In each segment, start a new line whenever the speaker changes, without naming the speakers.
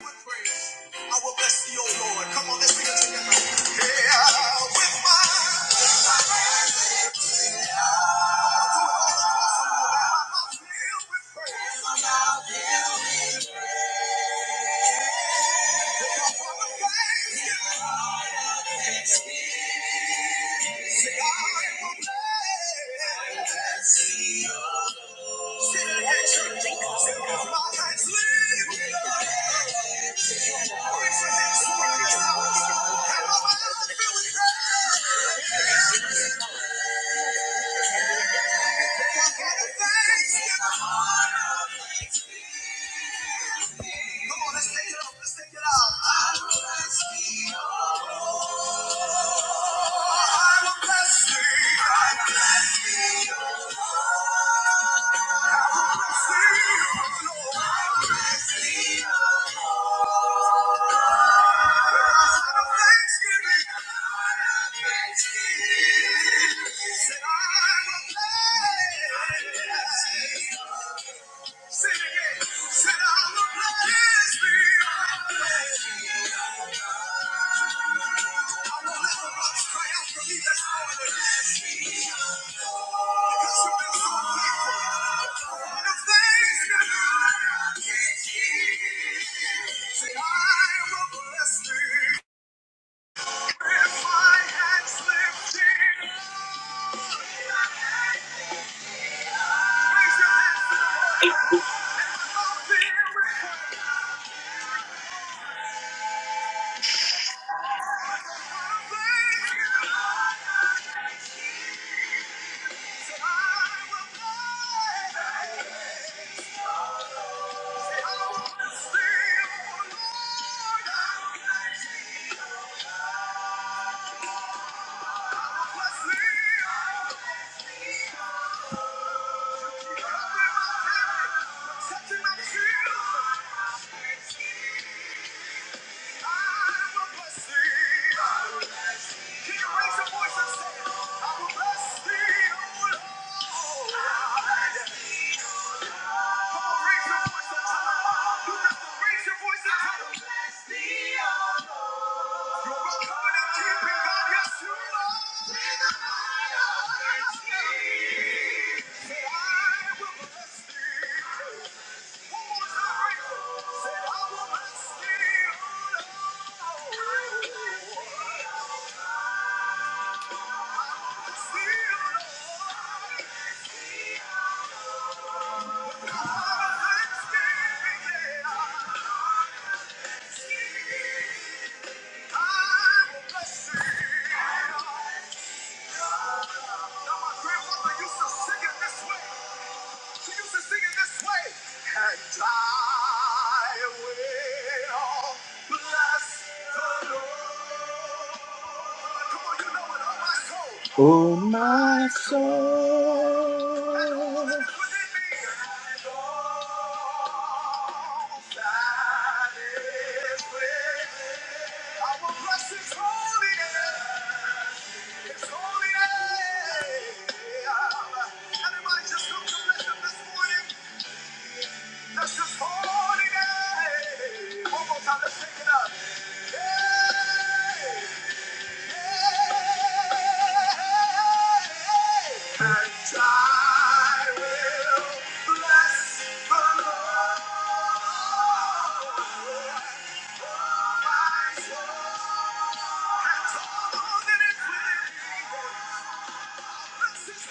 I will bless thee, O Lord. Come on, let's sing it together. Yeah, with my mouth, filled with praise. Say, I will bless thee, O Lord. Say it again, church. Say, 'Cause my hands live. Raise your hands to the Lord. And my mouth filled with praise. I my heart of thanksgiving. Come on, let's take it off. Let's take it off. I will bless thee. Oh, I will bless thee. I will bless thee. I will bless thee. Oh, I will bless thee. again. Say, I bless thee. bless thee. Say, I Thank you. Raise your voice and tell 'em. You're a covenant keeping God, yes, you are. Be the lion of Judah. Say, I will bless thee. One more time. Say, I will bless thee. Oh, see you, Lord. God of thanksgiving, yeah. I will bless thee. Now, my grandmother used to sing it this way. We used to sing it this way. And I will bless the Lord. Come on, you know it, oh my soul. Oh my soul. Everybody just come to bless him this morning. This is holy day. One more time, let's take it up. Yay! Yay! And I will bless the Lord. Oh, my soul, and all that is within me. Yes, Lord.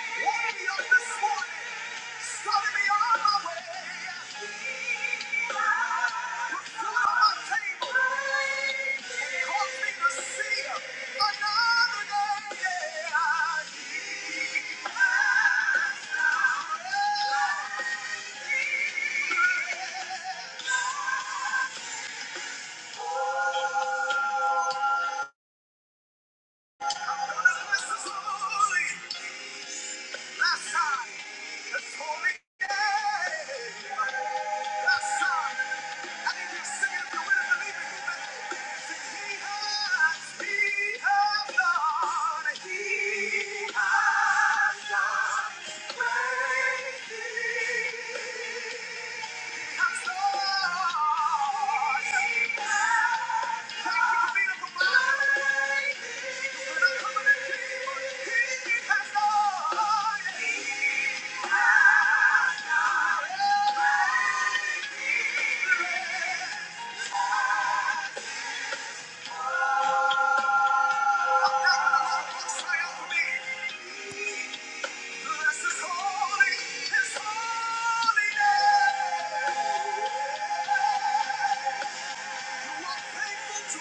this Yeah. Thank you. Holy, his holy name. Say Bless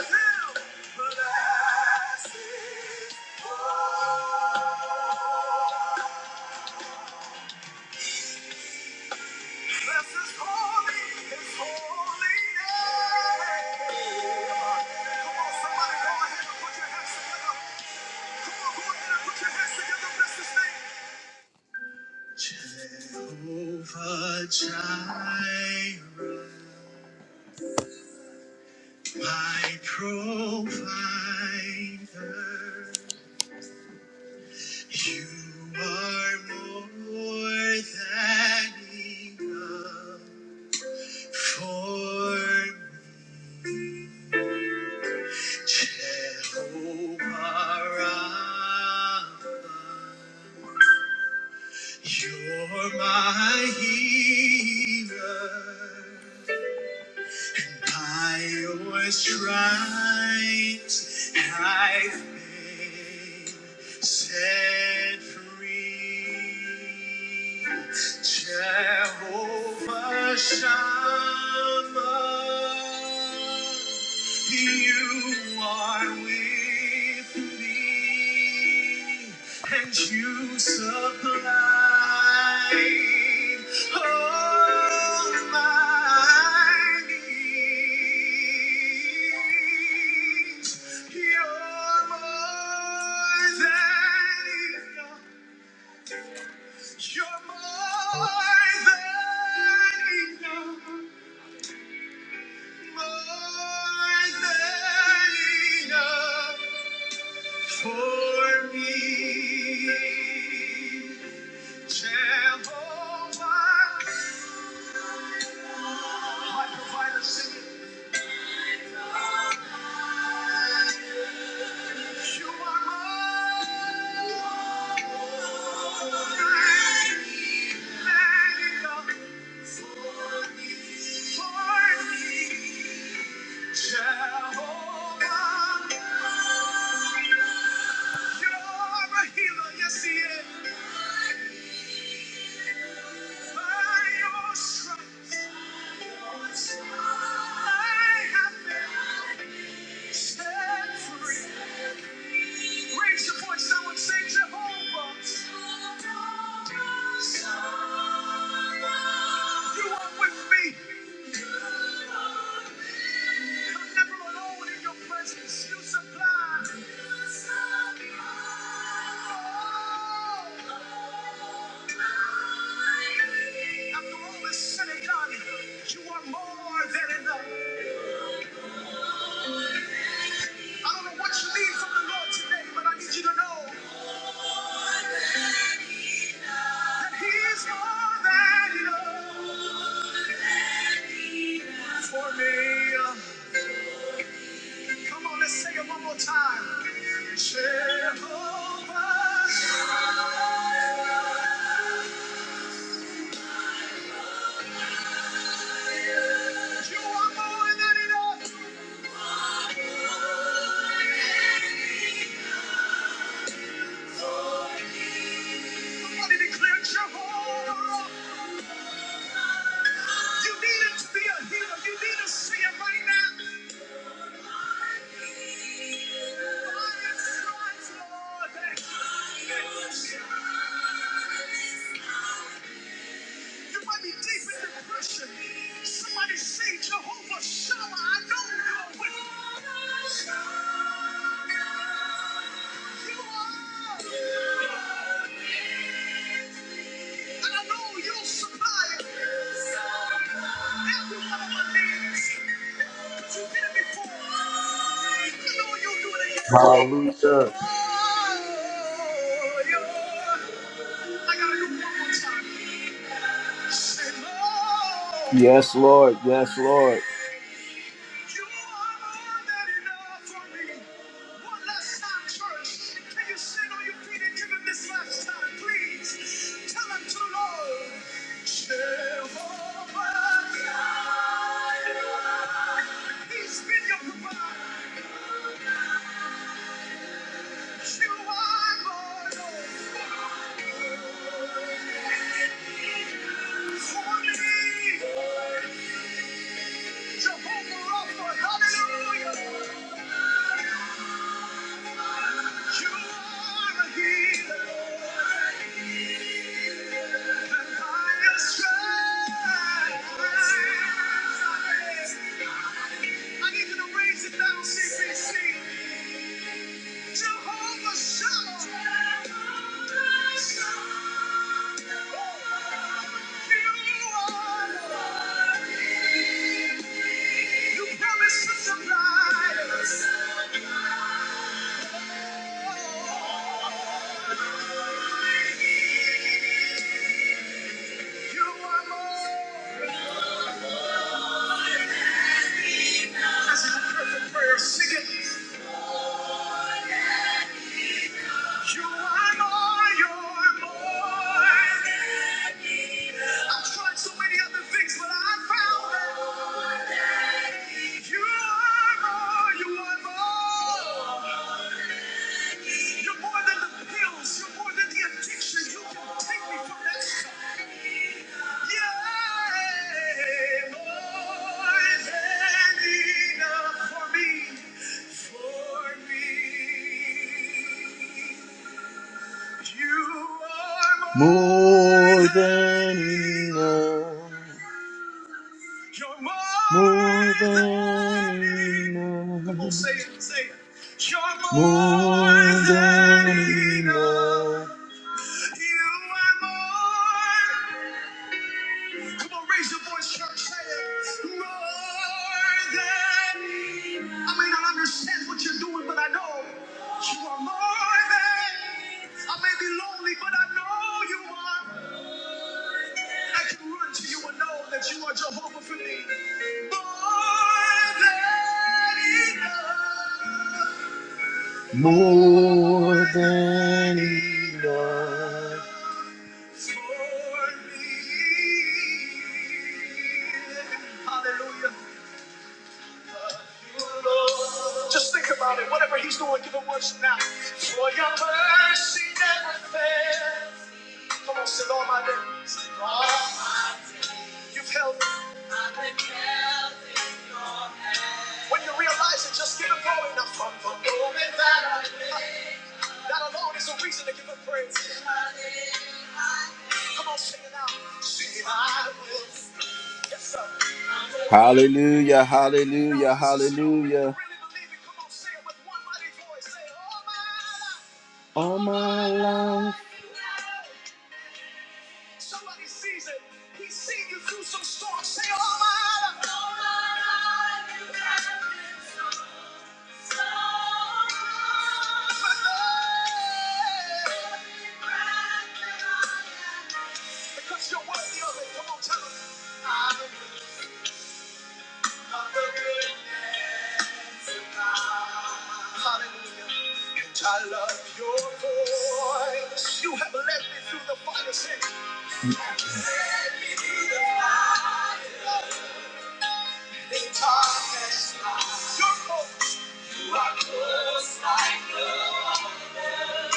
him, bless his holy My provider, you are more than enough for me. Jehovah Rapha. You're my healer. I was trying, I've been set free. Jehovah Shammah, you are with and you supplied all my needs. You're more than enough. You're more than enough. More than enough. For me, Jehovah, my provider, sing it. You are mine, and enough for me. Jehovah, you're a healer, yes, he is. By your stripes. Raise your voice, someone say Jehovah. You are with me. I'm never alone in your presence. You supply. After all is said and done, you are more than enough. I don't know what you need from the Lord today, but I need you to know. He's more than enough for me. Come on, let's sing it one more time. Jehovah, you are more than enough. Somebody declare Jehovah. You need him to be a healer. You need to see it right now. By his stripes, Lord, that- that- You might be deep in depression. Somebody say, Jehovah Shammah, I know you're with me. You are. And I know you'll supply every one of my needs. But you did it before. I know you'll do it again.
Hallelujah.
Oh, yeah. Yes, Lord. Yes, Lord. I need you to raise it now, CCC. Jehovah Shalom. Jehovah Shalom. You are You promised to supply You want more. That's a perfect prayer. Sing it. You are more, you're more than enough. I've tried so many other things, but I found that more than you are more, you are more. You're more than the pills, you're more than the addiction. You can take me from that cup. Yeah, more than enough for me, for me. More than enough. You're More than enough. Come on, say it, say it. You're more than enough. You are more. Come on, raise your voice, church. Say it. More than I may not understand what you're doing, but I know you are more than. I may be lonely, but I know you are. I can run to you and know that you are Jehovah for me. More than enough. More than enough. Hallelujah. Just think about it. Whatever he's doing, give him worship now. For your mercy never fails. Come on, sit on my knees. You've held me. When you realize it, just give him glory now. From the moment that I that alone is a reason to give him praise. Come on, sing it now. See, I will. Yes, sir. Hallelujah, hallelujah, hallelujah. All my life. Somebody sees it. He's seen you through some storms. Say, all my life. All my life you have been so strong. Because you're worthy of it. Come on, tell him. I love your voice. You have led me through the fire, say. Led me through the fire. In darkness, light. You're close. You are close like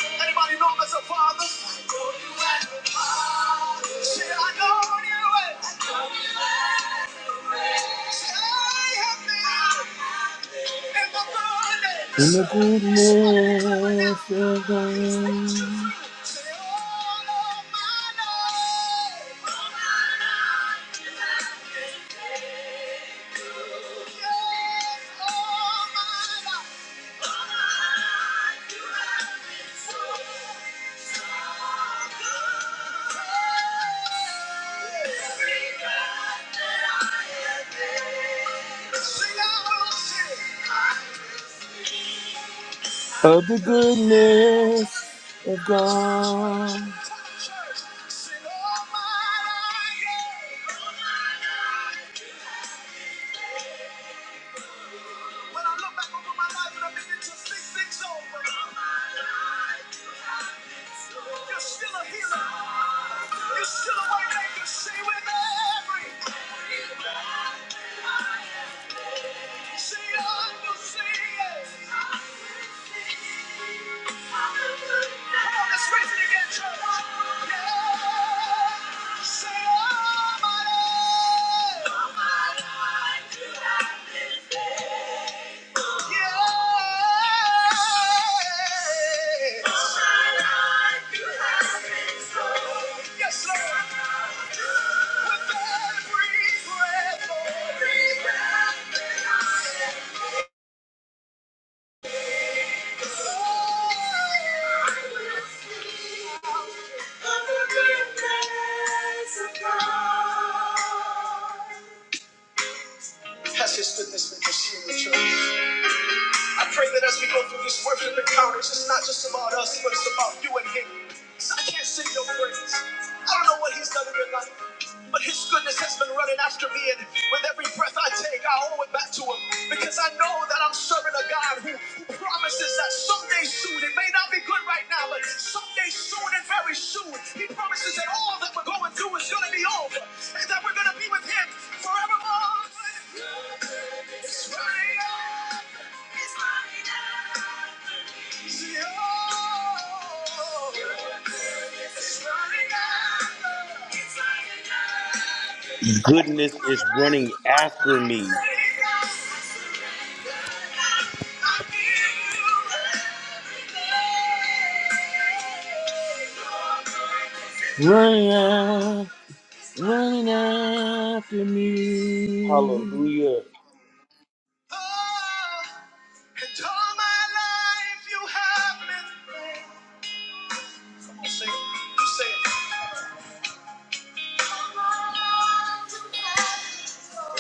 me. Anybody know him as a father? I know you as a father. Say, I know you as I know you as a friend. Say, I have been. I have In the goodness of God. Of the goodness of God. When I look back over my life and I begin to think things over, you're still a healer. You're still a way maker. Say with every see under see it. Come on, let's raise it again, church. Yeah. Say Almighty. Yeah. All my life you have been so. Yes, Lord. Has his goodness been pursuing the church? I pray that as we go through these worship encounters, it's not just about us, but it's about you and Him. So I can't sing your praise. I don't know what He's done in your life, but His goodness has been running after me, and with every breath I take, I owe it back to Him because I know that I'm serving a God who, who promises that someday soon, it may not be good right now, but someday soon and very soon, He promises that all that we're going through is going to be over, and that we're going to be with Him forevermore. It's running over. It's running over. See, oh, it's running over. It's running
Goodness is
over.
running
I
after me.
say, God, I give you everything. Running out, running after me.
Hallelujah.
Oh, and all my life you have been faithful. Come on, sing it. You say it. All my life you have been faithful.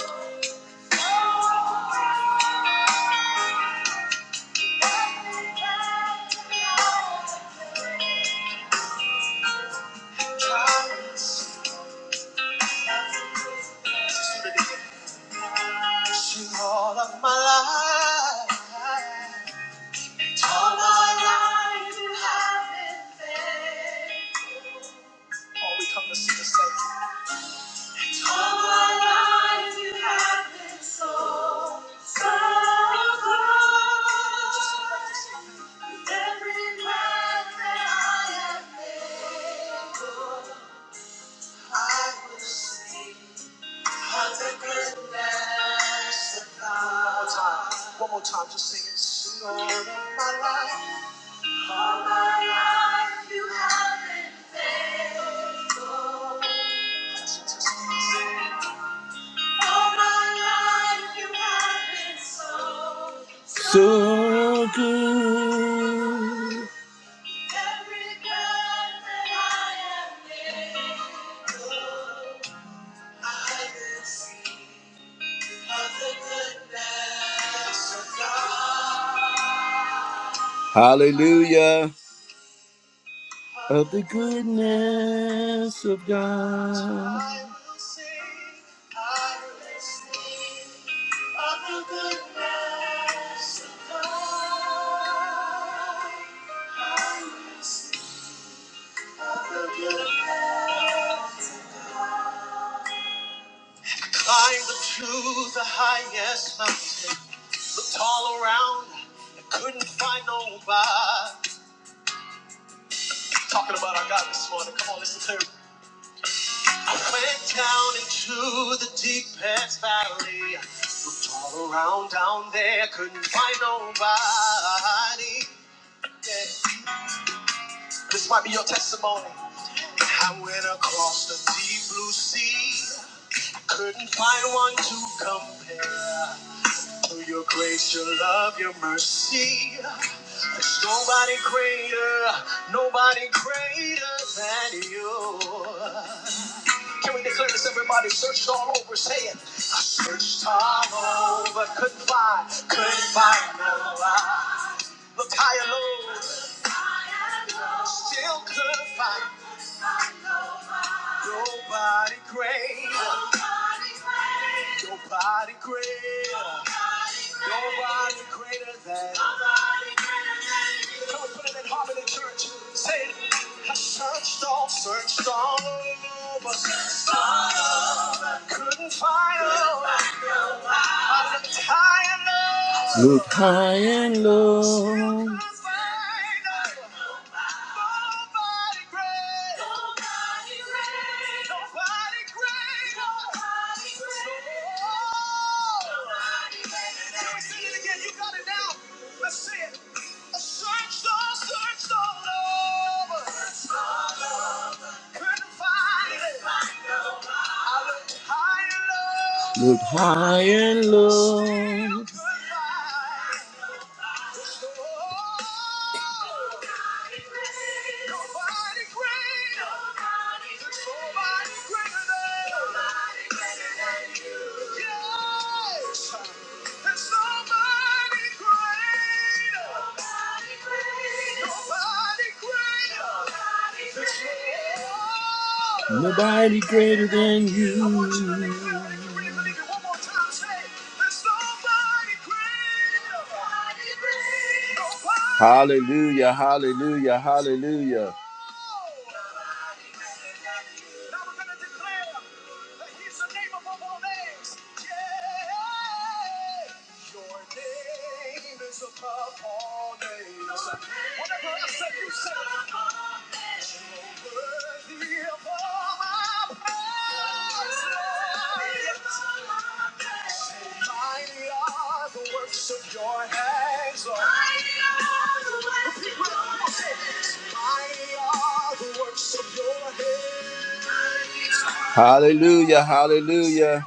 All we come to see is thank you. All my life you have been so, so good. Every breath that I am able, I will sing of the goodness of God. One more time, one more time, just sing it. Sing all of my life. All my life you have been faithful. All my life you have been so, so good. Hallelujah. Of the goodness of God. I will sing, I will sing of the goodness of God. I will sing of the goodness Climbed up to the highest mountain, looked all around, and couldn't find nobody. Talking about our God this morning, come on, listen to me. I went down into the deepest valley, looked all around down there, couldn't find nobody. Yeah. This might be your testimony. I went across the deep blue sea, couldn't find one to compare. For your grace, your love, your mercy. There's nobody greater, nobody greater than you. Can we declare this, everybody? Searched all over, say it. I searched all over, couldn't find, couldn't find no one. Looked high and low, still couldn't find Nobody greater. Nobody greater. Nobody greater than. Come on, put it in harmony, church. Say it. I searched all, searched all over. searched all over, Couldn't find nobody. I looked high and low. Looked high and Still low. still couldn't find nobody. Look high and low. Nobody greater. than you. Yes. Nobody greater. than you really Hallelujah, hallelujah, hallelujah. Yeah. Your name is above all names. Whatever I say, you say. it. You're worthy of all my praise. Say, Mighty are the works of your hands, Lord. Mighty are the works of your hands. Hallelujah, hallelujah.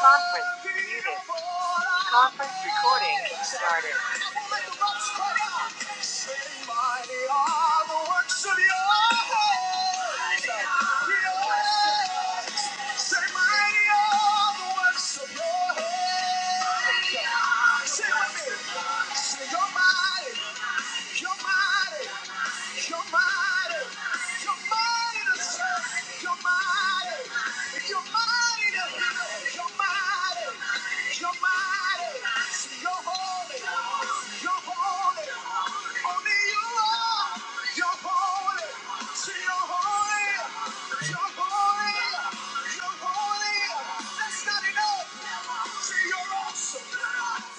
Father, Conference Muted. Conference recording started. Say your mind. You're mighty. You're mighty. You're mighty to save. You're mighty. You're mighty to heal. You're mighty. You're mighty. You're holy. You're holy. Only you are. You're holy. See, you're holy. You're holy. You're holy. That's not enough. See, you're awesome awesome.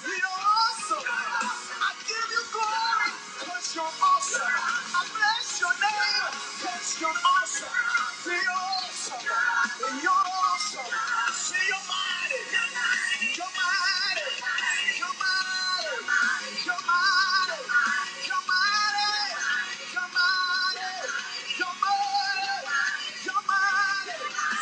You're awesome. I give you 'cause 'cause You're You're you're You're You're You're You're You're You're You're you're you're awesome. awesome. awesome. awesome. awesome. I I give bless your mighty. You're mighty. You're mighty. You're mighty. You're mighty. You're mighty. You're mighty. You're mighty.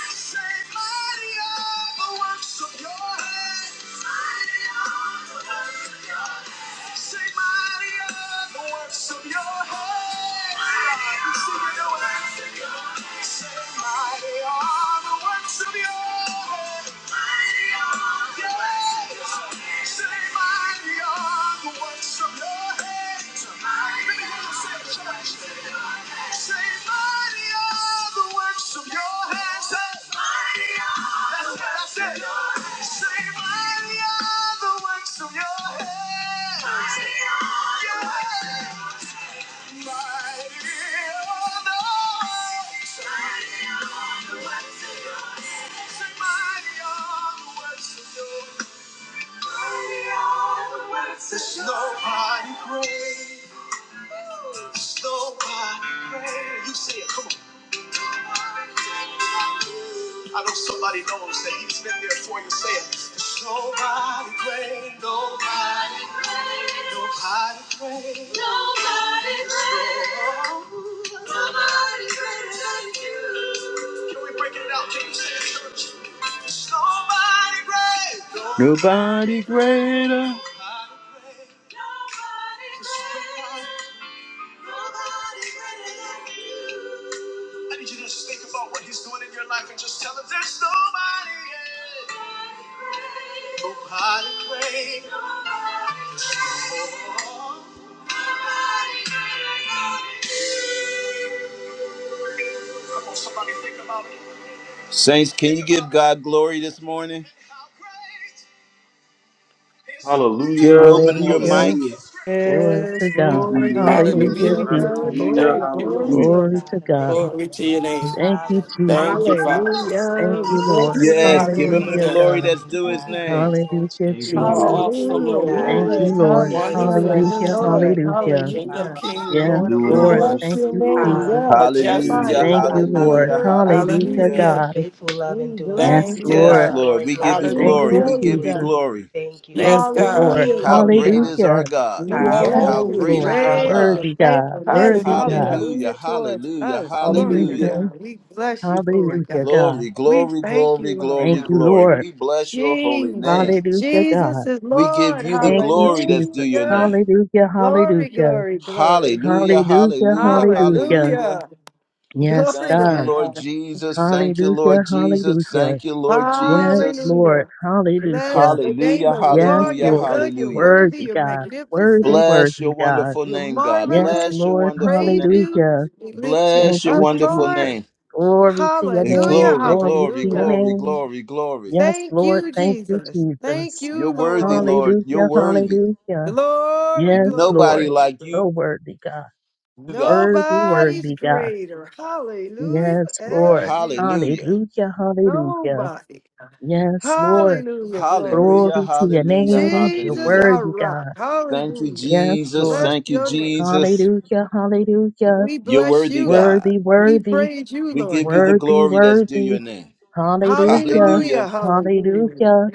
Say, Say, mighty are the works of your hands. Say, mighty are the That's it, that's works of it. your hands. Say, mighty are the works of your hands. Mighty are the Yeah. works your hands. Mighty are the works of your hands. Say, mighty are the works of your hands. Mighty are the works of There's your Nobody hands. great. There's Nobody great. You say it. Come on. I know somebody knows that he's been there for you. Say it. There's nobody great, nobody great, nobody great, nobody great, nobody greater than you. Can we break it down? Can you say it, church? There's nobody great, nobody greater. Nobody great, nobody great, nobody greater than you. I need you to just think about what he's doing in your life and just tell him there's nobody else. Nobody great. Oh, come on, somebody think about it. Saints, can you give God glory this morning? Can you
Hallelujah.
open your
Hallelujah.
mic?
Hallelujah.
Glory to
Yes,
Thank
God.
you,
Lord,
Lord Jesus.
Hallelujah,
to you,
Hallelujah.
hallelujah,
Jesus.
Father, for
Hallelujah.
glory,
Thank you,
glory,
this
Hallelujah.
Lord.
day,
glory.
Glory to
God, a day that
God.
you
Glory
have
to your
made.
name.
Thank you, Jesus.
Thank you,
Hallelujah.
Father.
Thank
Hallelujah, we
you,
Glory, glory,
bless
Lord.
your name,
Yes,
glory
give
to
Lord
your
him the
Hallelujah,
God.
Hallelujah.
holy
glory
God.
that's
name,
due his
God.
Hallelujah,
We
name.
Jesus,
exalt
Hallelujah,
you,
Thank
You
we
you,
are
Jesus.
Lord, for
awesome,
what
magnify you,
hallelujah,
you've
Lord.
Thank
God.
you,
already
For
been
Lord.
there
doing,
is none
Lord.
like
Wonderful.
your
you,
Hallelujah,
Lord. We
Hallelujah.
Lord,
Thank
hallelujah.
you,
King of
hallelujah.
Father. We
kings,
thank
Yes,
Lord
you,
of
We
Renewing the
Lord.
Lord.
bless
Thank
lords.
your
mercies,
you,
name,
Lord.
Jesus.
Hallelujah.
yes,
Giving us
Hallelujah,
Majestic.
nobody
the
Thank
is
you,
guidance,
Lord.
Hallelujah.
hallelujah,
greater
Lord.
than
Hallelujah,
hallelujah.
you.
Your
Hallelujah.
God.
faithful love
We
endures
Yes,
bless
Thank
you,
you,
forever.
Yes,
God.
Lord.
God.
Lord.
Glory,
We give
glory,
you
We
Thank
glory to
glory.
you,
Hallelujah.
We
glory,
your
give you
holy
Jesus.
God.
glory.
name. Thank you, Abba.
Thank
Yes,
you,
God.
Lord.
Hallelujah,
Thank
How
Lord
you.
great
God.
is our
Hallelujah.
God?
We
You are
Yes,
Hallelujah.
bless
How
you.
great
holy.
Lord.
is
You're
our
Great
Hallelujah.
is
God?
your
worthy, God.
faithfulness.
Worthy,
Hallelujah.
God.
Hallelujah.
Hallelujah towards
Hallelujah.
us. Glory to
Mhm.
Hallelujah.
Hallelujah.
God. We bless you for it,
Hallelujah,
God.
God.
Glory,
We
glory,
thank you,
glory,
Lord
glory,
Thank
God.
you,
glory.
Lord.
We bless your holy name.
Jesus.
Hallelujah,
Jesus
God.
is
We give
Lord.
you the
Thank you,
glory that's due
Jesus.
your
Hallelujah.
name.
Hallelujah,
Glory,
hallelujah.
glory, glory.
Hallelujah.
Hallelujah,
Hallelujah.
hallelujah.
Hallelujah.
Hallelujah.
Yes,
Glory to
Thank you,
God.
Lord
God.
Jesus. Thank you,
Hallelujah,
Lord Jesus.
hallelujah.
Thank you, Lord
Yes,
Jesus.
Lord.
Hallelujah. Bless
Hallelujah.
the name
Hallelujah.
of the
Yes,
Lord.
Hallelujah.
You're
Lord.
good. You're
Hallelujah.
worthy.
Worthy,
You're
God.
magnificent.
Worthy,
Bless
worthy,
your
God.
wonderful
You're
name, God.
Yes,
Bless
marvelous.
your
We
Lord.
wonderful
Praise
name.
you.
Hallelujah.
We lift you
Thank
Bless your
up,
you,
wonderful
Lord.
Jesus.
name.
Glory to your
Eh,
Hallelujah.
name.
Glory,
Glory
glory,
to your
Hallelujah.
glory,
name.
glory, glory.
Yes,
Thank
Lord.
you,
Thank you,
Jesus. Thank
Jesus.
You're
you,
worthy,
Lord.
Lord. You're
Hallelujah.
worthy.
Hallelujah.
Glory,
Yes,
glory,
Nobody
Lord.
glory,
like you,
glory.
So worthy, God.
God.
Worthy,
Nobody's
worthy, God.
greater. Hallelujah.
Yes,
As
Lord.
you know.
Hallelujah.
Hallelujah. Hallelujah.
Nobody.
Yes, Lord.
Hallelujah. Glory.
Hallelujah,
Glory to your
hallelujah,
name. You're
Jesus,
hallelujah.
our
worthy,
rock.
God.
Thank you,
Hallelujah.
Yes,
Jesus.
Bless
Lord.
Thank you,
your name.
Jesus.
Hallelujah. Hallelujah.
We
You're
bless
worthy,
you,
God.
God.
Worthy,
We
worthy,
praise you,
We
Lord
give you
God.
the
worthy,
glory that's due your
worthy.
name.
Hallelujah.
Hallelujah.
Hallelujah.
Hallelujah.
Hallelujah.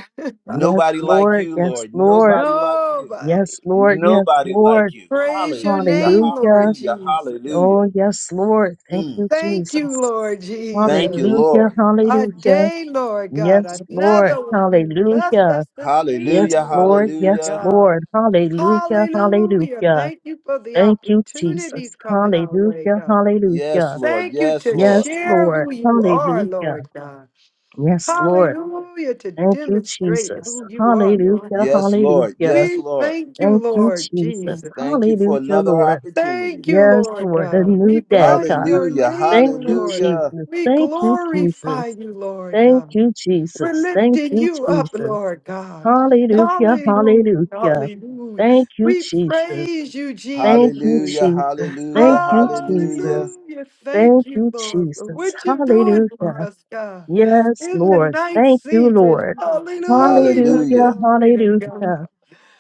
Yes,
Nobody like
Lord.
you,
Yes,
Lord.
Lord.
Nobody like you.
Nobody.
Yes, Lord. Yes,
Nobody like
Lord.
you.
Praise your
Hallelujah.
name, Lord
Hallelujah.
Hallelujah.
Jesus.
Hallelujah.
Oh, yes, Lord. Thank
Mm.
you,
Thank you,
Jesus.
Lord
Thank you,
Jesus.
Hallelujah.
Lord.
A
Hallelujah.
day, Lord God,
Yes, Lord.
another one you blessed us
Hallelujah.
to
Yes,
see,
Hallelujah.
Lord.
glory to
Yes,
Hallelujah.
God.
Lord. Hallelujah.
Hallelujah.
Hallelujah.
Thank you for the
Thank you,
opportunities
Jesus.
coming our way,
Hallelujah.
God.
Yes,
Hallelujah.
Lord.
Thank you
Yes,
to
Lord.
Yes,
share
Lord.
who you are,
Hallelujah.
Lord God.
Yes, Lord.
Hallelujah. To
Thank you,
demonstrate
Jesus.
who you are, Lord
Hallelujah.
God.
Yes, Lord.
Hallelujah.
Yes,
We
Lord.
thank you,
Thank you,
Lord
Jesus.
Jesus.
Thank you for
Hallelujah,
another
Lord.
opportunity.
Thank you,
Yes,
Lord
Lord, a
God. We
new day,
bless
God.
your
Hallelujah.
Thank
name,
you,
Lord.
Hallelujah.
Jesus.
We
Thank you, Jesus.
glorify you, Lord
Thank
God.
you,
We're
Jesus. Thank
lifting
you,
you up,
Jesus.
Lord God.
Hallelujah,
Hallelujah.
hallelujah.
Hallelujah.
Thank you,
We
Jesus.
praise you,
Thank
Jesus.
you,
Hallelujah.
Jesus.
Hallelujah.
Thank you,
Hallelujah.
Jesus.
Hallelujah. Thank
Thank
you,
you,
Lord, for
Jesus.
what you're doing for
Hallelujah.
us, God.
Yes,
In the
Lord.
night
Thank you,
season.
Lord.
Hallelujah.
Hallelujah,
Hallelujah.
Glory to God.
hallelujah.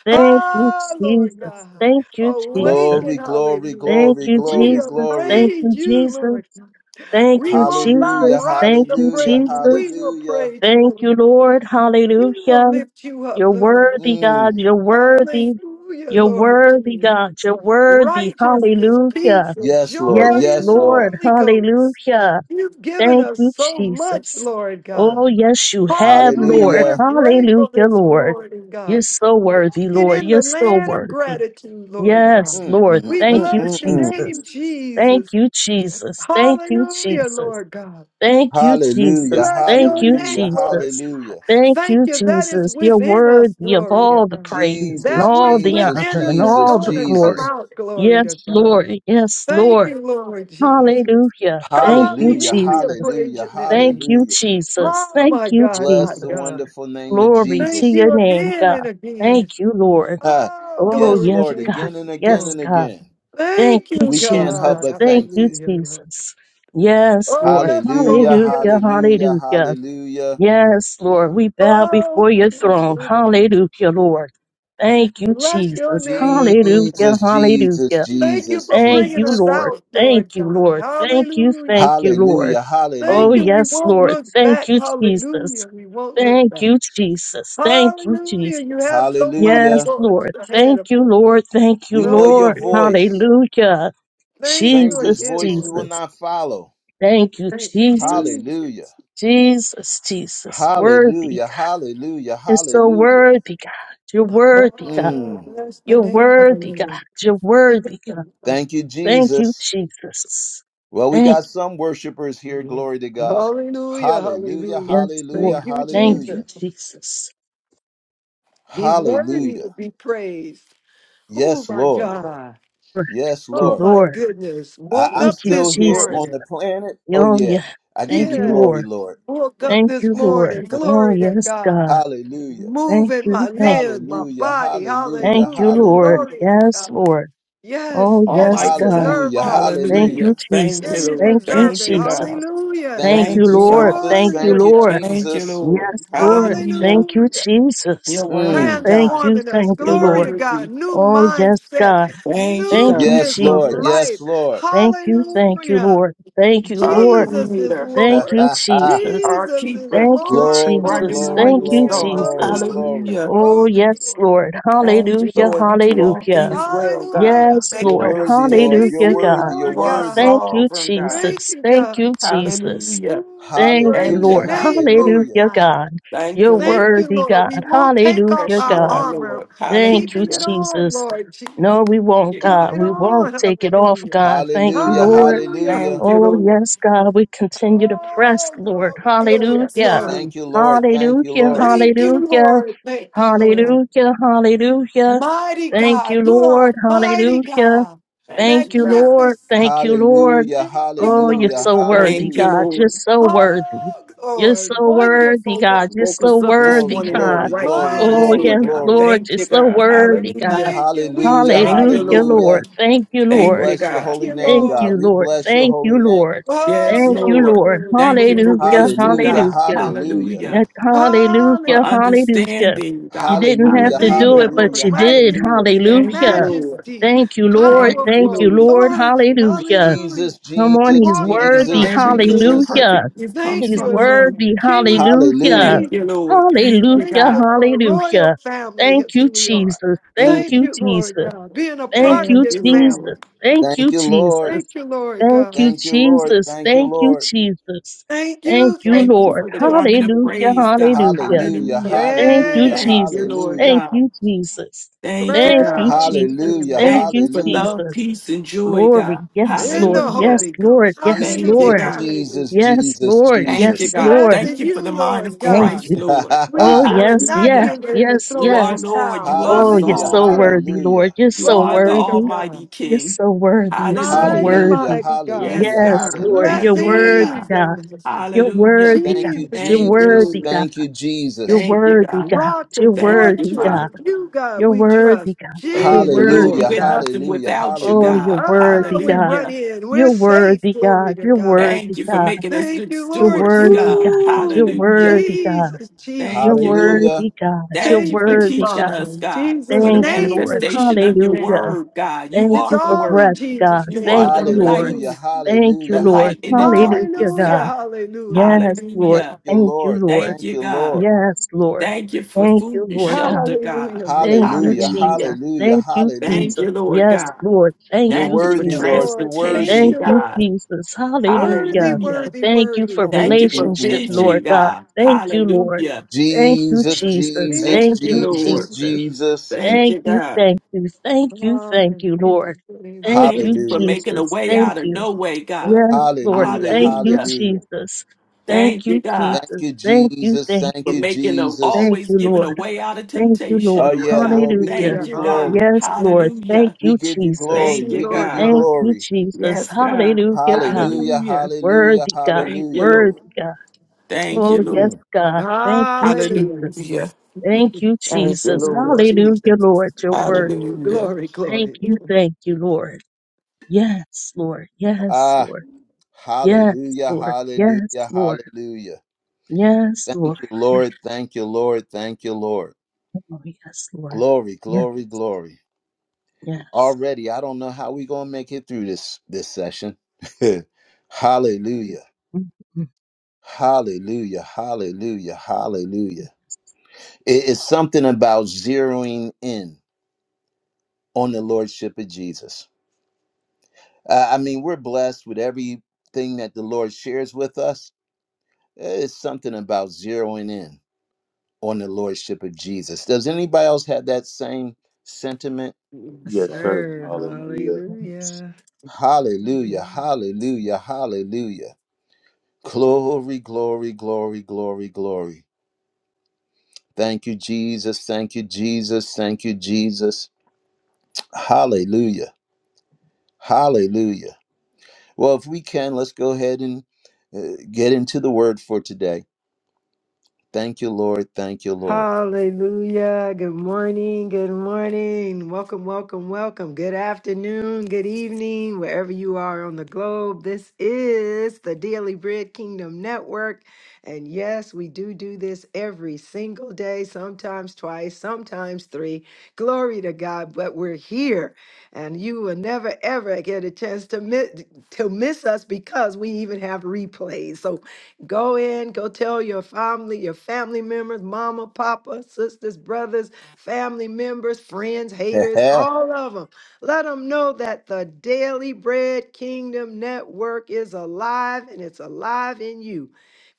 Thank you,
Ah, Lord
Jesus.
God,
Thank you, Jesus.
awaken,
Glory, glory,
hallelujah.
Thank
glory,
you,
We
glory,
will
Jesus.
glory.
Thank
praise
you,
you,
Jesus.
Lord.
Thank
We
you,
won't allow
Hallelujah.
Jesus.
rocks
Thank
to
you,
Hallelujah.
praise you. We
Jesus.
will
Hallelujah.
praise you,
Thank you,
Lord.
Lord.
We will
Hallelujah.
lift you up,
You're
Lord.
worthy, God.
Mm.
You're worthy.
Hallelujah,
You're
Lord
worthy,
Jesus.
God. You're worthy.
Righteousness,
Hallelujah.
peace, and
Yes, Lord.
joy
Yes,
in
Yes,
the
Lord.
Lord.
Holy Ghost.
Hallelujah.
You've given
Thank
us
you,
so much,
Jesus.
Lord
Oh,
God.
yes, you have,
Hallelujah.
Lord.
We're
Hallelujah.
grateful
Hallelujah,
this
Lord.
morning,
You're
God.
so worthy,
Walking
Lord.
in
You're
the
so
land of
worthy.
gratitude, Lord
Yes,
God.
Mm,
Lord.
mm,
We
Thank
mm,
you,
bless
mm,
your
mm.
Jesus.
name,
Thank
Jesus.
you, Jesus. Thank you,
Hallelujah,
Jesus.
Lord God.
Thank you,
Hallelujah.
Jesus.
Bless
Thank
your
you,
name,
Hallelujah.
Lord.
Jesus.
Hallelujah.
Thank
Thank
you,
you. That is
Jesus. You're
within us,
worthy of
glory to
all the
God.
praise and
Jesus,
That
all
which
the
Jesus,
within
honor and
us is
Jesus,
all
going
the
to come
glory.
Jesus.
out, glory
Yes,
to God.
Lord. Yes,
Thank
Lord.
you, Lord Jesus.
Hallelujah. Thank you,
Hallelujah.
Hallelujah.
Jesus.
Praise
Hallelujah.
your
Thank
name.
you,
Hallelujah.
Jesus.
Oh,
Thank
my
you,
God, my
Bless the
Jesus.
God.
wonderful name of
Glory
Thank
to
Jesus.
you
your name,
again and
God.
again.
Thank you, Lord.
Ah,
Oh,
Oh,
yes,
glory,
yes,
Lord.
God.
Jesus.
Again and again
Yes,
and
Lord.
God.
again.
Thank
Thank
you,
you,
We can't help
God.
Jesus.
but
Thank
thank
you,
you.
Hallelujah. Lord.
Jesus. Yes,
Oh,
Lord.
yes,
Hallelujah.
Lord. Yes,
Hallelujah.
Lord.
Hallelujah.
Hallelujah.
Hallelujah.
Yes, Lord, we bow
Oh,
before your
bless
throne.
your name.
Hallelujah, Lord. Thank you,
Bless your
Jesus.
name, Lord.
Hallelujah,
Jesus, Jesus,
hallelujah.
Thank you
Jesus,
for
Thank
bringing
Jesus.
you,
us
Lord.
out,
Thank
Lord
you,
God.
Lord. Thank you,
Hallelujah.
thank you, Lord.
Hallelujah,
Thank
Oh,
you.
hallelujah,
We
yes,
won't
Lord.
look
Thank
back.
you, Jesus.
Hallelujah. We won't look
Thank
back.
you, Jesus. Thank you,
Hallelujah. You
Jesus.
have so much,
Yes,
hallelujah.
Lord,
Lord.
ahead
Thank
of
you, Lord. Thank you,
We know
glory,
your
Lord.
glory.
voice.
Hallelujah.
Thank you
Stranger's
Jesus,
again,
voice we will
Lord.
Jesus.
not follow.
Thank you,
Thank you,
Jesus.
Hallelujah,
Jesus.
Jesus, Jesus. Worthy.
hallelujah, hallelujah,
You're so
hallelujah.
worthy, God. You're worthy, God.
Oh,
Mm,
bless the
You're
name of the
worthy, God.
Lord.
You're worthy, God.
thank you,
Thank you,
Jesus.
Jesus.
Well, we
Thank
got some worshipers here. Glory to God.
Hallelujah,
Hallelujah,
hallelujah.
you, yes,
Thank
hallelujah,
Lord.
you,
Thank
Jesus.
you,
hallelujah,
Jesus.
He's worthy
hallelujah.
to be praised. Oh,
Yes,
my
Lord.
God.
Thank
Yes,
you,
Oh,
Lord.
my
Lord.
goodness.
I-
Woke
I'm
Thank
up
you,
still
this
here
Jesus.
on
morning.
the planet. Oh,
Oh,
yeah.
yeah.
I give
Thank
you
you,
Yeah,
glory,
Lord.
Lord.
woke up
Thank
this
you, Lord.
morning.
Oh,
Glory to
yes,
God.
God.
Hallelujah.
Thank
Moving my
you. Thank,
limbs, my
Hallelujah,
body.
hallelujah,
thank you,
Hallelujah.
Lord.
hallelujah,
Glory to
Yes,
God.
Lord.
Yes,
Oh,
yes,
yes,
you
Almighty
God.
God.
deserve
hallelujah,
all the
Thank
praise.
Hallelujah.
you,
hallelujah.
Thank
Yeah,
you,
Jesus.
you
Lord.
Thank you,
deserve
Thank
it.
you,
Jesus.
God.
Hallelujah.
Thank
Thank
you,
Thank
you,
you,
Lord.
Father.
Jesus.
Thank
Glory
you,
to
Thank you,
God.
Lord.
Thank you,
Jesus.
Lord.
Yes, Lord.
Hallelujah.
Thank you,
Hallelujah.
Jesus.
You're worthy,
Mm.
Thank
God.
you,
Transforming us.
thank
You're
you,
Glory
Lord.
to God.
worthy.
New
Oh, yes,
mindset,
God.
Thank you,
Thank you,
God.
Yes,
newness of
Lord.
Jesus.
life.
Yes, Lord.
Thank you, thank you,
Hallelujah.
Lord. Thank you,
Our
Lord.
Jesus is
creator,
Thank
Lord.
you, Jesus.
our
Jesus is
keeper,
Thank you,
the
Lord.
glory,
bright and
Jesus.
glory,
Thank
morning
you,
Hallelujah.
glory,
star.
glory,
Jesus.
Hallelujah.
glory.
Hallelujah.
Oh,
Glory.
yes, Lord.
Thank you,
Hallelujah,
Lord. You do all
hallelujah.
things well, God.
Hallelujah.
Yes,
Make
You're
no
Lord.
worthy, Lord.
Thank
You're
mistakes.
Hallelujah,
you,
God.
worthy. You're
Lord
You are
worthy.
God.
Thank you,
sovereign, God.
Thank
Jesus.
you,
Thank
God.
you, Jesus.
Hallelujah.
Ooh, we
Thank you,
praise
Thank
your
you,
Hallelujah,
Lord.
God.
name, Lord
hallelujah,
Hallelujah,
God.
God.
Thank
You're
you, Lord.
Thank you,
worthy,
Lord.
God.
We won't take off
Hallelujah,
Yes,
our
you are,
God.
armor,
Lord.
Thank you,
keeping it
Hallelujah.
on,
Jesus.
Lord Jesus.
No, we
Thank
won't,
you,
Keep
God.
God.
it
We
on.
won't take it off,
Hallelujah.
God. Thank you,
hallelujah,
Hallelujah.
Lord.
Hallelujah.
hallelujah.
Thank you,
Oh,
Lord.
yes, God. We continue to press,
Oh,
Lord.
glory, glory,
Yes,
Hallelujah.
God.
glory.
Thank you, Lord. Thank you,
Hallelujah.
Lord.
Hallelujah.
Thank you,
Hallelujah.
Lord. Thank you, Lord.
Hallelujah. Hallelujah.
Mighty
Thank
God.
you,
You are
Lord.
a mighty
Hallelujah.
God.
Thank
Thank
you,
you,
God.
Magnificent.
Lord. Thank you, Lord.
Hallelujah,
Thank you,
Oh, you're
hallelujah,
Lord
so
God.
worthy,
Thank you,
hallelujah.
God. You're
Lord.
so worthy.
Oh,
You're
Lord.
so worthy,
Wonderful,
God. You're
Woke
wonderful.
so
us up this
Glory,
worthy,
morning in our
God.
glory,
right
glory,
Oh,
minds,
glory,
Mighty
yes,
Lord God.
glory.
God.
Lord.
Thank
You're
you,
so
God.
worthy, God.
Hallelujah.
Thank you. We
Hallelujah,
Thank you,
triumph
Hallelujah,
with
Lord.
Lord.
hallelujah.
Thank you,
We
Thank
Lord.
you,
bless your
God.
holy
you,
name,
Thank
God.
you,
Lord.
We
Lord.
bless your
Thank you,
holy name.
Lord.
Oh,
Yes,
Thank you,
glory,
Lord.
Lord.
glory,
Thank you for
glory.
Hallelujah,
wisdom,
Hallelujah,
God.
hallelujah.
hallelujah.
Hallelujah.
Yes,
For
Hallelujah,
Hallelujah.
hallelujah.
understanding,
You
God.
didn't have
Hallelujah,
to
Thank
do
you,
it,
Hallelujah.
but
Lord.
hallelujah,
you did.
hallelujah.
Magnificent,
Thank you,
Hallelujah.
Lord.
majesty,
Thank you, Lord.
Thank you,
Thank
powerful,
you,
Lord.
Lord.
authority.
Hallelujah.
Hallelujah.
Jesus,
Come on, he's
Jesus,
Walking in
worthy.
our
Jesus,
Every good
kingship.
and
Jesus.
Hallelujah.
perfect gift
Thank
comes
He's
you,
from you.
Lord.
worthy.
King,
Hallelujah.
Thank
Hallelujah.
priest.
you, Lord. Thank you,
Thank
Hallelujah.
you,
God.
Lord. Royal
Hallelujah.
family,
Thank
is
you,
who we are.
Jesus.
Mm,
Thank
Thank
you,
you, Lord
Jesus.
God. Being a
Thank
part of
you,
Thank
this
you,
family.
Lord.
Jesus. Thank
thank
you,
you, Lord.
Thank
Jesus.
you, Lord
Thank
God.
you,
Thank you, Lord.
Jesus.
Thank you,
Thank you,
Lord.
Jesus.
Thank
Thank
you.
you,
Thank
Thank you
you.
Lord.
for the
Thank
garment
you.
of
Hallelujah.
praise, God.
Hallelujah.
Hallelujah,
Hallelujah.
Thank you,
hallelujah,
Praise.
Thank you,
Jesus.
Lord
hallelujah.
Thank
God.
you, Jesus.
Thank you,
Thank you,
God.
Praise.
Jesus.
you,
Hallelujah,
Thank
Lord.
Thank you
you,
for
hallelujah.
love,
Jesus.
peace, and joy,
Glory.
God.
Yes,
In
Lord.
the
Yes,
Hallelujah.
Holy
Lord.
Ghost.
Yes,
Thank you,
Jesus,
Hallelujah.
Lord.
God.
Hallelujah.
Jesus,
Yes,
Jesus,
Lord.
Thank
Jesus.
you,
Yes,
God.
Lord.
Thank
Blessing
you for the
you,
mind
Lord
of
Thank
God.
Christ,
you.
Lord.
We
Oh,
shall
yes,
not
yes,
Hallelujah.
give in to
yes,
throw
You
in
are
the
yes.
Lord.
towel.
You are
Oh, you're
hallelujah,
so
Hallelujah.
sovereign.
worthy,
hallelujah,
Lord. You're
You
so
are the
Glory to
worthy.
Almighty
God.
You're
King.
so worthy. You're so
Mighty,
Hallelujah.
hallelujah,
worthy.
mighty God.
Yes,
hallelujah,
Yes,
God.
Lord.
Have
hallelujah.
You're
your way,
worthy,
God.
Blessings.
God. You're
Hallelujah.
worthy, God.
Thank you,
Jesus,
You're
Thank you,
Jesus.
worthy,
Jesus.
Lord.
God.
Thank you,
You're
Jesus.
Thank you,
worthy,
God.
God.
Rock
You're
and
Thank you,
worthy,
fortress,
Father.
God.
you God
You're
we trust.
worthy, God. You're
Thank you,
Jesus, Jesus.
Lord.
worthy,
Hallelujah,
We're
God.
nothing
hallelujah,
Jesus.
without you,
Oh,
hallelujah.
you're
God.
worthy,
Oh, we
God.
run
Hallelujah.
in. We're
You're
safe.
worthy,
Glory
God.
to
You're
God.
worthy,
Thank you for
God.
making us
Thank
good
you,
You're
Lord
stewards,
worthy, God.
Jesus.
God.
You're
Woo!
Hallelujah.
worthy, God.
Jesus,
You're
Jesus.
Thank you, Lord.
Hallelujah,
worthy, God. You're
Thank you
Thank
for
you,
worthy,
teaching
God.
Father.
us,
In
God,
Jesus'
for the
Thank you,
name,
Lord.
in
manifestation
Jesus'
of your
name.
Hallelujah.
word, God. You
Thank
It's
are
you
the
for
all
word.
in
breath, God.
Jesus'
You are
Thank
name.
the
you, Lord.
hallelujah,
Hallelujah.
light,
Thank
the
you,
hallelujah,
Lord.
light in the
hallelujah.
Hallelujah,
darkness,
Hallelujah.
God.
God.
Hallelujah.
Yes, Lord.
Thank
Hallelujah.
you,
Thank you,
Lord.
Lord.
Thank
Thank
you,
you,
God.
Lord.
Yes, Lord.
Thank you for
Thank you,
food and
Lord God.
shelter, God.
Hallelujah.
Thank
Thank
you,
Hallelujah,
Jesus.
Hallelujah.
hallelujah,
Thank you,
Thank
Jesus.
you,
hallelujah.
Lord
Yes,
God.
Lord. Thank
You're
you,
Thank you for
worthy,
you,
Lord.
Jesus.
You're
Lord. Thank
worthy.
transportation,
Thank
you,
you,
God.
Lord.
Jesus.
Worthy,
Hallelujah.
Hallelujah.
worthy,
Thank you
worthy.
for
Thank you for
relationship,
Mm-mm-mm-mm-mm.
Lord
vision,
God.
God.
Thank you, Lord.
Hallelujah.
Thank you,
Jesus,
Jesus.
Jesus,
Jesus,
Thank
Thank you,
you,
make
Jesus,
Lord.
us.
Jesus.
Jesus.
Thank
Thank
you,
you,
God.
thank you, thank you,
Father,
thank
in
you,
Jesus'
Lord.
name, we
Thank
Thank
you,
you
bless
for
Hallelujah.
you.
making a
Jesus.
way
Thank
out of
you.
no way, God.
Yes,
Glory,
Lord.
glory,
Hallelujah.
Thank
glory.
you,
Hallelujah.
Hallelujah.
Jesus. Thank
Thank you,
you,
God,
Thank
Jesus.
you,
Thank you,
Jesus.
thank
Thank
for
you,
you.
making a
Jesus.
Thank
always
you,
giving a
Lord.
way out of
Thank you,
temptation,
Oh,
Lord.
Lord
yeah,
God.
Lord, we give
Hallelujah.
Thank
you
Hallelujah,
you,
hallelujah.
God.
glory.
Yes, Lord. Thank
Hallelujah.
We
you,
give you
Thank
Jesus.
glory.
Thank
you,
you,
We
Lord
give you
God.
Thank
God.
you,
glory.
Jesus.
Yes, God.
Hallelujah, God.
Hallelujah.
Hallelujah.
Hallelujah.
Worthy God.
Thank you,
Hallelujah.
Lord.
Worthy God.
Thank you,
Oh, yes,
Lord.
Mm.
God. Thank you,
Hallelujah.
Jesus.
Hallelujah.
Thank you,
Thank you,
Jesus.
Jesus,
Lord.
Hallelujah,
Jesus.
Lord. Your word.
Ooh,
Hallelujah.
Glory,
Thank
glory.
you. Thank you, Lord. Yes, Lord. Yes,
Ah,
Lord. Yes,
hallelujah.
Lord. Yes,
Hallelujah.
Lord.
Hallelujah.
Yes, Lord.
Thank you, Lord. Thank you, Lord. Thank you, Lord.
Oh, yes, Lord.
Glory,
Yes,
glory, glory.
yes.
already i don't know how we gonna make it through this this session hallelujah
Mm-hmm.
hallelujah hallelujah hallelujah it is something about zeroing in on the lordship of jesus uh, i mean we're blessed with everything that the lord shares with us it's something about zeroing in on the lordship of jesus does anybody else have that same sentiment
Yes,
Yes, sir.
sir.
Hallelujah.
Mm-hmm.
Hallelujah.
hallelujah hallelujah hallelujah Glory, glory, glory, glory, glory. Thank you, Jesus. Thank you, Jesus. Thank you, Jesus. Hallelujah. Hallelujah. Well, if we can, let's go ahead and uh, get into the word for today. Thank you, Lord. Thank you, Lord.
Hallelujah. Good morning. Good morning. Welcome, welcome, welcome. Good afternoon. Good evening, wherever you are on the globe. This is the Daily Bread Kingdom Network. And yes, we do do this every single day, sometimes twice, sometimes three. Glory to God, but we're here. And you will never, ever get a chance to miss, to miss us because we even have replays. So Go in, go tell your family, your family members, mama, papa, sisters, brothers, family members, friends, haters, all of them. Let them know that the Daily Bread Kingdom Network is alive and it's alive in you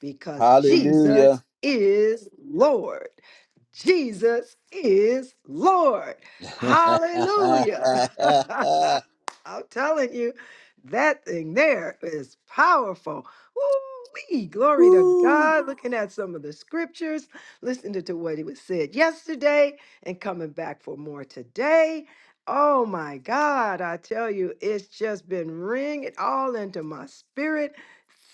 because Jesus
Hallelujah.
is Lord. Jesus is Lord. Hallelujah. I'm telling you, that thing there is powerful. Woo-wee, glory to
Woo.
God. Looking at some of the scriptures, listening to what he was said yesterday, and coming back for more today. Oh my God, I tell you, it's just been ringing all into my spirit.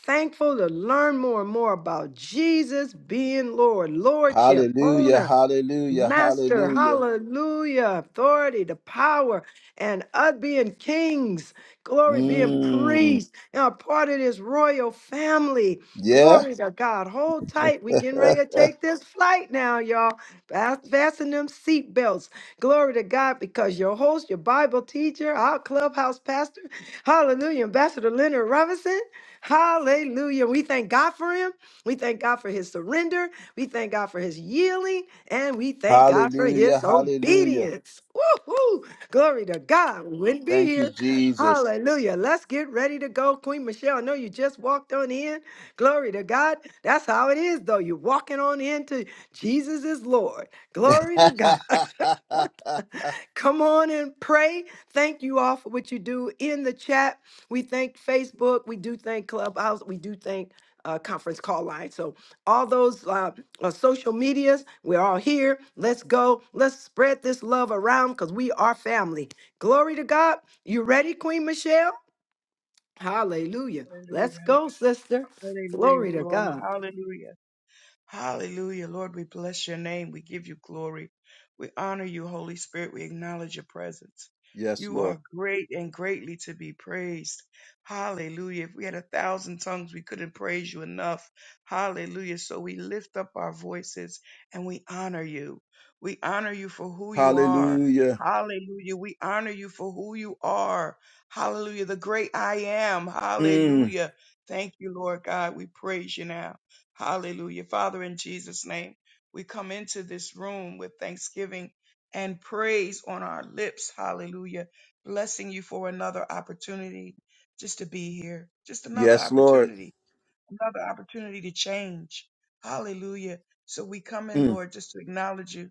Thankful to learn more and more about Jesus being Lord, Lordship,
Hallelujah.
owner,
Hallelujah.
master,
Hallelujah.
hallelujah, authority, the power, and us being kings, glory, being Amen.
Mm,
priests, and a part of this royal family.
yeah.
Glory to God. Hold tight. We getting ready to take this flight now, y'all. Fast, fasten them seat belts. Glory to God, because your host, your Bible teacher, our clubhouse pastor, hallelujah, Ambassador Leonard Robinson. Hallelujah. We thank God for him. We thank God for his surrender. We thank God for his yielding and we thank God for
Hallelujah.
his
Hallelujah.
obedience. Woo-hoo! Glory to God. We wouldn't be
Thank you,
here.
Jesus.
Hallelujah. Let's get ready to go. Queen Michelle, I know you just walked on in. Glory to God. That's how it is, though. You're walking on into Jesus is Lord. Glory to God. Come on and pray. Thank you all for what you do in the chat. We thank Facebook. We do thank Clubhouse. We do thank uh, conference call line. So all those uh, uh, social medias, we're all here. Let's go. Let's spread this love around because we are family. Glory to God. You ready, Queen Michelle? Hallelujah. Let's
Hallelujah.
go, sister.
Hallelujah.
Glory to
Glory.
God.
Hallelujah. Hallelujah. Lord, we bless your name. We give you glory. We honor you, Holy Spirit. We acknowledge your presence.
yes,
You
Lord.
are great and greatly to be praised. Hallelujah. If we had a thousand tongues, we couldn't praise you enough. Hallelujah. So we lift up our voices and we honor you. We honor you for who you are.
Hallelujah.
Hallelujah. We honor you for who you are. Hallelujah. The great I am.
Mm.
Hallelujah. Thank you, Lord God. We praise you now. Hallelujah. Father, in Jesus' name, we come into this room with thanksgiving and praise on our lips. Hallelujah. Blessing you for another opportunity just to be here, just another
Yes, Lord.
opportunity another opportunity to change. Hallelujah. So we come in,
Mm.
Lord, just to acknowledge you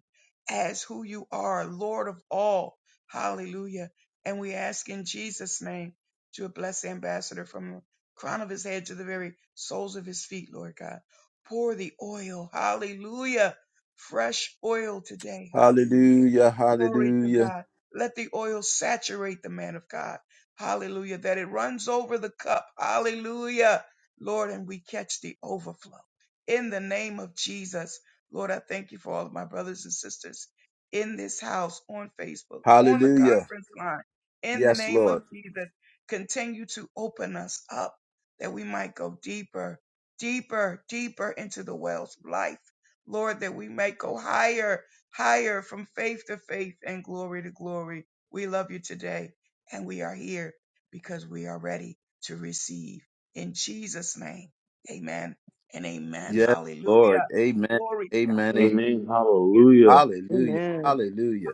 as who you are, Lord of all. Hallelujah. And we ask in Jesus' name to bless the ambassador from the crown of his head to the very soles of his feet, Lord God. Pour the oil. Hallelujah. Fresh oil today. Hallelujah.
Hallelujah.
Glory to
Hallelujah.
God. Let the oil saturate the man of God. Hallelujah. That it runs over the cup. Hallelujah Lord, and we catch the overflow. In the name of Jesus, Lord, I thank you for all of my brothers and sisters in this house, on Facebook, on the
Hallelujah.
conference line. In the
Yes,
name of
Lord.
Jesus, continue to open us up that we might go deeper, deeper, deeper into the wells of life. Lord, that we might go higher, higher from faith to faith and glory to glory. We love you today, and we are here because we are ready to receive. In Jesus' name, amen and amen.
Yes,
Hallelujah.
Lord. Amen.
Glory to God.
Amen. Amen.
Amen.
Yes.
Hallelujah.
Hallelujah.
Amen.
Hallelujah.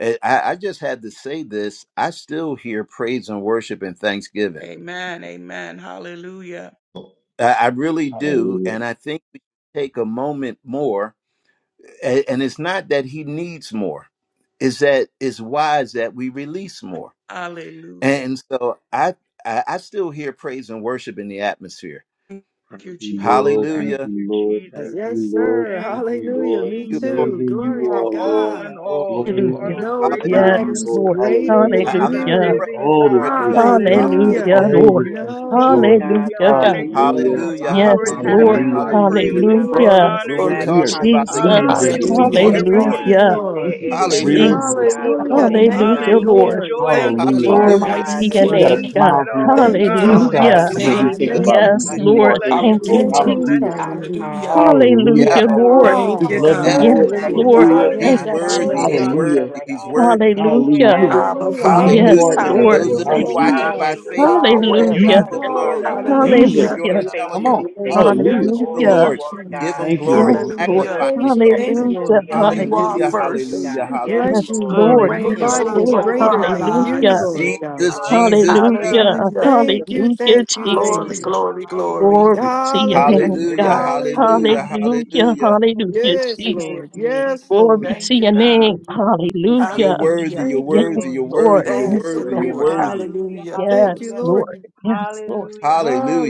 And I, I just had to say this. I still hear praise and worship and thanksgiving.
Amen, amen. Hallelujah.
I, I really do.
Hallelujah.
And I think we take a moment more A- And it's not that he needs more, it's that it's wise that we release more.
Hallelujah.
And so I, I, I still hear praise and worship in the atmosphere.
Thank
Thank
you,
you,
Jesus.
Lord. Thank
Thank
Hallelujah.
you,
you,
Lord.
Yes,
Jesus.
Thank
yes,
you, Lord.
sir.
Thank
Thank you,
you,
Hallelujah.
Lord.
Me
You
Jesus.
Lord,
too.
Amazing
You
you
Glory
you
are
to
are,
Lord,
all
Lord.
God.
in
your holy
Lord.
all. You
Glory
name.
and
are
Hallelujah.
the
Thank
honor
you,
is
great
Heavenly
due
Hallelujah.
I
to you,
am.
Yes,
Father.
Nobody's
Lord.
Lord.
We
greater
You
thank
Hallelujah.
are
you,
than
I'm
the
God,
not
for
Hallelujah.
you.
all
pressed.
living
that
All
you
this
Praise
God.
are,
place of
God.
God.
peace,
Hallelujah.
Lord.
We
Hallelujah.
Hallelujah.
Hallelujah,
thank
All
Lord.
this
you.
Hallelujah.
place
We
of
thank you,
joy,
Mm.
Lord.
We
Nobody's
God, for
Hallelujah,
what
great.
honor
God.
you're
No
you,
doing in
Hallelujah.
Lord,
our
one's
Hallelujah.
lives,
Yes,
for
greater
Father
Hallelujah.
than
Lord.
inhabiting
God.
Hallelujah.
our
you.
There
Hallelujah.
is
praises.
Hallelujah.
none
Ring it
We
like
in
Hallelujah.
Glory,
you,
my
so
honor
When
we
we're
glory.
you.
spirit.
We are
talking
magnify you.
about the
We
King
completely
of
exalt
Jesus.
Hallelujah.
been
For
your
Kings and
released
meeting
holy
from
Lord
Hallelujah.
Hallelujah.
of
the
name,
every
Thank
need.
you,
bondage,
Lords.
God.
Hallelujah.
Lord. Like this
There
Lord.
is
is
the
peace
none
Hallelujah.
real
like
Hallelujah.
deal,
you,
Jesus.
God,
Lord,
and we
Hallelujah.
unspeakable.
walking
thank
with
you,
Thank
you,
Hallelujah.
God.
Hallelujah,
you,
Lord.
We
Hallelujah.
thank
Lord.
Lord.
you,
Joy
Lord, for
Thank you,
your
Hallelujah.
word,
Glory
unspeakable.
Hallelujah.
Almighty
God.
to
Jesus.
Your
your
We
word
got
name,
a
that is
King,
the
Peace
God.
source
at
smile
and
coming from
all.
tonic
Thank
the
you,
of
God, I
our
Father.
thank
Thank
our
inside
faith,
Hallelujah.
you,
you.
In
when we
Jesus'
God.
think
Savior,
Jesus.
Hallelujah.
about
Thank
In
name.
the
who
Yes,
you,
mighty
you
We
Jesus.
name of
Lord.
are
bless
in
our
us,
you,
Jesus,
Thank
we
you,
Lord.
Lord.
Thank
We
thank
Redeemer.
Jesus.
you.
you,
bless
Hallelujah.
you,
God.
Lord.
Hallelujah.
Hallelujah.
As you
Hallelujah.
Hallelujah.
Yeah.
Hallelujah,
We
inhabit
give
our
you
Lord.
all
Hallelujah.
the
Thank
Oh,
We
you,
praises, we
love
glory,
yeah.
you,
give
God.
God.
you
Yes,
We
Lord.
praise.
Searching,
Hallelujah.
We
Lord.
magnify
I
you,
Hallelujah.
honor
God
you.
am
Thank
He's
searching.
that
you,
I
but
worthy.
Glory
Jesus.
We
to
there
He's
am.
honor
is
you.
God.
Hallelujah.
none
worthy.
We
like
He's
you.
honor
We
you.
worthy.
thank
We
you.
Hallelujah.
thank
Hallelujah.
We're
Yes,
you,
Hallelujah,
Lord.
Abba,
Lord.
reflecting who
Father.
you
Thank
Hallelujah.
Yes,
are
you,
We
in us,
thank
Lord.
Lord.
you,
Those
Lord.
of
Hallelujah.
Lord.
you
Thank
We
you,
Lord
Hallelujah.
watching
thank
by
Jesus.
you,
God.
Lord.
Hallelujah. You
Facebook,
are
Glory
so
give
to
Yahweh.
Hallelujah.
God
God.
Use
the
faithful,
us.
Glory to
Father.
glory.
We
God.
Hallelujah.
thank
Use
you
If
for
us.
Hallelujah.
you're on
Hallelujah.
the
being
Come
The
faithful.
on.
We
teleconference
thank
line,
you,
glory
God,
Hallelujah.
Praise
for
your
the
all that
Hallelujah.
name,
you
Lord,
are,
give
God,
him
Thank you,
Jesus.
glory,
Yes,
for
Lord.
Lord.
creating
Hallelujah.
us
magnify and
Praise
into
your
your
exalt his name.
name,
image,
Thank you,
Hallelujah.
Lord
into your
Lord.
You
Thank
God.
Hallelujah.
likeness.
you,
are
We
Hallelujah,
Lord.
thank
Thank
you,
That's
first.
hallelujah,
you.
God. Yes,
Yes,
hallelujah.
Bless you,
Lord.
Thank
You
Lord.
Hallelujah,
you,
Lord.
Lord.
reign and
Bless
Mm.
Yes,
Glory
you,
Nobody
to
Lord.
is
rule
your
Lord.
over
holy
greater
our
hallelujah,
name.
than you,
Hallelujah.
Hallelujah.
lives.
Lord
Thank you,
God.
Jesus,
Lord.
Jesus, Jesus.
hallelujah,
Hallelujah.
Hallelujah.
to your
Thank you,
Hallelujah,
thank you,
name,
thank
Glory,
Lord.
Jesus.
you.
hallelujah,
glory, glory.
hallelujah.
Glory to your
Thank
name,
Hallelujah,
you,
Hallelujah,
God.
Thank
God.
you, Jesus.
hallelujah,
hallelujah.
Thank you,
Hallelujah.
Hallelujah.
hallelujah.
Jesus.
Hallelujah,
Yes,
Holy
Thank
Jesus.
name,
Thank
you,
Lord.
you,
Lord.
Lord.
Yes,
Jesus.
Lord.
Glory
Thank
to
Thank
you,
you,
your
God.
The
name.
Jesus.
name is
Thank
You're
Hallelujah.
you,
worthy,
Hallelujah.
you're
Thank
Jesus.
Yes,
you,
worthy,
Thank
you're
you,
Lord.
worthy,
Lord.
Jesus.
you're
Focus
Thank
Yes,
you,
worthy,
on
God.
you're
you,
Lord.
God.
worthy.
Hallelujah,
Hallelujah.
Thank you,
Yes,
hallelujah,
Lord.
Lord.
Yes, Lord.
hallelujah,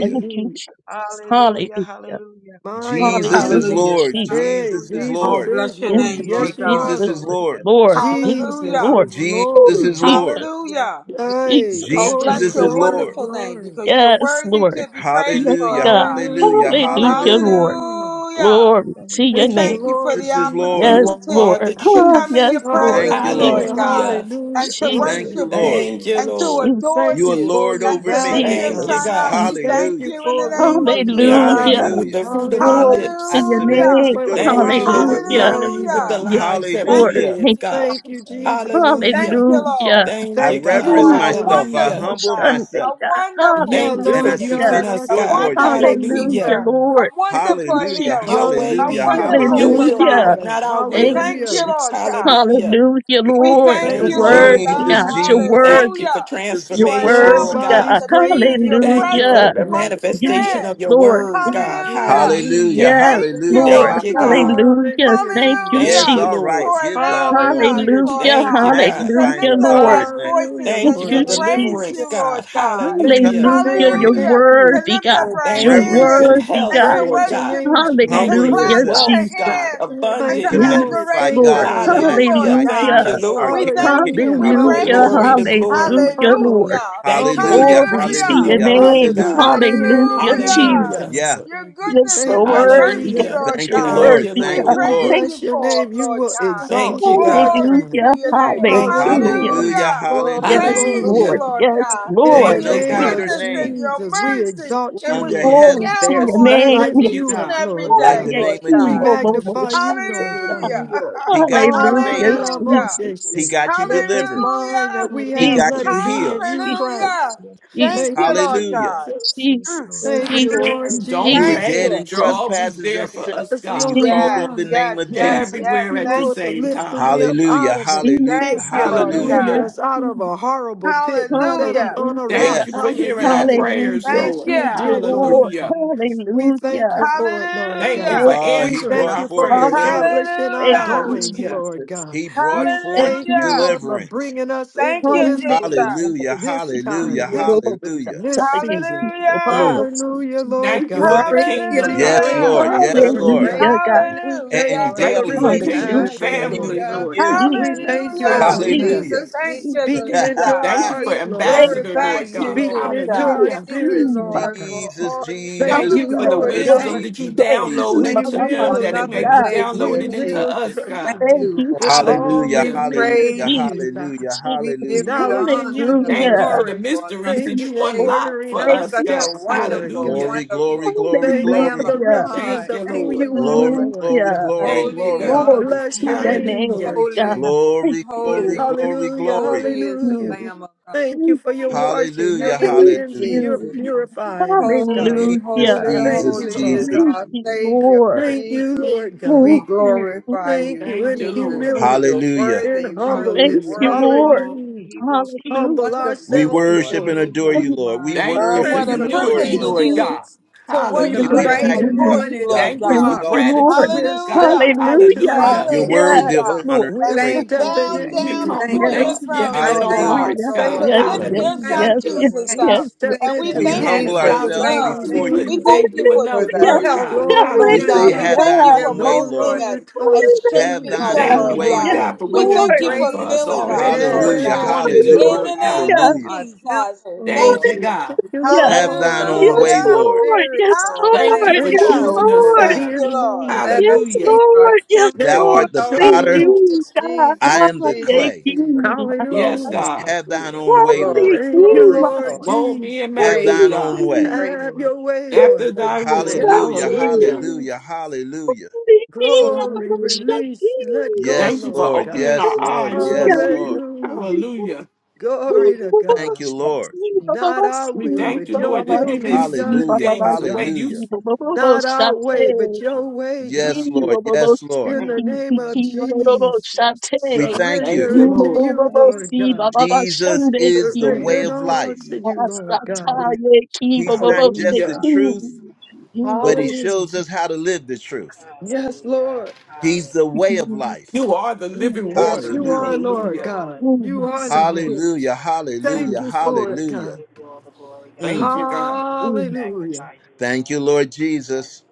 Thank you, Jesus.
hallelujah,
Hallelujah.
hallelujah,
Mine on
Jesus
you,
is
Hallelujah,
God.
Hallelujah.
hallelujah,
Lord.
Jesus.
Hey,
Jesus is
hallelujah.
Oh,
Jesus
Lord.
is
bless your
Yes,
Lord.
name,
Yes,
Lord
Jesus,
you
Jesus,
yes,
God.
are,
Jesus is
Lord.
is
Lord,
Lord.
yes,
Lord.
Lord.
Yes,
Yes,
Jesus
Hallelujah.
Lord.
is
Lord, yes,
Jesus
Oh,
is
Lord.
Lord.
Jesus,
Lord.
Yes,
Hallelujah.
Lord.
Hey,
Oh,
Jesus,
Yes,
glory,
bless
Jesus
Lord.
your
is
Jesus.
Yes,
glory,
Lord.
Lord.
wonderful name
glory.
because you're
Yes,
worthy
Lord.
to be
Thank you,
praised,
Yes,
Lord
Jesus.
Hallelujah.
God.
God.
Thank you,
Hallelujah.
Hallelujah,
Jesus.
Hallelujah,
Hallelujah.
Thank you,
Lord.
hallelujah.
Jesus.
Hallelujah.
Glory to
Thank
We
your
you,
Thank
name.
you,
thank you
Jesus.
for
Lord
the
Jesus is Lord.
Yes,
You
Hallelujah,
Jesus.
Lord.
are
opportunity
the
to
hallelujah,
Ah,
come in
truth.
yes,
your
Lord.
Thank you,
presence,
hallelujah,
Lord
Lord.
Hallelujah,
Jesus,
glory,
God,
Hallelujah.
hallelujah.
and to
Glory
Jesus,
glory,
Thank
to
you,
worship
glory,
Lord.
you
God.
Thank you,
glory.
and to
Lord.
adore
Thank
You
Jesus,
you
are
you
Thank
for
Lord
you,
your
and
over
to
Jesus.
lift
me.
value,
your
Thank
Glory
you,
to
God.
Jesus,
son
God.
up.
God.
We
Jesus.
Thank
thank
you
Hallelujah.
you in the
for
name of
ruling,
Hallelujah,
We
your
honor you
Jesus.
Hallelujah.
with
reigning.
Hallelujah.
the fruit of our
hallelujah.
Glory
Hallelujah.
to
I
lips.
your
Thank
Thank
submit
you
you,
to
Hallelujah.
name.
for
your
your
Thank
Jesus.
you,
power,
Lordship.
your
Lord. We
Hallelujah.
honor you
authority,
with the
Thank
Hallelujah.
Lord
you,
Yes,
God.
lives that we
Jesus.
Thank
Lord.
you,
Hallelujah.
live,
Thank you,
Jesus.
God.
Thank you,
Jesus.
Thank you,
Jesus, for the
Jesus.
Thank
Hallelujah.
you,
peace.
Hallelujah.
Lord.
Thank
I
you,
Thank
Thank
you
you,
You
God.
reverence
are
for
Hallelujah.
it,
a
God.
Jesus.
myself. I
Hallelujah.
wonderful
humble
God,
myself
Sunday,
a
God.
wonderful
Yeah,
Thank you
Thank
and
for
you,
I
Lord
Savior,
Jesus.
Hallelujah.
using
God,
submit to
I
us,
a
your
God.
submit to
Lordship.
wonderful
you, Lord
Hallelujah.
Hallelujah,
keeper,
God.
a
Lord. Thank
wonderful
you,
Hallelujah.
Jesus.
healer,
Your way
a
Hallelujah.
be
Hallelujah,
your
wonderful
Lord.
Hallelujah.
will,
Hallelujah.
Lord,
provider.
hallelujah,
not our
We
Thank
will.
thank
Hallelujah.
you,
hallelujah.
you,
Lord
Jesus.
God.
Hallelujah.
Hallelujah,
We
Lord.
thank
You're
Thank
you,
you,
Thank
Jesus,
you,
Lord
Lord
worthy,
Lord.
God.
Jesus,
God. You're
Jesus.
Jesus,
Thank you
worthy.
for
Hallelujah.
Jesus,
You're
For
transformation,
Jesus.
Lord
allowing
worthy,
us
God.
God.
Nobody's
to be
greater
in
Hallelujah.
your
than you,
Thank you
Hallelujah,
presence
for
Hallelujah.
Lord
the
God.
once
Yes,
manifestation
again.
of your
hallelujah,
Lord.
word,
Yes,
hallelujah.
God.
Mm.
Thank
Hallelujah.
you, Jesus.
Hallelujah,
Hallelujah.
yes,
Thank you,
hallelujah,
Lord.
Thank
Lord
you,
God.
God.
hallelujah.
Hallelujah.
Hallelujah,
Thank
Jesus.
you,
Thank
Yes,
you,
Hallelujah.
Jesus.
all
For
Lord.
right. Give God
allowing
glory.
us,
Hallelujah, Jesus.
Lord
Hallelujah,
Thank you,
God,
God.
to
Magnify and
hallelujah,
lift up
exalt
Lord.
our
his name.
voices
Hallelujah,
Thank
Thank
and
you
Lord
for
to
you,
God.
praise
deliverance,
Hallelujah.
you,
Jesus.
God.
Lord God.
Come
Thank
Hallelujah.
you, thank
Hallelujah.
before
you,
You're
him,
thank
Hallelujah. To
you.
worthy,
lift up
God.
Lord, you
our
Thank
so
You're
you for
worthy.
hands
good
reverencing,
worthy,
and
health,
to
God.
Lord
Praise your
God.
worship
name,
you,
Jesus.
to
Thank you
humbling
Thank
for
clap
Hallelujah,
you,
yourself
our
wealth,
Jesus.
Jesus.
God.
hands
Thank
and
you,
to
Thank
Abundant
to
you,
Yes,
Lord.
life.
magnify
adoration
Thank you,
Lord.
God,
unto
to
Lord.
you, Lord
Hallelujah.
magnify
Thank
God.
Hallelujah.
you,
Jesus,
Lord.
our
We
Lord.
King of
thank
kings
you.
Hallelujah,
and
We
our Lord of
Hallelujah.
praise
Glory
you.
to
hallelujah.
lords.
glory.
Hallelujah,
Humbly,
Lord.
Hallelujah.
Thank you for
humbly,
your
Hallelujah,
Glory to
grace and
Hallelujah.
your
your
Bless
hallelujah,
your name,
mercy,
under
name.
the
hallelujah.
God.
mighty hand of
Hallelujah,
Glory,
you,
Jesus.
glory,
Lord
Hallelujah.
Hallelujah.
glory,
God.
Yeah,
Lord.
Your
glory,
You're
goodness
so
and
Thank
glory,
you,
your
worthy,
Your
God.
mercy,
Hallelujah.
name,
Lord
thank
You're
you,
Lord.
Jesus.
God.
Thank
Lord.
you,
worthy,
We
Thank
God.
you,
Lord.
We
praise
Lord.
Thank
bless
you
your
you,
for
name.
them,
You
Lord
will
Jesus.
God.
Thank
exalt
you,
Hallelujah.
your
God.
Glory
time.
Hallelujah.
to your
Hallelujah.
name.
Thank you,
Hallelujah.
Lord.
Hallelujah,
Hallelujah.
Hallelujah.
Glory,
Glory, glory.
hallelujah.
Yes,
Praise
glory.
you,
Lord.
Hallelujah.
Lord
Yes,
God,
In
for
There's
Lord.
the
Thank
your
no
you,
name
Jesus.
of
greater
God.
Hallelujah.
goodness and
name
your
Jesus, we
Jesus.
mercy
exalt
in
you,
Wonderful
which
under
you
Lord
Glory
heaven
to
God.
shower
There's
your
on
We
none
us
name.
like
lift
you,
each
Yes.
you
and
up,
God.
every
Lord
Oh
like
day,
the
God.
Hallelujah.
God,
name
Lord
of
we
We
Jesus.
God.
Oh, oh, oh,
thank
glory.
magnify
shout
you,
you.
it.
Lord
Hallelujah.
God.
Hallelujah. You
He
do
got you
great
Ah,
things.
Hallelujah.
let
saved.
Hallelujah.
our
Hallelujah.
motions
He
Jesus.
shake.
got you
Let this
delivered.
mind that
Hallelujah.
we
He
We
have,
Jesus.
Thank
got
let
you,
you
it
Jesus.
be in
healed.
you,
Jesus.
Christ.
Hallelujah.
Yes, Lord.
Jesus.
Thank
Thank
you,
you,
Lord
Hallelujah.
God.
Jesus.
Yes,
Mm,
Lord.
mm.
Jesus.
Thank
Yes,
Thank
you,
you,
Lord.
Lord.
for
Lord
You
Jesus.
don't
You were
Thank
this
Jesus.
dead
you.
Thank
in
change.
you.
You're
Jesus.
always
trespasses
there
and
for
sin,
us,
Yes,
and you
God.
Lord
Jesus.
called
Yes,
on the
God.
Thank
name
yes,
you,
of
You're
one
Jesus.
yes,
Jesus.
Jesus.
yes.
everywhere
thank you,
at
piece.
the
Thank
Lord, for
you.
same
Yes. Lord.
lifting
time.
me up
Hallelujah.
out of it
Hallelujah.
pit.
Thank
Jesus.
Thank
you,
you,
Lord
Jesus.
Hallelujah.
Lift
Hallelujah.
Hallelujah.
God.
us out of a horrible
Thank you,
pit and set
Jesus.
up
Hallelujah.
on
Hallelujah,
a rock.
Thank you
God.
for
Yes.
Thank
hearing
you.
our
Yes.
Hallelujah.
prayers,
Hallelujah.
Thank
Yes,
Lord.
you
you.
Thank you,
did, Lord
Lord.
Hallelujah.
God.
Thank you,
We
Jesus.
thank
Hallelujah.
you for it, Lord
Thank you
God.
Hallelujah.
for
Uh,
We
he
answering
thank
brought
you
our
forth
for
prayers,
Hallelujah.
deliverance.
Lord.
establishing our
Thank you,
Hallelujah.
goings,
Hallelujah.
Lord
Jesus.
God.
He brought
We
Thank
forth
thank
you,
you,
Hallelujah.
Lord, for
Jesus.
deliverance.
bringing us
Thank
into
you,
this
Hallelujah.
Jesus.
place,
Lord,
Hallelujah.
I
this
speak to you,
Hallelujah.
time, this
Lord, Lord,
place,
Lord,
Hallelujah.
this season.
Lord, Lord, Lord,
Hallelujah.
Mm.
Lord, speak
Hallelujah,
to you, Lord,
Lord
Thank you
Lord,
for
God.
the
Glory to
Lord,
your
kingdom,
We
God.
Yes,
name,
Hallelujah.
praise
Lord.
you
Lord.
Father.
Yes,
for it,
Lord.
Hallelujah.
Lord.
Hallelujah,
Praise your
God.
We
name,
and,
thank you
Hallelujah.
and
for
Lord.
the
Thank you
daily
for
he's
kingdom
relationship,
Hallelujah.
delivering you
Lord
family,
from
Hallelujah.
God.
Lord
you.
God.
We
Jesus.
thank you,
Jesus,
Hallelujah.
Lord
Jesus.
God.
Hallelujah.
Hallelujah.
Jesus,
Thank you,
Jesus.
Jesus.
Speaking into our
Jesus.
Thank you for
We
hearts, Lord
Thank
God.
ambassador,
glorify
Thank
Lord
you,
you,
you,
Thank
God.
you,
Speaking
Lord.
into
We
our
Jesus.
Jesus.
Hallelujah.
thank you,
Thank
spirits,
You, Baba.
Lord
Lord,
God.
for
Jesus,
all you
Thank
Jesus,
Thank you
do,
you,
for
Hallelujah,
the
Lord.
Lord
you,
Lord, Lord,
Jesus,
Thank,
wisdom
God.
that
Jesus,
you
Lord. Thank
download
you,
Jesus.
We
thank
into
you
Baba. I
for
him
will
that it
speak,
another
may be
obey.
day, dear
We
downloaded
God.
into
will
Jesus.
us,
trust
Thank
God.
in
Thank
you
you,
you,
Lord.
with
Jesus.
Hallelujah,
all
We
Hallelujah.
leaning
hallelujah,
praise
to you,
Jesus.
you.
God.
hallelujah,
We
Jesus.
give
hallelujah.
you the
Knowledge in
honor and
you,
the
Thank
Lord
you
Hallelujah.
for
God.
the
glory for another
mysteries
Thank
that
you
you
for
day, Lord.
unlock
ordering
for
You're
our
Thank
us,
such
you.
a
God.
steps, Lord God.
wonderful,
Thank
Hallelujah.
Glory,
wonderful
glory, glory,
Thank you for
Lamb
glory.
the
of
you,
Hallelujah.
Jesus.
richness
God.
Thank you,
of who
Thank
Lord.
you
you,
are,
Glory,
Lord.
Lord
glory,
Hallelujah.
God.
glory,
Thank you,
Holy
glory.
We
God.
are
Hallelujah.
Glory
Thank
bless
you, Jesus.
your
to
you,
your
name,
name,
Hallelujah.
Lord
God.
holy,
Jesus.
Thank
Glory,
you,
glory,
Lord.
holy,
glory,
Hallelujah,
glory.
holy
Thank
is the
hallelujah.
you.
Lamb of God.
Thank you
Thank
for your
you.
washing, your
Hallelujah,
Thank
Thank
you,
cleansing,
hallelujah.
your
Thank
you.
you, Jesus. Thank you,
Jesus.
Jesus.
purifying us, God.
Holy,
Jesus,
holy,
Hallelujah.
Thank you,
Jesus,
holy
Thank
is
Lord.
you, Jesus. Thank
Jesus.
you,
Thank
our
Jesus.
you,
Thank
Savior,
Lord.
Thank you,
Jesus.
Lord
We
God.
Thank you.
glorify
Thank
you,
you
Thank you,
in
you, Jesus.
Lord.
Jesus.
humility,
You're
Hallelujah.
in
worthy, worthy,
Thank
humbleness.
Hallelujah.
you,
He
worthy.
Lord.
will,
Hallelujah.
he will keep
Humble
Hallelujah.
We
ourselves
Wonderful Lord,
worship
before
and
you,
you
adore
God.
whose
you,
Thank
Lord. We
mind
the
is
Thank
Uh,
you
Thank
for
what
worship
a
Prince
you,
and
of
stayed
adore
Lord
humility,
privilege
you.
on
it
Peace,
Lord
Jesus.
you.
him.
is
God.
to
We
We,
the
Thank
we
worship
Hallelujah.
and
you,
bright
praise your
and
Hallelujah.
adore
magnify
Lord.
you,
name,
you,
morning
God.
Lord
Lord.
Thank
We
you for
God.
Thank
star.
you,
exalt you.
Lord.
gratitude,
We're
God.
Hallelujah.
stepping into right.
Thank
Hallelujah.
Thank
Hallelujah.
You're
you,
you,
worthy
Jesus.
of
Yes,
Hallelujah.
Jesus.
honor
We're
and
As
Lord.
we
praise.
Thank you,
stepping
bow
Jesus.
Thank
We
into
down
you,
right.
Hallelujah.
come
Thank
with
before
we
you.
are
Jesus.
your
Yes,
throne,
thanksgiving
I
yes,
in
Lord
our
yes,
thank
Hallelujah.
God,
We
you,
hearts,
yes,
God.
thank
Lord.
to
yes,
you,
lift
yes,
Lord.
your
God.
Thank
Hallelujah.
son
yes,
Thank
you,
you,
yes,
Lord.
Jesus
thank
We
yes,
you,
up.
yes,
step
And
thank
we
yes,
you,
into
Thank
We
We
who
you,
thank
yes,
had
you
we
a
yes,
humble
Lord.
are.
for
Jesus.
your
Thank
thousand
you,
ourselves
yes.
Thank
Lord.
love.
tongues.
you.
We
Thank
before
you,
you.
King,
We
couldn't
Lord.
thank
thank
you
you
for
for
enough,
your
the
Thank
Hallelujah!
Lord
you,
health
mercy,
God.
and
glory to
We
Lord
strength
say,
Thank
God.
Hallelujah.
that
We
you,
Have
God.
you
thank
thine
you
Jesus.
Hallelujah!
for
own
give
way,
No
us,
molding
Lord.
Lord, to
us
longer
and
tossed to
Have
shaping
and
continue
We
thine
us,
Hallelujah!
going
Lord.
thank
own
Lord
you,
on.
fro
way,
Lord
God.
Yes,
God,
Lord.
for
We
what
To
Hallelujah.
you've
thank
Lord!
you
done
for
for
praise
Thank you,
us
filling
you,
with
Jesus.
already,
us,
for
Lord
Lord.
what you're
Hallelujah.
God.
Thank
going to
every
you,
Hallelujah.
do,
wind.
In
Lord,
the
Lord
for
God.
name
Hallelujah!
of
Thank
Hallelujah.
our
Jesus,
Thank you,
temple,
thank
Thank
Jesus.
you,
Lord.
you.
God.
Thank you,
The
Hallelujah!
Have
Lord.
whole
thine
the
own
Thank you,
Yes,
way,
Lord.
Holy
Hallelujah.
Lord.
Lord!
Spirit,
Yes,
Lord.
Thank you
Thank
Lord!
for
you,
Thank
Yes,
Hallelujah.
you,
Hallelujah.
Oh,
Lord,
choosing us,
Jesus.
we
for
Lord!
Thank
God.
being
you,
the
Lord.
thank you,
moment
Let us
Yes,
keep
Hallelujah.
our
Lord! Yes,
that
Thou
temples
Lord!
you
art the
Thank
healthy,
potter.
chose.
Lord.
you, God.
I
thank
Lord.
Jesus,
am
you,
the
Hallelujah!
Jesus.
Jesus,
Oh,
clay.
we
Jesus.
Yes,
Glory,
Hallelujah.
God.
Yes,
thank
Have
you,
thine
Lord.
own way,
glory,
Lord.
Thank you,
Yes,
glory, glory.
Lord
Lord.
Mold me
Jesus.
and make
Have
me,
Praise
thine
your
own
God,
name.
Yes,
way.
Hallelujah!
Praise
Have
your
Lord.
your
name.
way,
baba baba baba
after
Lord
thy
God.
will.
Lord.
Yes,
Hallelujah.
Lord
Hallelujah.
Jesus.
Hallelujah. Hallelujah.
Hallelujah. Yes, Lord.
Glory,
Hallelujah.
release, let go,
Thank
Yes,
you for
Lord
Lord.
God.
opening
Yes,
our
Lord.
eyes,
Yes,
Lord.
Lord.
Hallelujah.
Hallelujah.
Hallelujah.
baba
Glory
Hallelujah.
to
Thank
God.
you,
Thank
Lord.
you, Jesus.
Not our
We
will,
thank
but
you,
your
Lord, that
will
we
Thank
may
be
you,
see
done,
Jesus.
Hallelujah.
Thank
things
Lord
you,
the way
God.
you
Hallelujah.
see.
Not our
Thank
way, but
you,
your
Jesus.
way,
Yes,
God.
Lord.
Jesus.
Yes, Lord.
In
Thank
the
you,
name of
Jesus. Thank you,
Jesus,
Jesus.
We
Thank you,
thank
Thank
you.
surrender
you,
Jesus.
it to
Lord.
you,
Thank
Lord
you,
God.
Jesus.
Jesus is the
Surrender
way
Thank
it
of
you,
all to
life.
Jesus.
you, Lord God.
Hallelujah.
He's not just the
Hallelujah.
truth,
Hallelujah, Jesus.
but he
se
Hallelujah.
shows us how to live the truth.
Yes,
Hallelujah.
Lord.
He's the way
Hallelujah.
of
ki
life.
You are the
Ooh,
living
Yes,
that's
Yes,
water.
you
Lord.
sweet.
are,
Hallelujah.
Thank you,
Lord
Hallelujah.
God.
Lord.
Ooh, my
You are the
son,
way.
Thank
too.
you,
Hallelujah.
God.
Thank
Ooh,
Hallelujah.
you for
ooh,
Hallelujah.
it,
We
God.
Hallelujah.
give you all the glory, God.
Thank
We
Mm.
you,
thank you.
God.
and We
ooh.
Hallelujah.
magnify you,
Thank
Lord.
you, Lord
Yes.
Jesus.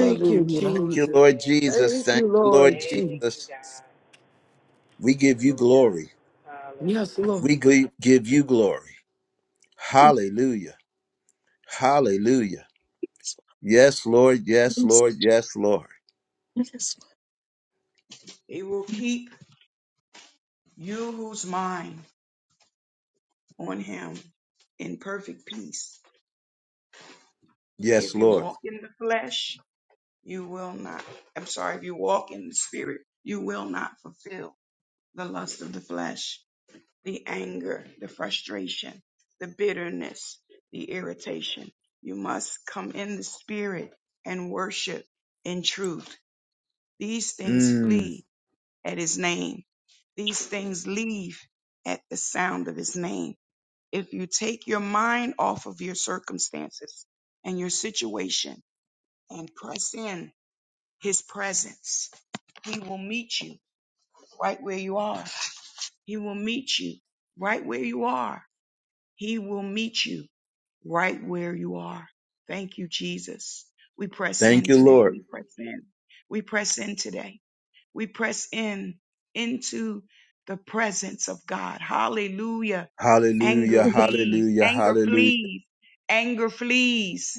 Thank you,
you,
Thank
Lord.
you,
Jesus.
Lord
Thank you,
Jesus.
Thank
Lord.
Thank
you,
you,
Lord
Lord
Thank you,
Jesus.
Jesus.
God.
We give you
Hallelujah.
glory.
Yes,
Hallelujah.
Lord.
We gi- give you glory.
Thank you,
Hallelujah. Hallelujah.
so
Yes, Lord. Yes,
much.
Lord. Yes, Lord.
I just
It will
want
keep you who's mind on him in perfect peace
Yes,
If you
Lord.
walk in the flesh, you will not, I'm sorry, if you walk in the spirit, you will not fulfill the lust of the flesh, the anger, the frustration, the bitterness, the irritation. You must come in the spirit and worship in truth. These things
Mm,
flee at his name. These things leave at the sound of his name. If you take your mind off of your circumstances and your situation and press in his presence. He will meet you right where you are. He will meet you right where you are. He will meet you right where you are. Thank you, Jesus. We press
thank
in
you,
today. We
Lord.
press in. We press in today. We press in into the presence of God. Hallelujah. Anger
Hallelujah.
leaves.
Hallelujah.
Anger
Hallelujah.
flees. Anger flees.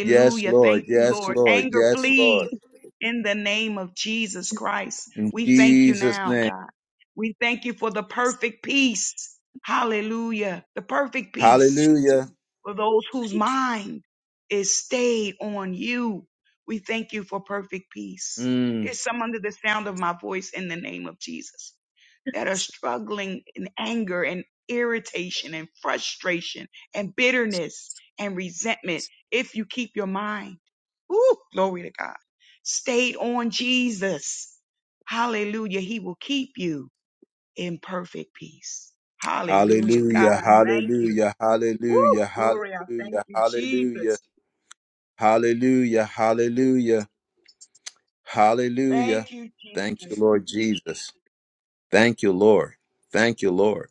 Yes, Lord.
Thank you,
Yes,
Lord.
Lord.
Anger
Yes, Lord.
flees
to
in the name of Jesus Christ.
In
We thank you
Jesus'
now,
name.
God. We thank you for the perfect peace. Hallelujah. The perfect peace
Hallelujah.
for those whose
thank you,
mind is stayed on you. We thank you for perfect peace.
Mm,
There's some under the sound of my voice in the name of Jesus that are struggling in anger and irritation and frustration and bitterness and resentment if you keep your mind. Ooh, glory to God. Stayed on Jesus. Hallelujah. He will keep you in perfect peace. Hallelujah. God,
hallelujah.
I thank you.
Hallelujah.
Woo!
Hallelujah.
Gloria. thank
Hallelujah.
you,
Hallelujah.
Jesus.
Hallelujah. Hallelujah. Hallelujah.
Thank you,
Thank you,
Jesus.
Lord Jesus. Thank you, Lord. Thank you, Lord.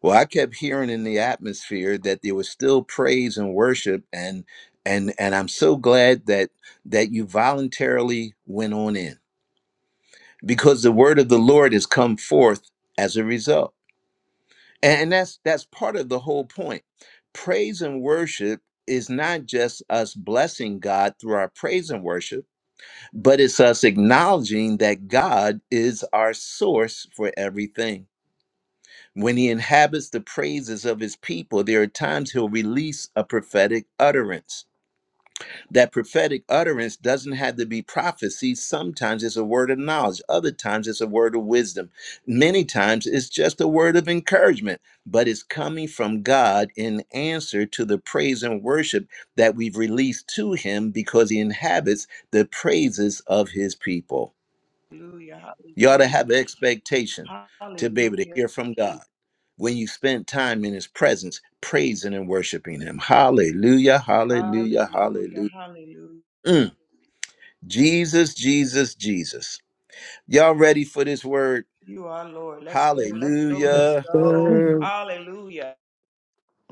Well, I kept hearing in the atmosphere that there was still praise and worship and and and I'm so glad that that you voluntarily went on in because the word of the Lord has come forth as a result. And, and that's that's part of the whole point. Praise and worship is not just us blessing God through our praise and worship, but it's us acknowledging that God is our source for everything. When he inhabits the praises of his people, there are times he'll release a prophetic utterance. That prophetic utterance doesn't have to be prophecy. Sometimes it's a word of knowledge, other times it's a word of wisdom. Many times it's just a word of encouragement, but it's coming from God in answer to the praise and worship that we've released to him because he inhabits the praises of his people.
Hallelujah,
You ought to have an expectation
hallelujah,
to be able to
hallelujah,
hear from God when you spend time in His presence, praising and worshiping Him. Hallelujah, hallelujah,
hallelujah,
hallelujah.
hallelujah.
Mm. Jesus, Jesus, Jesus. Y'all ready for this word?
You are Lord. Let's go, let's go, let's
Hallelujah.
go.
Lord.
Sir,
Hallelujah.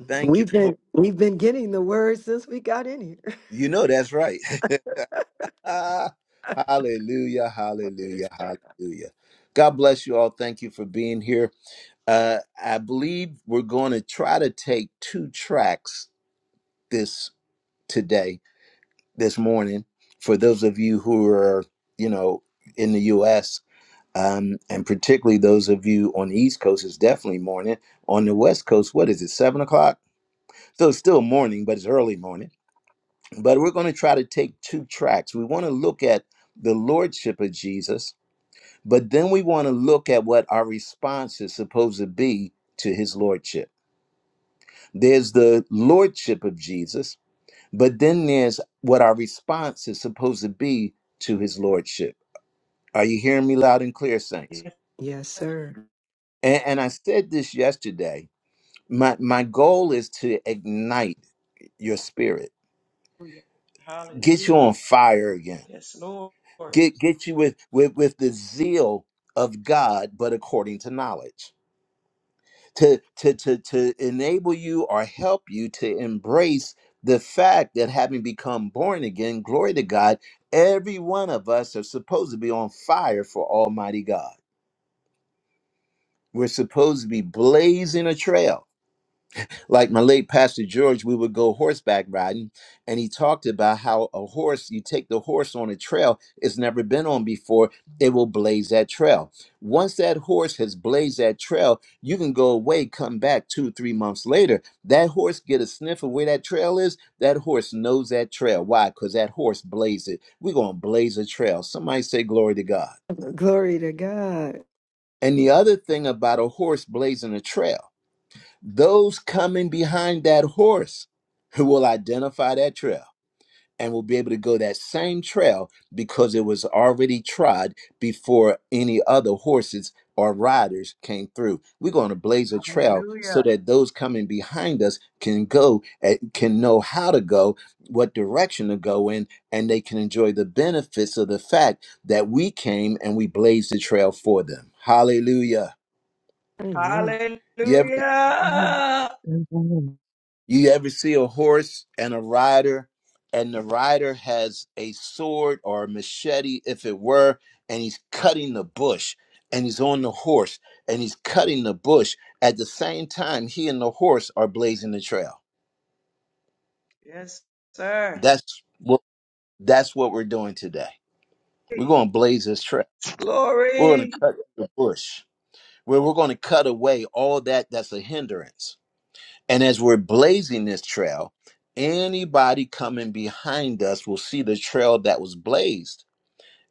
Thank you,
we've
Lord.
been we've been getting the word since we got in here.
You know that's right. Ah, hallelujah, hallelujah, hallelujah. God bless you all. Thank you for being here. Uh, I believe we're going to try to take two tracks this today, this morning, for those of you who are, you know, in the U.S., um, and particularly those of you on the East Coast, it's definitely morning. On the West Coast, what is it, seven o'clock? So it's still morning, but it's early morning. But we're going to try to take two tracks. We want to look at the Lordship of Jesus, but then we want to look at what our response is supposed to be to his Lordship. There's the Lordship of Jesus But then there's what our response is supposed to be to his lordship. Are you hearing me loud and clear, saints?
Yes,
Yes, sir.
And, and I said this yesterday. My my goal is to ignite your spirit,
hallelujah,
get you
hallelujah.
on fire again,
Yes, Lord.
get get you with with with the zeal of God, but according to knowledge. to to to to enable you or help you to embrace the fact that having become born again glory to god every one of us are supposed to be on fire for almighty god we're supposed to be blazing a trail like my late pastor george we would go horseback riding and he talked about how a horse you take the horse on a trail it's never been on before it will blaze that trail once that horse has blazed that trail you can go away come back two three months later that horse get a sniff of where that trail is that horse knows that trail why because that horse blazed it we're going to blaze a trail somebody say glory to god
Glory to God.
and the other thing about a horse blazing a trail those coming behind that horse who will identify that trail and will be able to go that same trail because it was already trod before any other horses or riders came through. We're going to blaze a trail so
Hallelujah,
that those coming behind us can go eh, can know how to go, what direction to go in, and they can enjoy the benefits of the fact that we came and we blazed the trail for them. Hallelujah.
Amen.
You ever
Amen.
hallelujah.
Amen.
You ever see a horse and a rider, and the rider has a sword or a machete, if it were, and he's cutting the bush, and he's on the horse, and he's cutting the bush. At the same time, he and the horse are blazing the trail.
Yes, sir.
That's what that's what we're doing today. We're going to blaze this trail. We're going to
Glory.
cut the bush. We're, we're going to cut away all that that's a hindrance And as we're blazing this trail, anybody coming behind us will see the trail that was blazed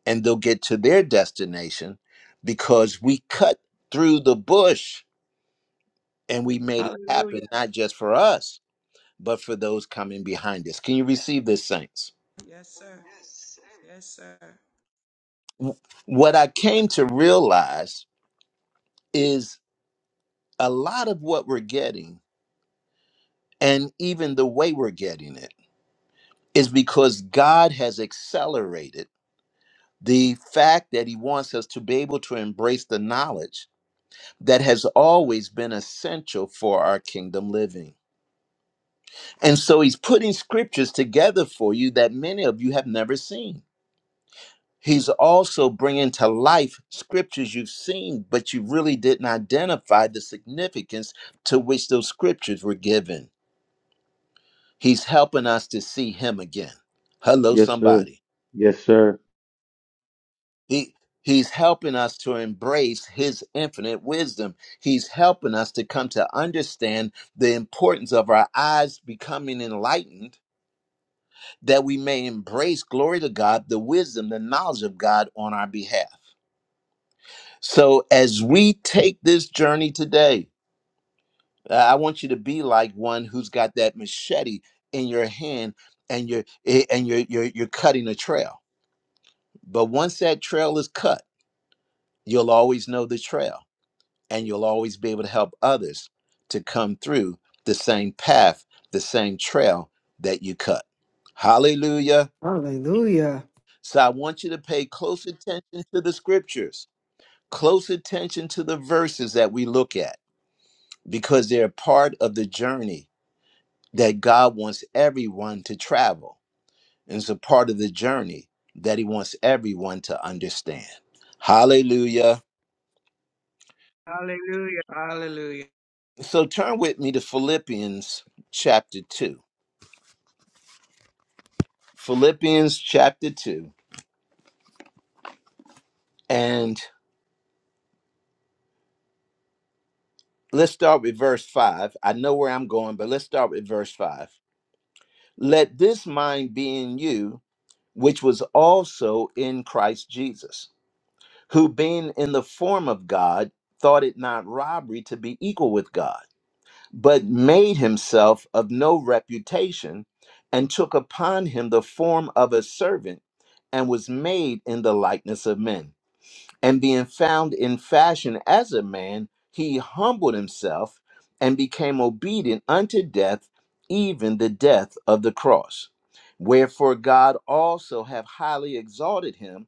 and they'll get to their destination because we cut through the bush and we made it happen,
Hallelujah.
not just for us, but for those coming behind us. Can you receive this, Saints?
Yes, sir. Yes, sir.
W- What I came to realize is a lot of what we're getting and even the way we're getting it is because God has accelerated the fact that he wants us to be able to embrace the knowledge that has always been essential for our kingdom living. And so he's putting scriptures together for you that many of you have never seen. He's also bringing to life scriptures you've seen, but you really didn't identify the significance to which those scriptures were given. He's helping us to see him again. Hello,
Yes, sir.
somebody.
Yes, sir.
He he's helping us to embrace his infinite wisdom. He's helping us to come to understand the importance of our eyes becoming enlightened that we may embrace glory to God, the wisdom, the knowledge of God on our behalf. So as we take this journey today, uh, I want you to be like one who's got that machete in your hand and you're eh, and you're you're, you're cutting a trail. But once that trail is cut, you'll always know the trail and you'll always be able to help others to come through the same path, the same trail that you cut. Hallelujah.
Hallelujah.
So I want you to pay close attention to the scriptures, close attention to the verses that we look at, because they're part of the journey that God wants everyone to travel. And it's a part of the journey that He wants everyone to understand. Hallelujah.
Hallelujah. Hallelujah.
So turn with me to Philippians chapter 2. Philippians chapter 2. And let's start with verse 5. I know where I'm going, but let's start with verse 5. Let this mind be in you, which was also in Christ Jesus, who being in the form of God, thought it not robbery to be equal with God, but made himself of no reputation, and took upon him the form of a servant, and was made in the likeness of men. and being found in fashion as a man, he humbled himself and became obedient unto death, even the death of the cross. Wherefore God also have highly exalted him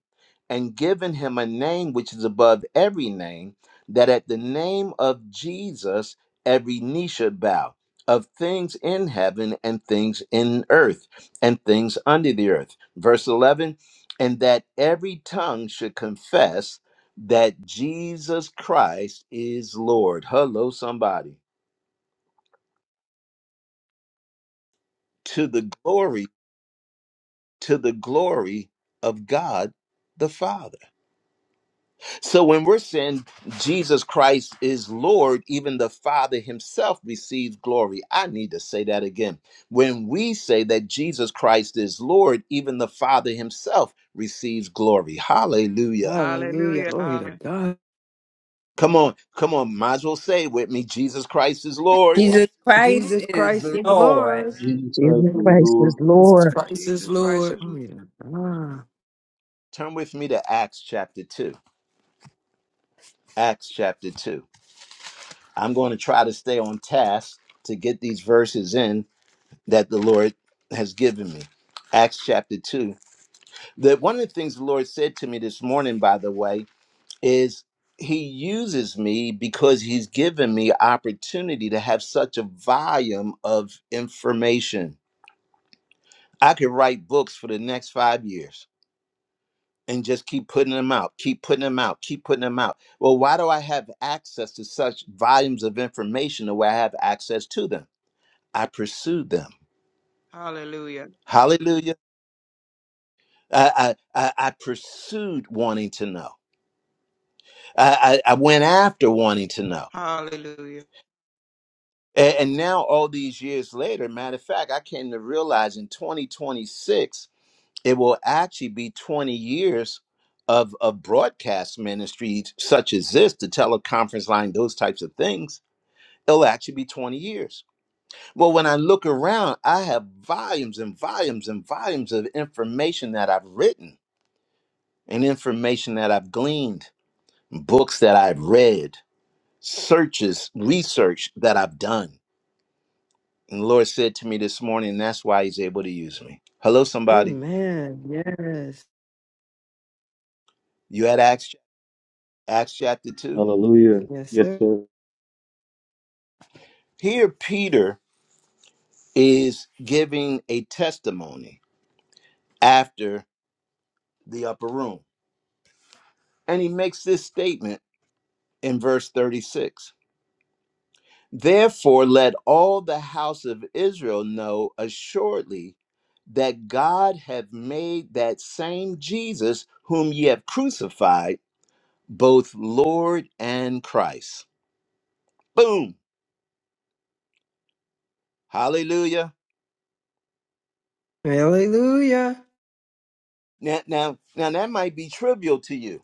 and given him a name which is above every name, that at the name of Jesus every knee should bow. Of things in heaven and things in earth and things under the earth. Verse 11, and that every tongue should confess that Jesus Christ is Lord. Hello, somebody. To the glory, to the glory of God the Father. So when we're saying Jesus Christ is Lord, even the Father himself receives glory. I need to say that again. When we say that Jesus Christ is Lord, even the Father himself receives glory. Hallelujah.
Hallelujah.
Hallelujah.
Glory to
Hallelujah.
God.
Come on, come on, might as well say it with me Jesus Christ is Lord.
Jesus Christ
Jesus
is
Christ is
Lord.
Lord.
Jesus Christ
Jesus
is
Christ
Lord.
is
Jesus
Lord.
Christ is
Jesus Christ
Lord.
is Lord.
Glory to God.
Turn with me to Acts chapter 2. Acts chapter 2. I'm going to try to stay on task to get these verses in that the Lord has given me. Acts chapter 2. That one of the things the Lord said to me this morning, by the way, is He uses me because He's given me opportunity to have such a volume of information. I could write books for the next five years and just keep putting them out, keep putting them out, keep putting them out. Well, why do I have access to such volumes of information the way I have access to them? I pursued them.
Hallelujah.
Hallelujah. I, I, I I pursued wanting to know. I, I, I went after wanting to know.
Hallelujah.
And, and now, all these years later, matter of fact, I came to realize in 2026, it will actually be 20 years of, of broadcast ministries such as this, the teleconference line, those types of things It'll actually be 20 years. Well, when I look around, I have volumes and volumes and volumes of information that I've written and information that I've gleaned, books that I've read, searches, research that I've done. And the Lord said to me this morning, that's why He's able to use me. Hello, somebody.
Amen. Yes.
You had Acts, Acts chapter 2?
Hallelujah.
Yes,
Yes,
sir.
sir.
Here, Peter is giving a testimony after the upper room. And he makes this statement in verse 36. Therefore, let all the house of Israel know assuredly that God hath made that same Jesus whom ye have crucified both Lord and Christ. Boom. Hallelujah.
Hallelujah.
Now, now, now that might be trivial to you,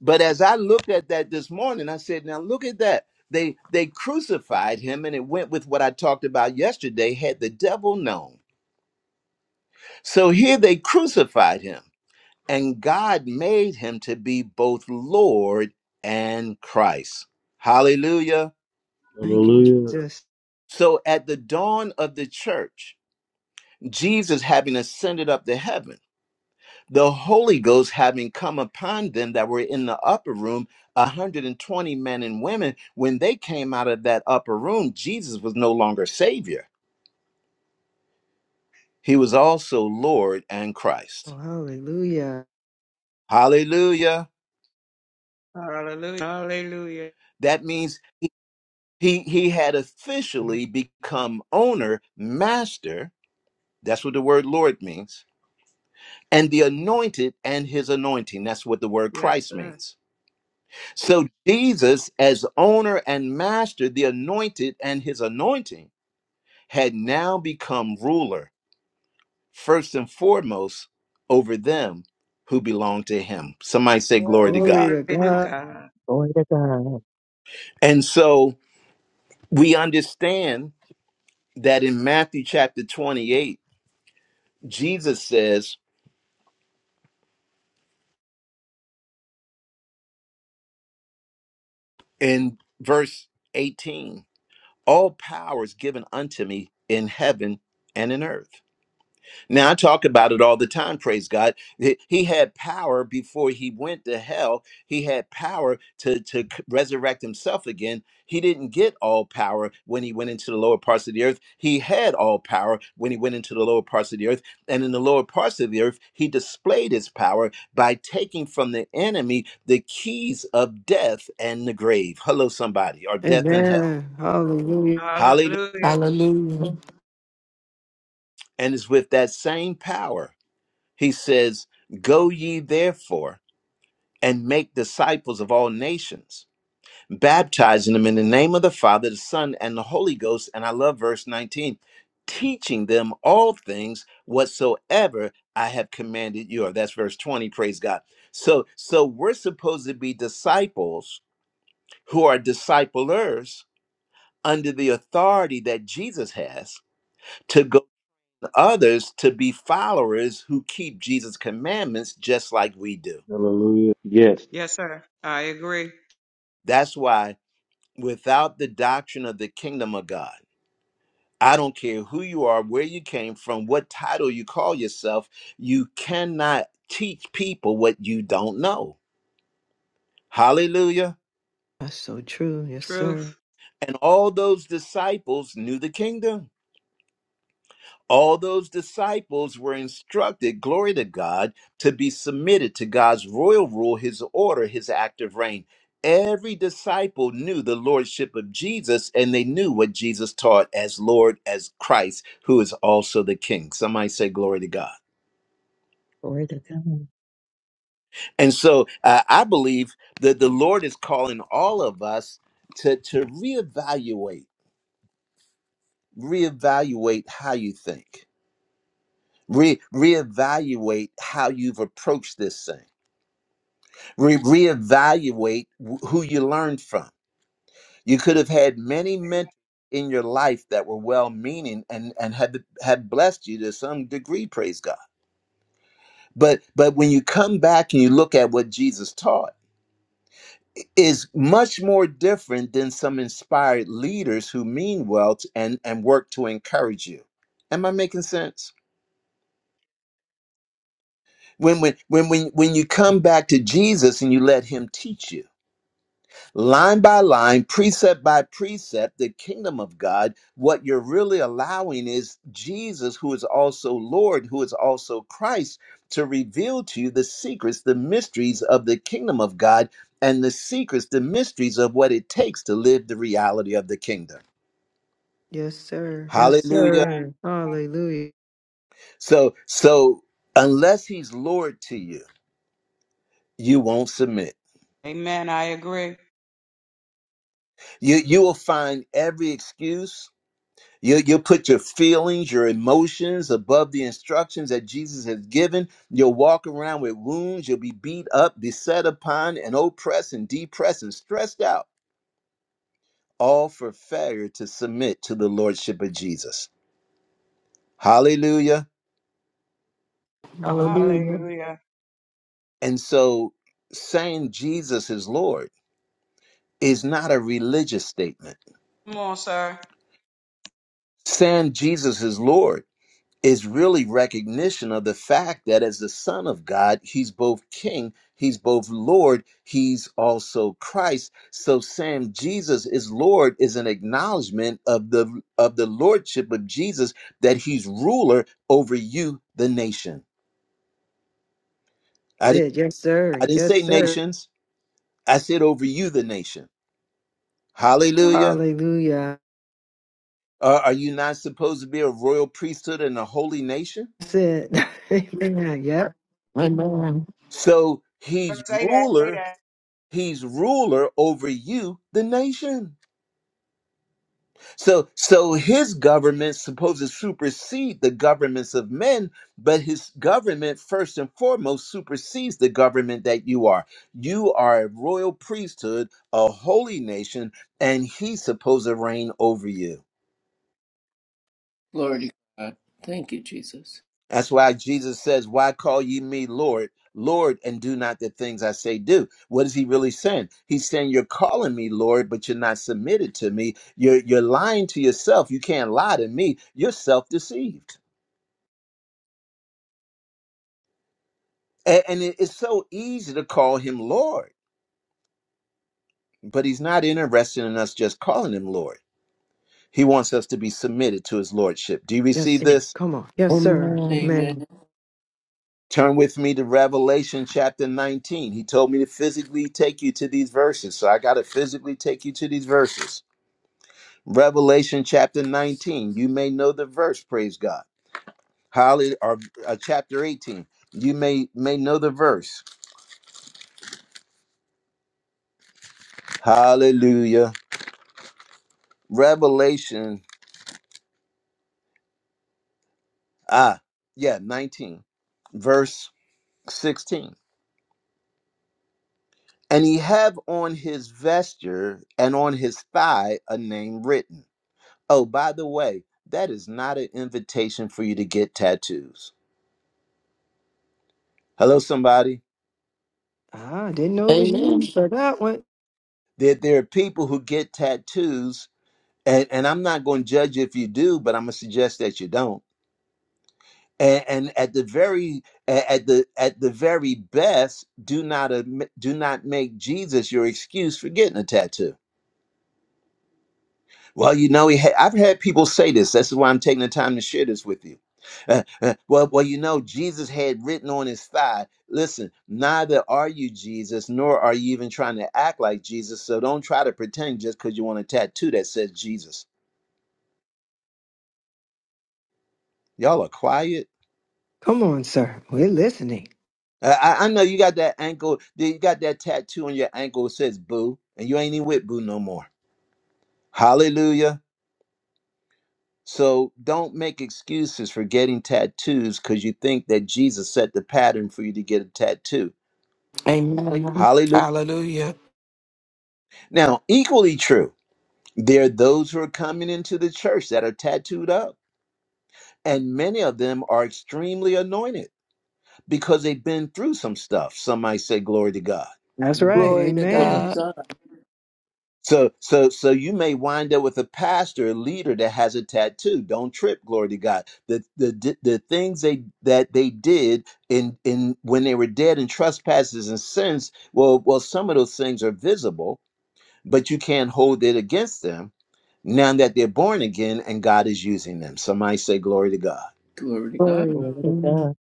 but as I looked at that this morning, I said, now look at that. They they crucified him, and it went with what I talked about yesterday. Had the devil known. So here they crucified him and God made him to be both Lord and Christ. Hallelujah.
Thank you,
Hallelujah.
Jesus.
So at the dawn of the church, Jesus having ascended up to heaven, the Holy Ghost having come upon them that were in the upper room, 120 men and women, when they came out of that upper room, Jesus was no longer Savior. He was also Lord and Christ.
Oh, hallelujah.
Hallelujah.
Hallelujah. Hallelujah.
That means He he had officially become owner, master. That's what the word Lord means. And the anointed and his anointing. That's what the word
Yes,
Christ
sir.
means. So Jesus, as owner and master, the anointed and his anointing, had now become ruler, first and foremost, over them who belong to him. Somebody say, Glory
Glory
to
Glory
God.
to
to
God.
God.
Glory to God.
And so we understand that in Matthew chapter 28, Jesus says, in verse 18 all power is given unto me in heaven and in earth now, I talk about it all the time, praise God. He he had power before he went to hell. He had power to, to c- resurrect himself again. He didn't get all power when he went into the lower parts of the earth. He had all power when he went into the lower parts of the earth. And in the lower parts of the earth, he displayed his power by taking from the enemy the keys of death and the grave. Hello, somebody, or death and hell.
Amen. Hallelujah.
Hallelujah.
Hallelujah.
Hallelujah.
And it's with that same power He says, Go ye therefore and make disciples of all nations, baptizing them in the name of the Father, the Son, and the Holy Ghost. And I love verse 19 teaching them all things whatsoever I have commanded you. Or that's verse 20, praise God. So so we're supposed to be disciples who are disciplers under the authority that Jesus has to go to others to be followers who keep Jesus' commandments just like we do.
Hallelujah. Yes.
Yes, sir. I agree.
That's why without the doctrine of the kingdom of God, I don't care who you are, where you came from, what title you call yourself, you cannot teach people what you don't know. Hallelujah.
That's so true. Yes,
Truth.
sir.
And all those disciples knew the kingdom All those disciples were instructed, glory to God, to be submitted to God's royal rule, his order, his active reign. Every disciple knew the lordship of Jesus and they knew what Jesus taught as Lord, as Christ, who is also the King. Somebody say, Glory to God.
Glory to God.
And so uh, I believe that the Lord is calling all of us to, to reevaluate, reevaluate how you think, re- reevaluate how you've approached this thing Re- reevaluate wh- who you learned from. You could have had many mentors in your life that were well-meaning and and had had blessed you to some degree. Praise God. But but when you come back and you look at what Jesus taught, it is much more different than some inspired leaders who mean well t- and and work to encourage you. Am I making sense? When when when when when you come back to Jesus and you let Him teach you line by line, precept by precept, the kingdom of God, what you're really allowing is Jesus, who is also Lord, who is also Christ, to reveal to you the secrets, the mysteries of the kingdom of God, and the secrets, the mysteries of what it takes to live the reality of the kingdom.
Yes, sir. Yes,
Hallelujah.
Amen.
sir. Hallelujah.
So, so unless he's Lord to you, you won't submit.
Amen. I agree.
You you will find every excuse You, you'll put your feelings, your emotions above the instructions that Jesus has given. You'll walk around with wounds. You'll be beat up, beset upon, and oppressed and depressed and stressed out, all for failure to submit to the Lordship of Jesus. Hallelujah.
Hallelujah.
Hallelujah.
And so saying Jesus is Lord is not a religious statement.
Come on, sir.
Saying Jesus is Lord is really recognition of the fact that as the Son of God, He's both King, He's both Lord, He's also Christ. So saying Jesus is Lord is an acknowledgement of the of the Lordship of Jesus, that He's ruler over you, the nation.
That's
I didn't
it. Yes, sir.
I didn't
Yes,
say
sir.
nations. I said over you, the nation. Hallelujah.
Hallelujah.
are are you not supposed to be a royal priesthood and a holy nation?
That's it. Amen. Yep.
Amen.
So he's
Say that. Say
ruler
that.
he's ruler over you the nation so so his government's supposed to supersede the governments of men but his government first and foremost supersedes the government that you are you are a royal priesthood a holy nation and he's supposed to reign over you
Glory to God. Thank you, Jesus.
That's why Jesus says, Why call ye me Lord, Lord, and do not the things I say do? What is he really saying? He's saying, You're calling me Lord, but you're not submitted to me. You're, you're lying to yourself. You can't lie to me. You're self deceived. And, and it- it's so easy to call him Lord, but he's not interested in us just calling him Lord. He wants us to be submitted to his Lordship. Do you
Yes,
receive
sir.
this?
Come on. Yes, sir.
Amen.
Amen.
Amen.
Turn with me to Revelation chapter 19. He told me to physically take you to these verses. So I got to physically take you to these verses. Revelation chapter 19. You may know the verse, praise God. Hallelujah. Or uh, chapter 18. You may may know the verse. Hallelujah. Revelation ah, yeah, 19 verse 16. And he have on his vesture and on his thigh a name written Oh, by the way, that is not an invitation for you to get tattoos. Hello, somebody.
I didn't know it was you
Amen.
for that one.
There, there are people who get tattoos, and, and I'm not going to judge if you do, but I'm going to suggest that you don't. And, and at the very at the at the very best, do not admi- do not make Jesus your excuse for getting a tattoo. Well, you know, he ha- I've had people say this. This is why I'm taking the time to share this with you. Uh, uh, well, well, you know, Jesus had written on his thigh. Listen, neither are you Jesus, nor are you even trying to act like Jesus. So don't try to pretend just because you want a tattoo that says Jesus. Y'all are quiet.
Come on, sir. We're listening.
Uh, I, I know you got that ankle. You got that tattoo on your ankle that says Boo, and you ain't even with Boo no more. Hallelujah. So don't make excuses for getting tattoos because you think that Jesus set the pattern for you to get a tattoo.
Amen.
Hallelujah.
Hallelujah.
Now, equally true, there are those who are coming into the church that are tattooed up. And many of them are extremely anointed because they've been through some stuff. Some might say, Glory to God.
That's right.
Amen.
Glory to
Glory
Yes,
Amen.
to
God.
God.
So so so you may wind up with a pastor, a leader that has a tattoo. Don't trip, glory to God. The the the things they that they did in in when they were dead in trespasses and sins, well well some of those things are visible, but you can't hold it against them now that they're born again and God is using them. Somebody say glory to God.
Glory to God.
Glory.
Glory to
Amen.
God.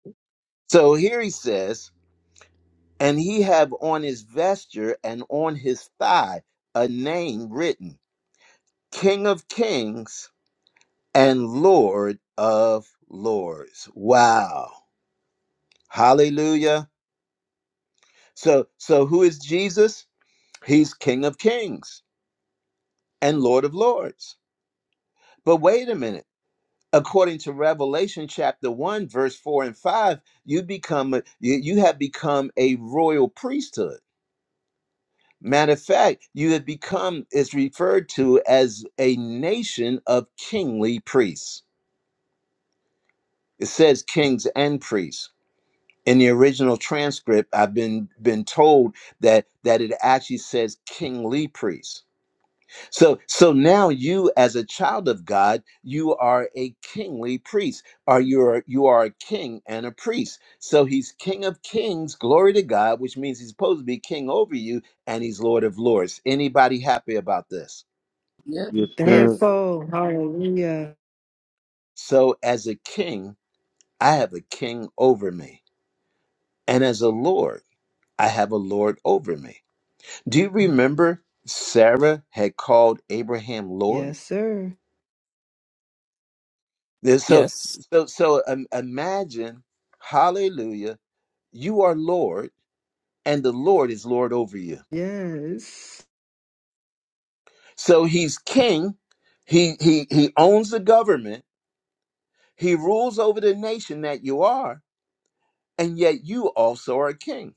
So here he says, and he have on his vesture and on his thigh a name written, King of Kings and Lord of lords. Wow. Hallelujah. So so who is Jesus? He's King of kings and Lord of lords. But wait a minute. According to Revelation chapter 1 verse 4 and 5, you become a- you, you have become a royal priesthood. Matter of fact, you have become is referred to as a nation of kingly priests. It says kings and priests. in the original transcript i've been been told that that it actually says kingly priest so so now you as a child of god you are a kingly priest Are you are you are a king and a priest so he's king of kings glory to god which means he's supposed to be king over you and he's lord of lords anybody happy about this
Yes,
Yes,
sir.
sir.
Thankful. Hallelujah.
so as a king i have a king over me and as a lord i have a lord over me Do you remember Sarah had called Abraham Lord?
Yes, sir.
There's- So,
Yes.
so, so um, imagine, hallelujah, you are Lord, and the Lord is Lord over you.
Yes.
So he's king. He he he owns the government. He rules over the nation that you are, and yet you also are a king.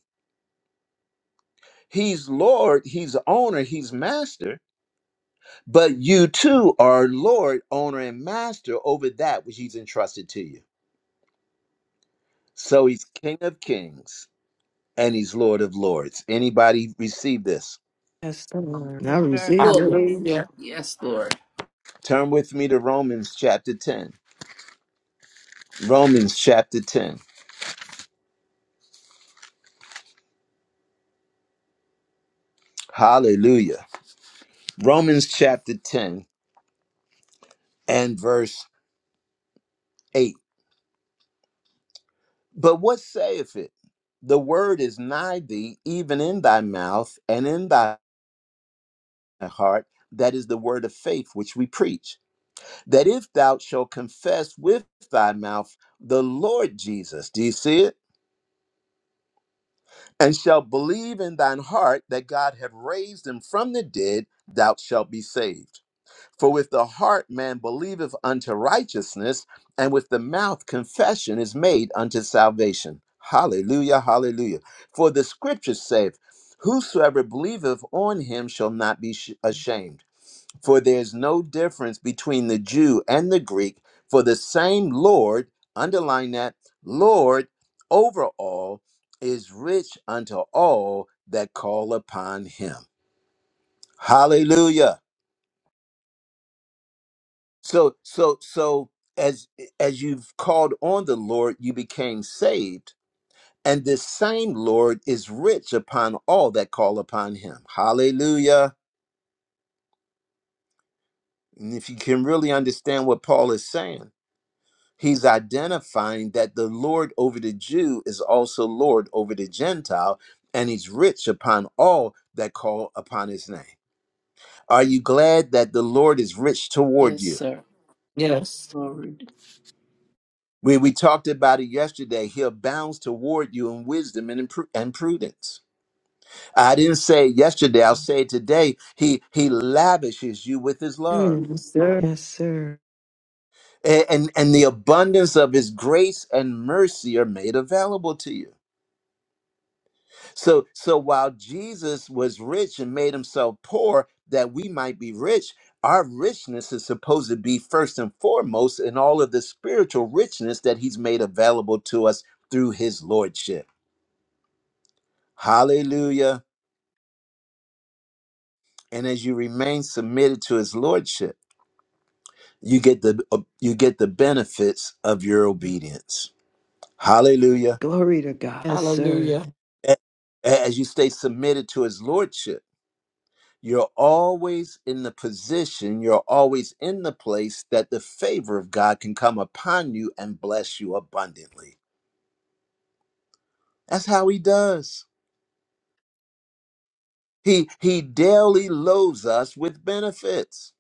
He's Lord. He's owner. He's master. But you too are Lord, owner, and master over that which he's entrusted to you. So he's King of Kings and he's Lord of Lords. Anybody receive this?
Yes, sir. I
Yes, sir.
receive
Fully.
it.
Hallelujah.
Yes, Lord.
Turn with me to Romans chapter 10. Romans chapter 10. Hallelujah. Romans chapter 10 and verse 8. But what saith it? The word is nigh thee, even in thy mouth and in thy heart. That is the word of faith which we preach. That if thou shalt confess with thy mouth the Lord Jesus, do you see it? and shall believe in thine heart that God hath raised him from the dead, thou shalt be saved. For with the heart man believeth unto righteousness, and with the mouth confession is made unto salvation. Hallelujah, hallelujah. For the scripture saith, Whosoever believeth on him shall not be sh- ashamed. For there is no difference between the Jew and the Greek, for the same Lord, underline that, Lord over all, is rich unto all that call upon him. Hallelujah. So, so, so as as you've called on the Lord, you became saved, and this same Lord is rich upon all that call upon him. Hallelujah. And if you can really understand what Paul is saying He's identifying that the Lord over the Jew is also Lord over the Gentile, and he's rich upon all that call upon his name. Are you glad that the Lord is rich toward
Yes,
you?
sir.
Yes.
Glory. to-
We, we talked about it yesterday. He abounds toward you in wisdom and, in pru- and prudence. I didn't say it yesterday. I'll say it today. He, he lavishes you with his love.
Mm, yes, sir. Yes, sir.
A- And, and the abundance of his grace and mercy are made available to you. So so while Jesus was rich and made himself poor that we might be rich, our richness is supposed to be first and foremost in all of the spiritual richness that he's made available to us through his lordship. Hallelujah. And as you remain submitted to his lordship, you get the uh, you get the benefits of your obedience. Hallelujah.
Glory to God. Yes, sir.
Hallelujah.
A- As you stay submitted to his lordship, You're always in the position, you're always in the place that the favor of God can come upon you and bless you abundantly. That's how he does. He he daily loads us with benefits.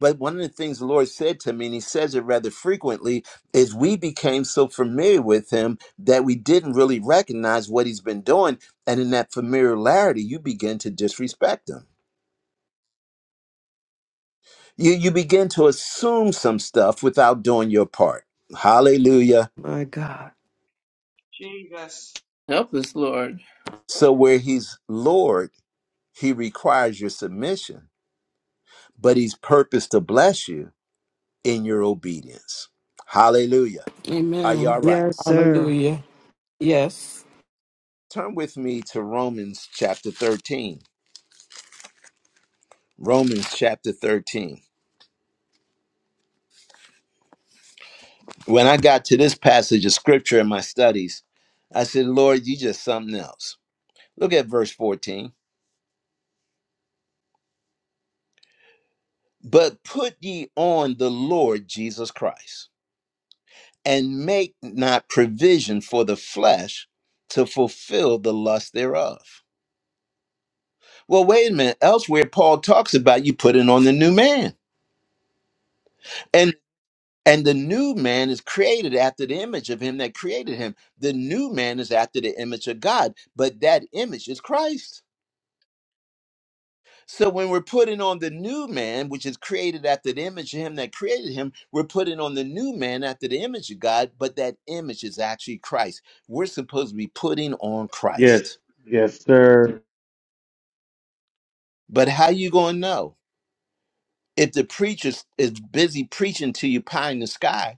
But one of the things the Lord said to me, and he says it rather frequently, is we became so familiar with him that we didn't really recognize what he's been doing. And in that familiarity, you begin to disrespect him. You you begin to assume some stuff without doing your part. Hallelujah.
My God.
Jesus.
Help us, Lord.
So where he's Lord, he requires your submission, but he's purposed to bless you in your obedience. Hallelujah. Are you all
Amen.
right?
Yes, sir.
Hallelujah. Yes.
Turn with me to Romans chapter 13. Romans chapter 13. When I got to this passage of scripture in my studies, I said, Lord, you just something else. Look at verse 14. But put ye on the Lord Jesus Christ and make not provision for the flesh to fulfill the lust thereof. Well, wait a minute. Elsewhere, Paul talks about you putting on the new man. And and the new man is created after the image of him that created him. The new man is after the image of God, but that image is Christ. So when we're putting on the new man, which is created after the image of him that created him, we're putting on the new man after the image of God, but that image is actually Christ. We're supposed to be putting on
Yes.
Christ.
Yes, sir.
But how you gonna know if the preacher is busy preaching to you pie in the sky?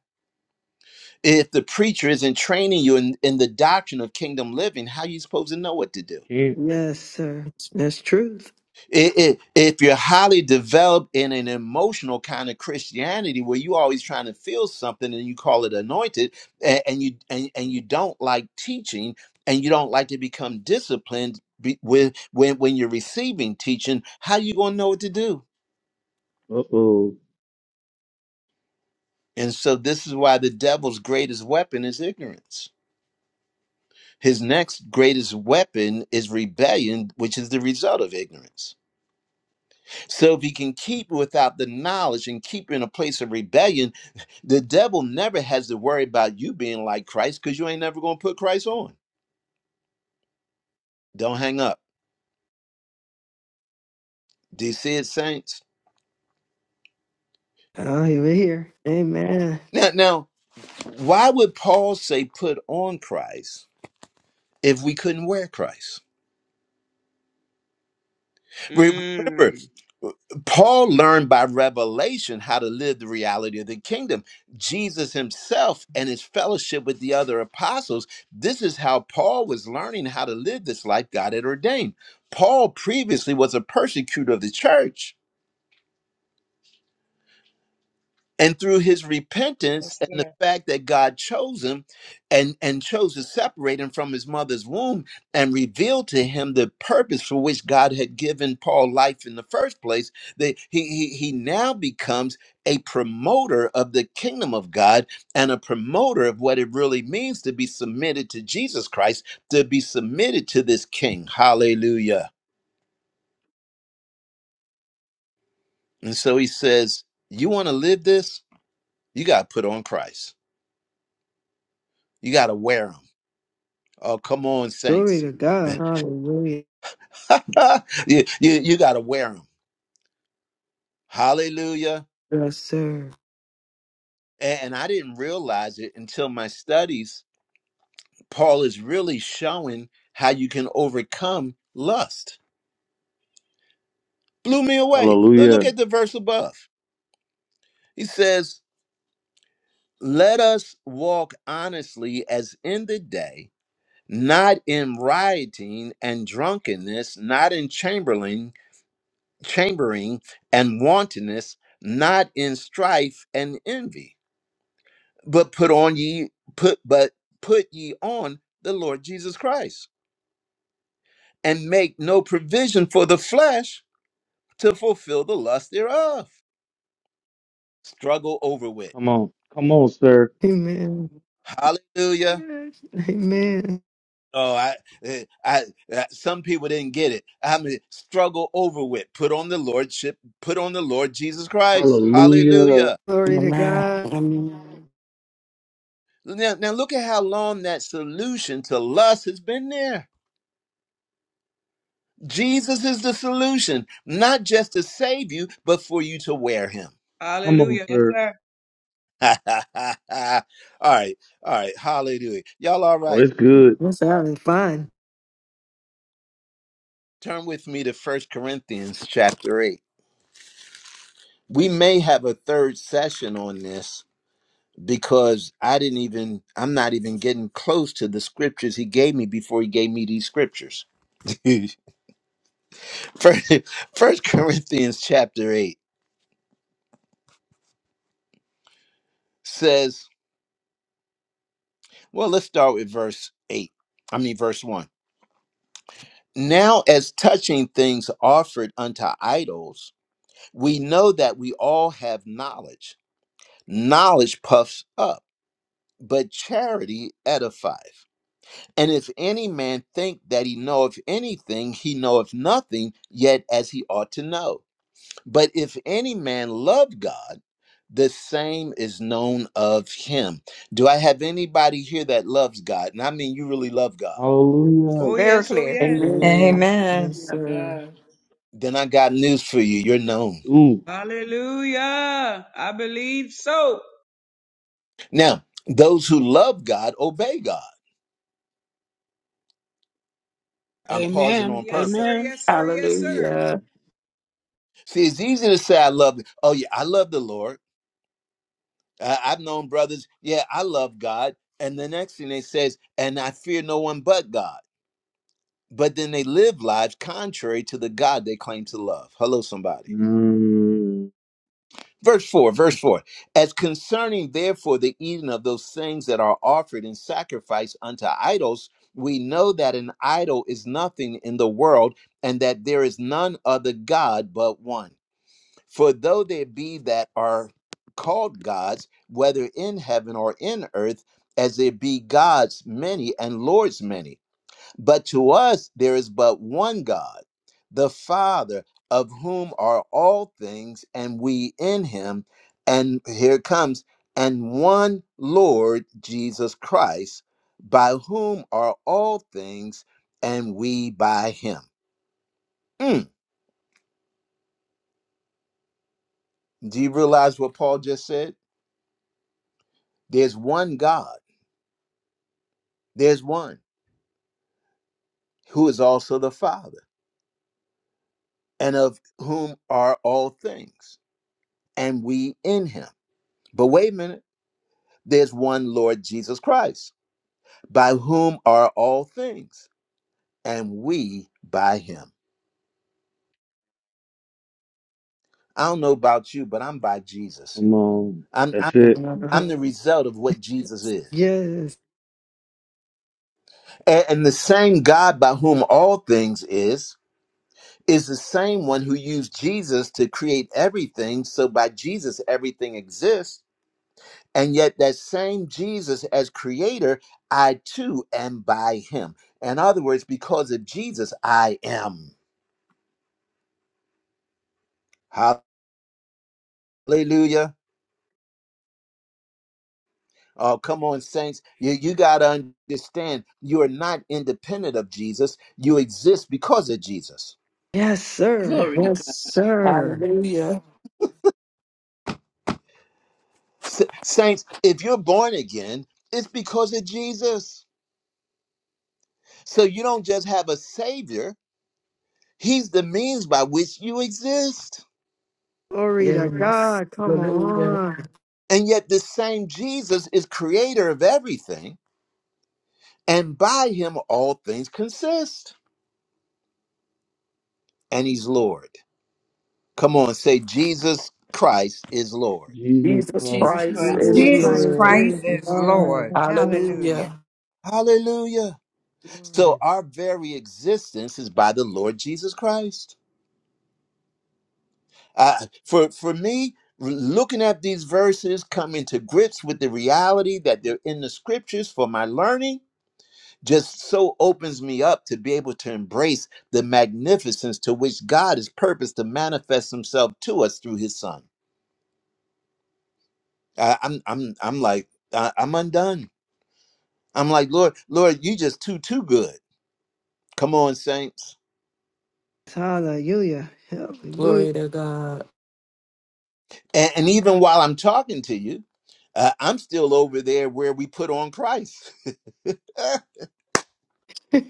If the preacher isn't training you in, in the doctrine of kingdom living, how you supposed to know what to do?
Yes, sir. That's truth.
I- i- If you're highly developed in an emotional kind of Christianity where you always trying to feel something and you call it anointed, and, and you and, and you don't like teaching and you don't like to become disciplined be, with when when you're receiving teaching, how you gonna know what to do?
Uh oh.
And so this is why the devil's greatest weapon is ignorance. His next greatest weapon is rebellion, which is the result of ignorance. So if he can keep without the knowledge and keep in a place of rebellion, the devil never has to worry about you being like Christ because you ain't never going to put Christ on. Don't hang up. Do you see it, saints?
I am here. Amen.
Now, now, why would Paul say put on Christ if we couldn't wear Christ? Re- Remember,
Mm.
Paul learned by revelation how to live the reality of the kingdom. Jesus himself and his fellowship with the other apostles, this is how Paul was learning how to live this life God had ordained. Paul previously was a persecutor of the church and through his repentance
Yes,
and the
sir.
fact that God chose him and and chose to separate him from his mother's womb and revealed to him the purpose for which God had given Paul life in the first place that he he, he now becomes a promoter of the kingdom of God and a promoter of what it really means to be submitted to Jesus Christ to be submitted to this king hallelujah and so he says you want to live this you got to put on Christ you got to wear him Oh, come on,
Glory
saints.
to God. Hallelujah.
you, you, you got to wear them. Hallelujah.
Yes, sir.
A- And I didn't realize it until my studies. Paul is really showing how you can overcome lust. Blew me away. Lo- Look
Hallelujah.
at the verse above. He says, Let us walk honestly as in the day, not in rioting and drunkenness, not in chambering, chambering and wantonness, not in strife and envy. but put on ye put but put ye on the Lord Jesus Christ and make no provision for the flesh to fulfill the lust thereof struggle over with
Come on. Come on, sir.
Amen.
hallelujah
Amen.
oh i eh, i, eh, some people didn't get it i mean struggle over with put on the lordship put on the lord jesus christ
Hallelujah.
hallelujah
Glory to
Amen.
God.
Amen.
now, now look at how long that solution to lust has been there jesus is the solution not just to save you but for you to wear him
Come on,
Hallelujah. Yes,
sir.
sir.
all right, all right, hallelujah. Y'all all
Oh,
right.
it's good.
Let's have it fun.
Turn with me to First Corinthians chapter 8. We may have a third session on this because I didn't even I'm not even getting close to the scriptures he gave me before he gave me these scriptures. First, First Corinthians chapter 8 says, well, let's start with verse 8. I mean verse 1. Now as touching things offered unto idols We know that we all have knowledge. Knowledge puffs up, but charity edifies. And if any man think that he knoweth anything, he knoweth nothing yet as he ought to know. But if any man love God, the same is known of him. Do I have anybody here that loves God? And I mean, you really love God.
Yes,
Hallelujah.
Oh,
Very
yes. Oh,
clear.
yes.
Amen.
sir. Yes,
Amen.
To
Hallelujah.
sir.
God.
Then I got news for you. You're known.
Ooh.
Hallelujah. I believe so.
Now, those who love God obey God. I'm pausing on
Yes,
purpose
sir. Yes, sir. Yes, sir.
See, it's easy to say I love. Oh yeah, I love the Lord. I, I've known brothers. Yeah, I love God. And the next thing they says, and I fear no one but God. But then they live lives contrary to the God they claim to love. Hello, somebody.
Mm,
Verse four. Verse four. As concerning therefore the eating of those things that are offered in sacrifice unto idols, we know that an idol is nothing in the world, and that there is none other God but one. For though there be that are called gods, whether in heaven or in earth, as there be gods many and lords many, but to us there is but one God, the Father, of whom are all things, and we in him. And here it comes, and one Lord Jesus Christ, by whom are all things, and we by him. Mm. Do you realize what Paul just said? There's one God There's one who is also the Father, and of whom are all things, and we in him. But wait a minute, there's one Lord Jesus Christ, by whom are all things, and we by him. I don't know about you, but I'm by Jesus.
come on.
I'm I'm
That's
the,
it.
Uh-huh.
I'm the result of what Jesus is.
Yes.
A- and the same God by whom all things is is the same one who used Jesus to create everything. So by Jesus everything exists And yet, that same Jesus as creator, I too am by him. In other words, because of Jesus, I am. Hallelujah. Oh, come on, saints. You, you got to understand you are not independent of Jesus, you exist because of Jesus.
Yes, sir.
Glory to
Yes,
God.
sir.
Hallelujah.
S- saints, if you're born again, it's because of Jesus. So you don't just have a savior, he's the means by which you exist.
Glory to
Yes.
God. Come
Hallelujah.
on.
And yet, this same Jesus is creator of everything and by him all things consist and he's lord come on say jesus christ is lord
Jesus
Jesus
Christ
Jesus
is
Christ
Christ
Jesus
is
Lord.
is Lord.
Jesus
Christ
Lord.
Christ
is
is
Jesus Christ
God.
Lord.
is Lord.
Hallelujah.
Hallelujah.
hallelujah so
Glory.
our very existence is by the lord jesus christ uh, for for me looking at these verses coming to grips with the reality that they're in the scriptures for my learning just so opens me up to be able to embrace the magnificence to which god has purposed to manifest himself to us through his son I, I'm I'm I'm like I, I'm undone. I'm like Lord, Lord, you just too too good. Come on, saints.
Hallelujah. Hallelujah.
Glory to God.
And, and even while I'm talking to you, uh, I'm still over there where we put on Christ.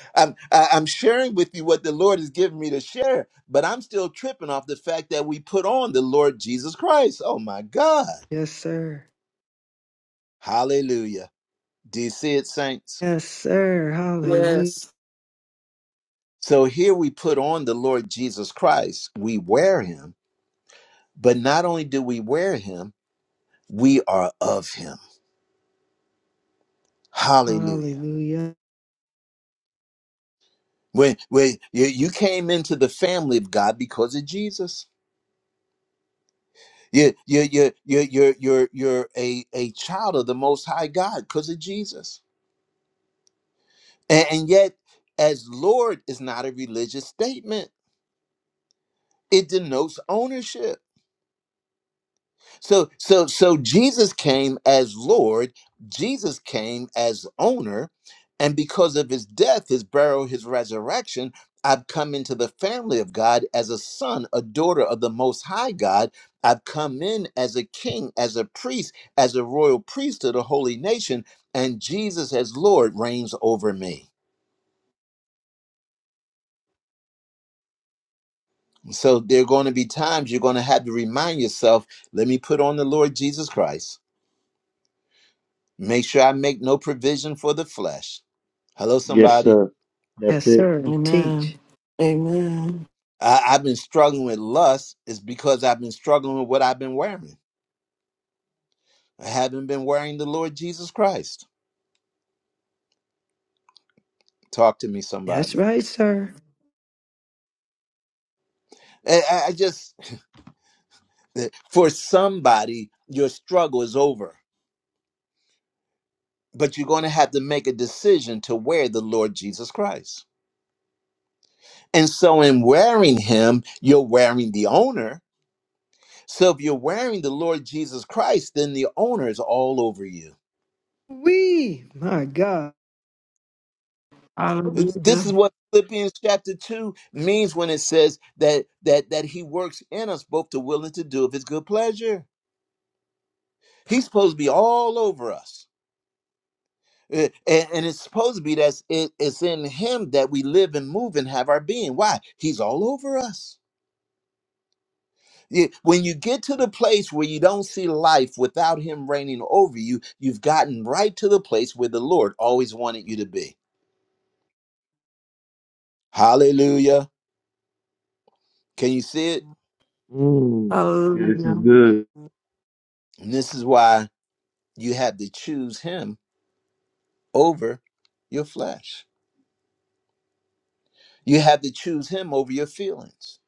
I'm I- I'm sharing with you what the Lord has given me to share, but I'm still tripping off the fact that we put on the Lord Jesus Christ. Oh my God,
yes, sir.
Hallelujah! Do you see it, saints?
Yes, sir. Hallelujah.
Yes.
So here we put on the Lord Jesus Christ. We wear Him, but not only do we wear Him we are of him. Hallelujah.
Hallelujah.
When, when you, you came into the family of God because of Jesus. You, you, you, you, you're, you're, you're a, a child of the Most High God because of Jesus. And, and yet, as Lord is not a religious statement, it denotes ownership. So so so Jesus came as Lord, Jesus came as owner, and because of his death, his burial, his resurrection, I've come into the family of God as a son, a daughter of the most high God. I've come in as a king, as a priest, as a royal priest of the holy nation, and Jesus as Lord reigns over me. So there are going to be times you're going to have to remind yourself, let me put on the Lord Jesus Christ Make sure I make no provision for the flesh. Hello,
Yes,
somebody.
sir. That's
Yes,
it.
sir.
Amen.
Teach.
Amen.
I, I've been struggling with lust is because I've been struggling with what I've been wearing. I haven't been wearing the Lord Jesus Christ. Talk to me,
That's
somebody.
right, sir.
I, I I just, for somebody, your struggle is over, but you're going to have to make a decision to wear the Lord Jesus Christ. And so, in wearing him, you're wearing the owner. So, if you're wearing the Lord Jesus Christ, then the owner is all over you.
We, my God.
Hallelujah.
This is what Philippians chapter 2 means when it says that that that he works in us both to will and to do of his good pleasure. He's supposed to be all over us. Eh, And, and it's supposed to be that it, it's in him that we live and move and have our being. Why? He's all over us. Yeah, When you get to the place where you don't see life without him reigning over you, you've gotten right to the place where the Lord always wanted you to be. Hallelujah. Can you see it?
Mm. Yeah, this is
Hallelujah.
good.
And this is why you had to choose him over your flesh. You have to choose him over your feelings.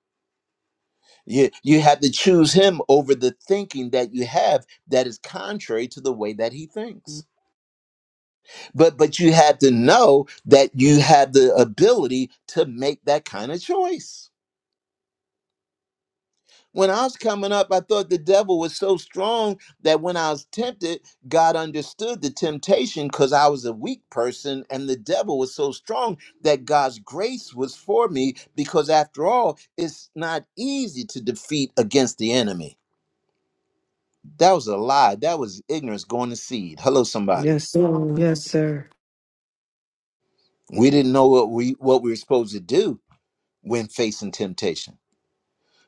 You, you have to choose him over the thinking that you have that is contrary to the way that he thinks. But but you have to know that you have the ability to make that kind of choice. When I was coming up, I thought the devil was so strong that when I was tempted, God understood the temptation because I was a weak person, and the devil was so strong that God's grace was for me because, after all, it's not easy to defeat against the enemy. That was a lie. That was ignorance going to seed. Hello, somebody.
Yes, sir. Yes, sir.
We didn't know what we what we were supposed to do when facing temptation.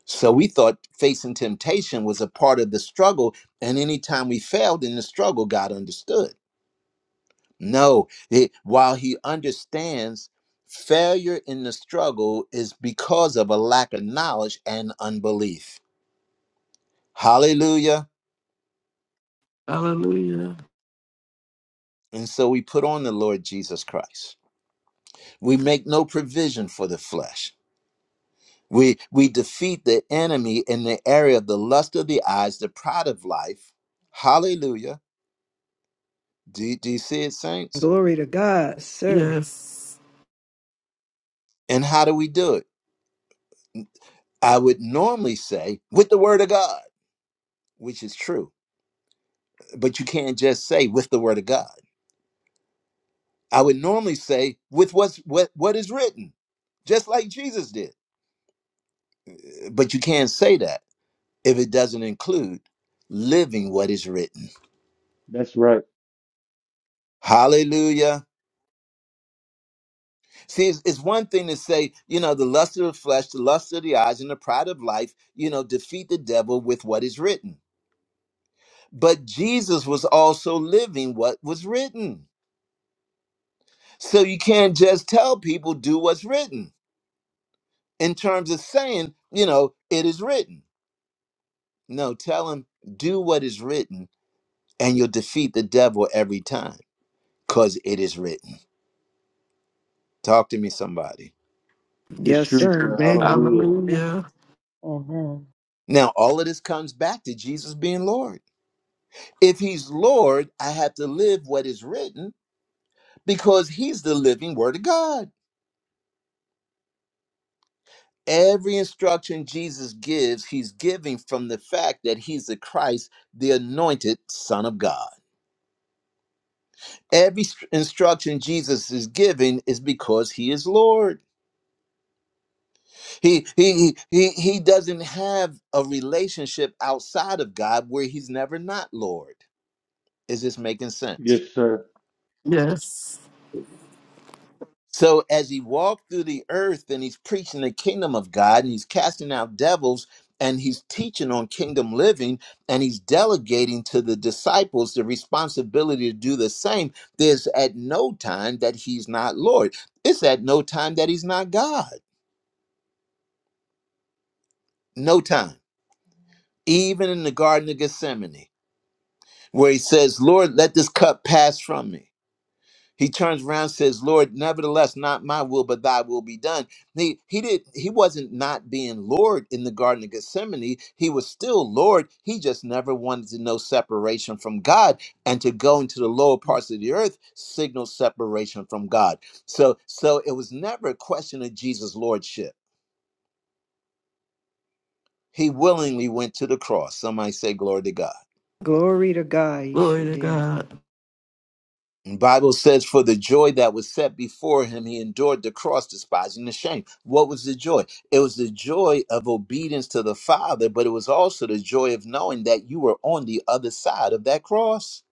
So we thought facing temptation was a part of the struggle, and anytime we failed in the struggle, God understood. No, it- while He understands, failure in the struggle is because of a lack of knowledge and unbelief. Hallelujah.
Hallelujah.
And so we put on the Lord Jesus Christ. We make no provision for the flesh. We, we defeat the enemy in the area of the lust of the eyes, the pride of life. Hallelujah. Do, do you see it, saints?
Glory to God, sir.
Yes.
And how do we do it? I would normally say with the word of God, which is true, but you can't just say with the word of God. I would normally say with what's what what is written, just like Jesus did. But you can't say that if it doesn't include living what is written.
That's right.
Hallelujah. See, it's, it's one thing to say, you know, the lust of the flesh, the lust of the eyes, and the pride of life, you know, defeat the devil with what is written. But Jesus was also living what was written. So you can't just tell people do what's written in terms of saying, you know, it is written. No, tell them do what is written and you'll defeat the devil every time because it is written. Talk to me, somebody.
It's
Yes,
true,
sir,
sir.
man.
Hallelujah.
Hallelujah.
Amen.
Now, all of this comes back to Jesus being Lord. If he's Lord, I have to live what is written because he's the living word of God. Every instruction Jesus gives, he's giving from the fact that he's the Christ, the anointed Son of God. Every s- instruction Jesus is giving is because he is Lord. He, he he he doesn't have a relationship outside of God where he's never not Lord. Is this making sense?
Yes, sir.
Yes.
So as he walked through the earth and he's preaching the kingdom of God and he's casting out devils and he's teaching on kingdom living and he's delegating to the disciples the responsibility to do the same, there's at no time that he's not Lord. It's at no time that he's not God. no time, even in the Garden of Gethsemane, where he says, Lord, let this cup pass from me. He turns around and says, Lord, nevertheless, not my will, but thy will be done. He, he did he wasn't not being Lord in the Garden of Gethsemane. He was still Lord. He just never wanted to know separation from God. And to go into the lower parts of the earth signals separation from God. So so it was never a question of Jesus' Lordship. He willingly went to the cross. Somebody say glory to God.
Glory to God. He
Glory
sure
to
did.
God.
The Bible says, for the joy that was set before him, he endured the cross, despising the shame. What was the joy? It was the joy of obedience to the Father, but it was also the joy of knowing that you were on the other side of that cross.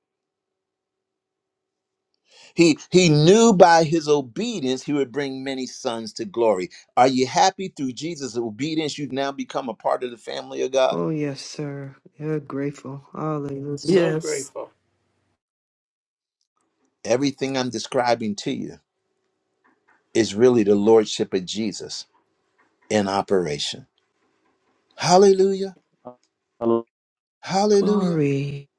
He he knew by his obedience he would bring many sons to glory. Are you happy through Jesus' obedience? You've now become a part of the family of God.
Oh, yes, sir. You're grateful. Hallelujah.
so
Yes.
grateful.
Everything I'm describing to you is really the lordship of Jesus in operation. Hallelujah.
Hall-
Hallelujah.
Glory.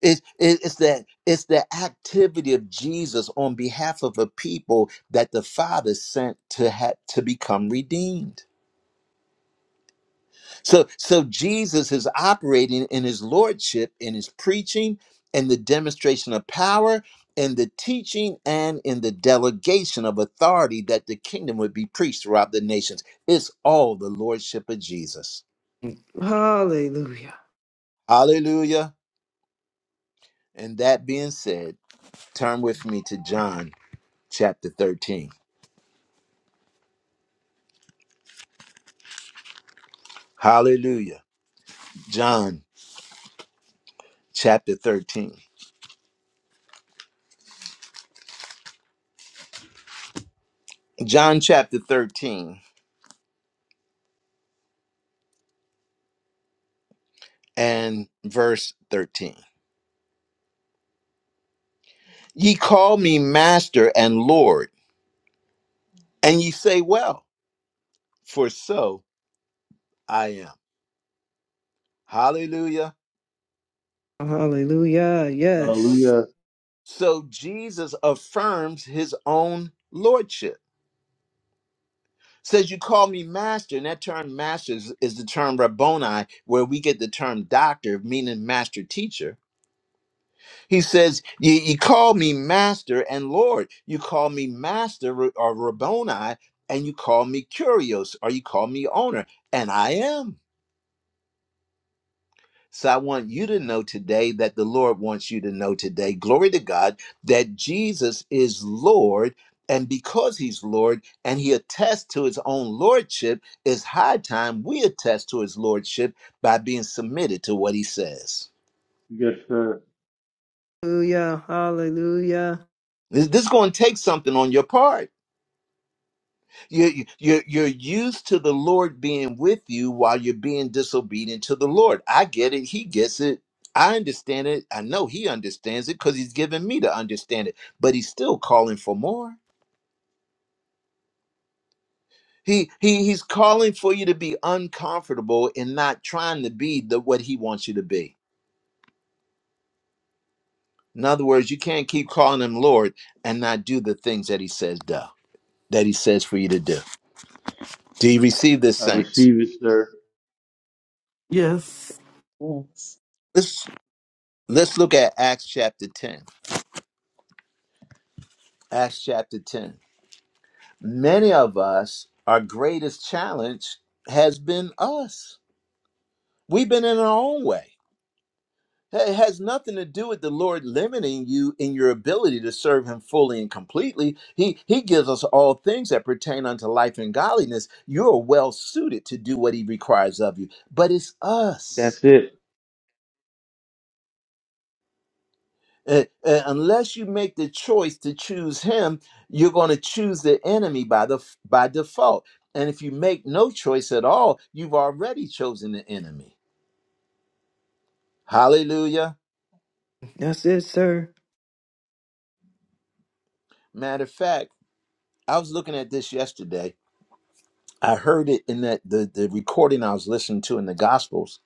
It, it, it's that it's the activity of Jesus on behalf of a people that the Father sent to have to become redeemed. So so Jesus is operating in his lordship, in his preaching, in the demonstration of power, in the teaching, and in the delegation of authority that the kingdom would be preached throughout the nations. It's all the lordship of Jesus.
Hallelujah.
Hallelujah. And that being said, turn with me to John chapter 13. Hallelujah. John chapter 13. John chapter 13 and verse 13. Ye call me master and Lord, and ye say, Well, for so I am. Hallelujah.
Hallelujah. Yes.
Hallelujah.
So Jesus affirms his own lordship. Says, You call me master, and that term master is, is the term Rabboni, where we get the term doctor, meaning master teacher He says, you, you call me master and Lord. You call me master Ra- or Rabboni, and you call me curios, or you call me owner, and I am. So I want you to know today that the Lord wants you to know today, glory to God, that Jesus is Lord. And because he's Lord and he attests to his own lordship, it's high time we attest to his lordship by being submitted to what he says.
Yes, sir.
Hallelujah. Hallelujah.
This, this is going to take something on your part You're, you're, you're used to the Lord being with you while you're being disobedient to the Lord. I get it. He gets it. I understand it. I know he understands it because he's given me to understand it, but he's still calling for more. He, he he's calling for you to be uncomfortable and not trying to be the what he wants you to be. In other words, you can't keep calling him Lord and not do the things that he says do, that he says for you to do. Do you receive this,
I
saints?
receive it, sir.
Yes.
Yes.
Let's let's look at Acts chapter 10. Acts chapter 10. Many of us, our greatest challenge has been us. We've been in our own way. It has nothing to do with the Lord limiting you in your ability to serve Him fully and completely. He, he gives us all things that pertain unto life and godliness. You're well suited to do what He requires of you, but it's us.
That's it.
Uh, uh, unless you make the choice to choose him, you're going to choose the enemy by the by default. And if you make no choice at all, you've already chosen the enemy. Hallelujah.
That's it, sir.
Matter of fact, I was looking at this yesterday. I heard it in that the, the recording I was listening to in the gospels.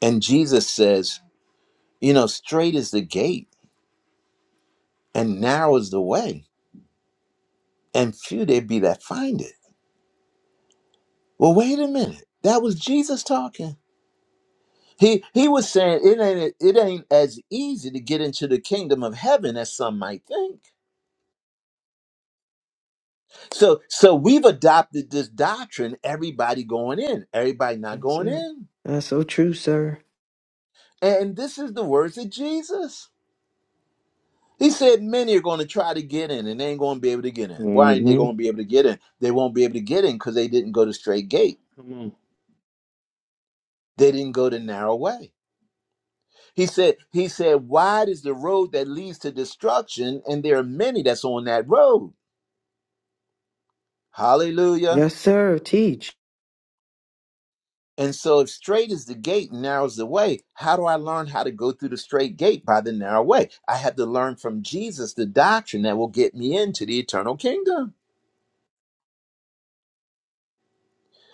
And Jesus says, you know, straight is the gate and narrow is the way, and few there be that find it. Well, wait a minute. That was Jesus talking He he was saying it ain't it ain't as easy to get into the kingdom of heaven as some might think. So so we've adopted this doctrine, everybody going in, everybody not
That's
going
it.
in.
That's so true, sir.
And this is the words of Jesus. He said many are going to try to get in and they ain't going to be able to get in. Why ain't they
Mm-hmm.
going to be able to get in? They won't be able to get in because they didn't go the straight gate. They didn't go the narrow way. He said, he said, wide is the road that leads to destruction, and there are many that's on that road. Hallelujah.
Yes, sir. Teach.
And so, if straight is the gate, and narrow is the way, how do I learn how to go through the straight gate by the narrow way? I had to learn from Jesus the doctrine that will get me into the eternal kingdom.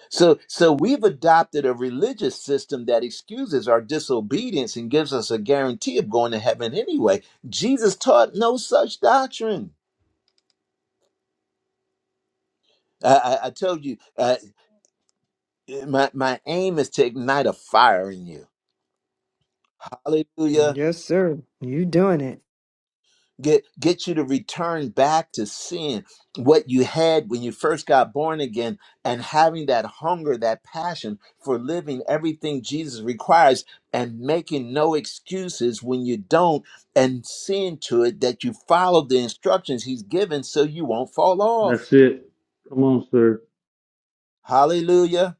So, so we've adopted a religious system that excuses our disobedience and gives us a guarantee of going to heaven anyway. Jesus taught no such doctrine. I, I, I told you, uh, my my aim is to ignite a fire in you. Hallelujah.
Yes, sir. You doing it.
get get you to return back to seeing what you had when you first got born again and having that hunger that passion for living everything jesus requires and making no excuses when you don't and seeing to it that you follow the instructions he's given so you won't fall off
That's it. Come on, sir.
hallelujah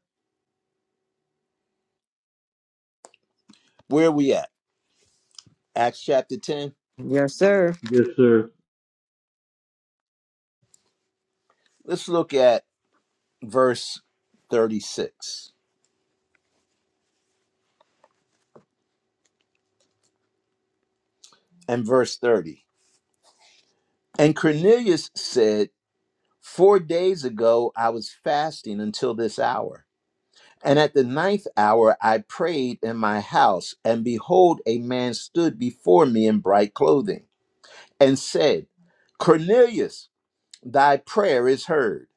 where are we at acts chapter 10
Yes, sir.
Yes, sir.
let's look at verse 36 and verse 30 and cornelius said Four days ago, I was fasting until this hour. And at the ninth hour, I prayed in my house, and behold, a man stood before me in bright clothing and said, Cornelius, thy prayer is heard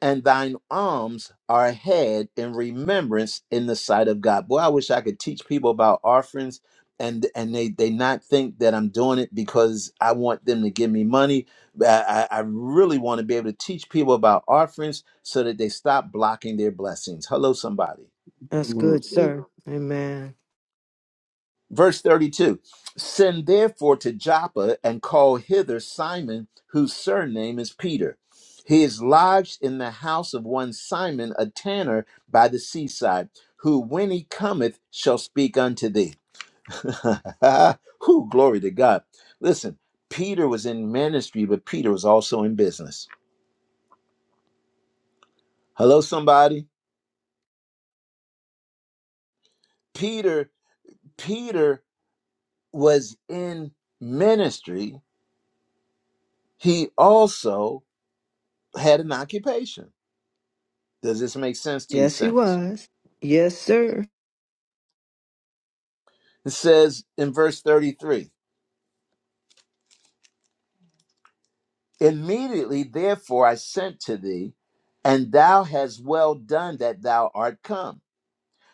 and thine alms are ahead in remembrance in the sight of God. Boy, I wish I could teach people about offerings and and they they not think that I'm doing it because I want them to give me money. I, I I really want to be able to teach people about offerings so that they stop blocking their blessings. Hello, somebody.
That's
Come on,
good,
sir.
sir. Amen.
Verse 32 Send therefore to Joppa and call hither Simon, whose surname is Peter. He is lodged in the house of one Simon, a tanner by the seaside, who when he cometh shall speak unto thee. Who glory to God. Listen, Peter was in ministry, but Peter was also in business. Hello, somebody. Peter, Peter was in ministry. He also had an occupation Does this make sense to you,
Yes, he
saints?
was. Yes, sir.
It says in verse 33 Immediately, therefore, I sent to thee, and thou hast well done that thou art come.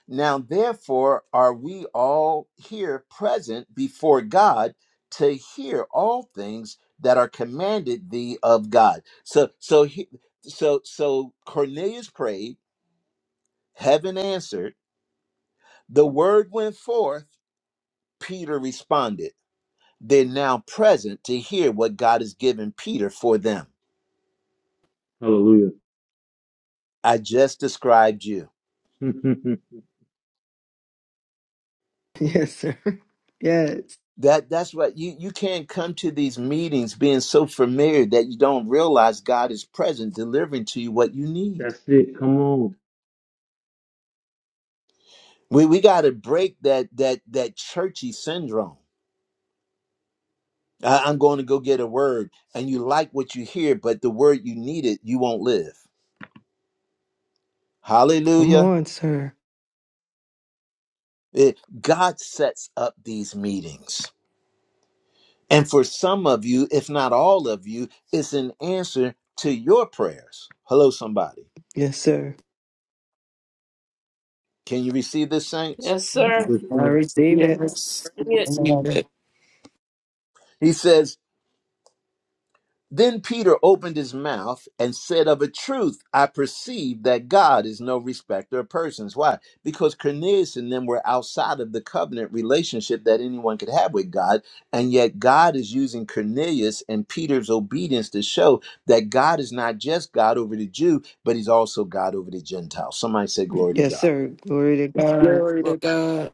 Now, therefore, are we all here present before God to hear all things that are commanded thee of God. So, so, he, so, so Cornelius prayed, heaven answered, the word went forth, Peter responded. They're now present to hear what God has given Peter for them.
Hallelujah.
I just described you.
Yes, sir. Yes.
That that's what you you can't come to these meetings being so familiar that you don't realize God is present delivering to you what you need.
That's it. Come on.
We we got to break that that that churchy syndrome. I, I'm going to go get a word and you like what you hear but the word you needed, you won't live.
Come
Hallelujah.
on, sir.
It- God sets up these meetings. And for some of you, if not all of you, it's an answer to your prayers. Hello, somebody.
Yes, sir.
Can you receive this, saints?
Yes, sir.
Yes,
I
sir.
receive it.
Yes.
Bring it.
Receive
Amen.
it.
He says, Then Peter opened his mouth and said, Of a truth, I perceive that God is no respecter of persons. Why? Because Cornelius and them were outside of the covenant relationship that anyone could have with God. And yet, God is using Cornelius and Peter's obedience to show that God is not just God over the Jew, but he's also God over the Gentile. Somebody say, Glory to
Yes,
God.
sir. Glory to God.
Glory to
Lord.
God.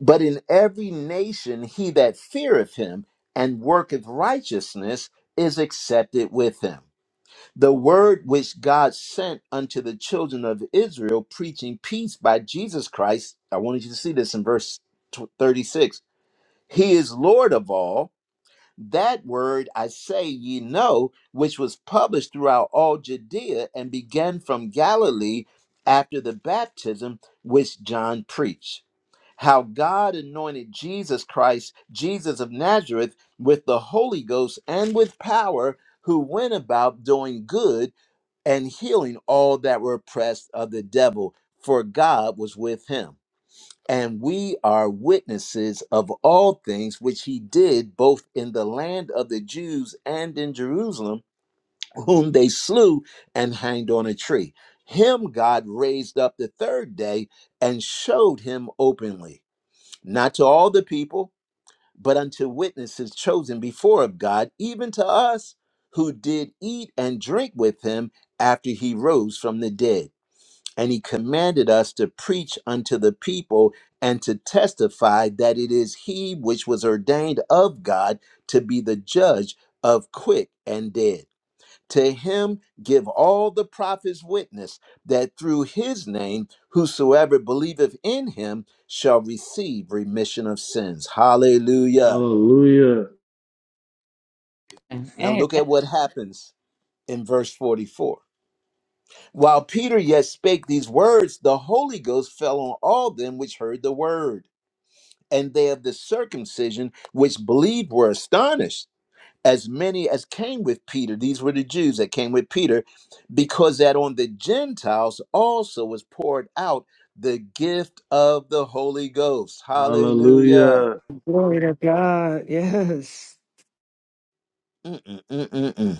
But in every nation, he that feareth him and worketh righteousness is accepted with him. The word which God sent unto the children of Israel, preaching peace by Jesus Christ. I wanted you to see this in verse tw- 36. He is Lord of all. That word I say ye know, which was published throughout all Judea and began from Galilee after the baptism which John preached. How God anointed Jesus Christ, Jesus of Nazareth, with the Holy Ghost and with power, who went about doing good and healing all that were oppressed of the devil, for God was with him. And we are witnesses of all things which he did both in the land of the Jews and in Jerusalem, whom they slew and hanged on a tree. Him God raised up the third day and showed him openly, not to all the people but unto witnesses chosen before of God, even to us who did eat and drink with him after he rose from the dead. And he commanded us to preach unto the people and to testify that it is he which was ordained of God to be the judge of quick and dead. To him give all the prophets witness that through his name, whosoever believeth in him shall receive remission of sins. Hallelujah.
Hallelujah.
Now look at what happens in verse 44. While Peter yet spake these words, the Holy Ghost fell on all them which heard the word. And they of the circumcision which believed were astonished, as many as came with Peter. These were the Jews that came with Peter, because that on the Gentiles also was poured out the gift of the Holy Ghost. Hallelujah.
Hallelujah.
Glory to God. Yes.
Mm-mm-mm-mm-mm.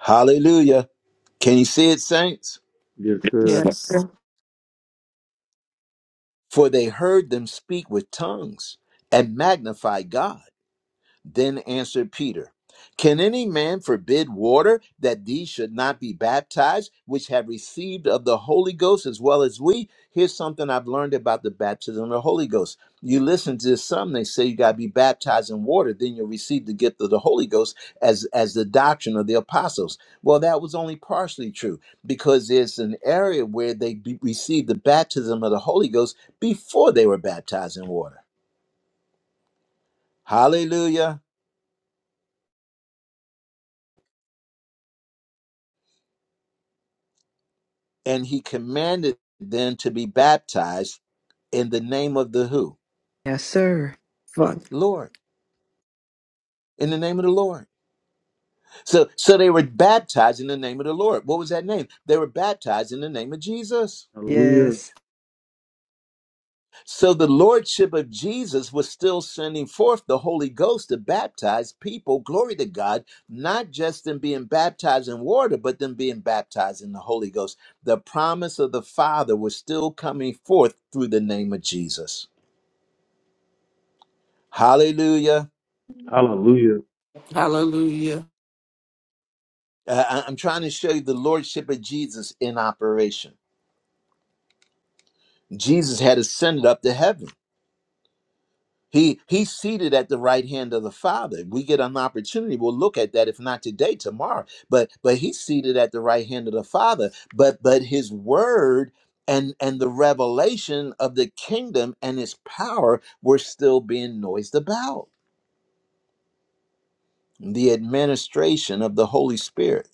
Hallelujah. Can you see it, saints?
Yes,
Yes,
sir.
Yes.
sir.
For they heard them speak with tongues and magnify God. Then answered Peter, Can any man forbid water that these should not be baptized, which have received of the Holy Ghost as well as we? Here's something I've learned about the baptism of the Holy Ghost. You listen to some, they say you got to be baptized in water, then you'll receive the gift of the Holy Ghost as, as the doctrine of the apostles. Well, that was only partially true because there's an area where they be, received the baptism of the Holy Ghost before they were baptized in water. Hallelujah. and he commanded them to be baptized in the name of the who
Yes, sir. Fuck.
lord in the name of the lord so so they were baptized in the name of the lord what was that name they were baptized in the name of jesus
Hallelujah.
Yes.
so the lordship of jesus was still sending forth the holy ghost to baptize people glory to god not just them being baptized in water but them being baptized in the holy ghost the promise of the father was still coming forth through the name of jesus hallelujah
Hallelujah.
Hallelujah.
Uh, I- I'm trying to show you the lordship of Jesus in operation. Jesus had ascended up to heaven. He he's seated at the right hand of the Father. We get an opportunity. We'll look at that if not today, tomorrow. But but he's seated at the right hand of the Father. But but his word and and the revelation of the kingdom and its power were still being noised about. The administration of the Holy Spirit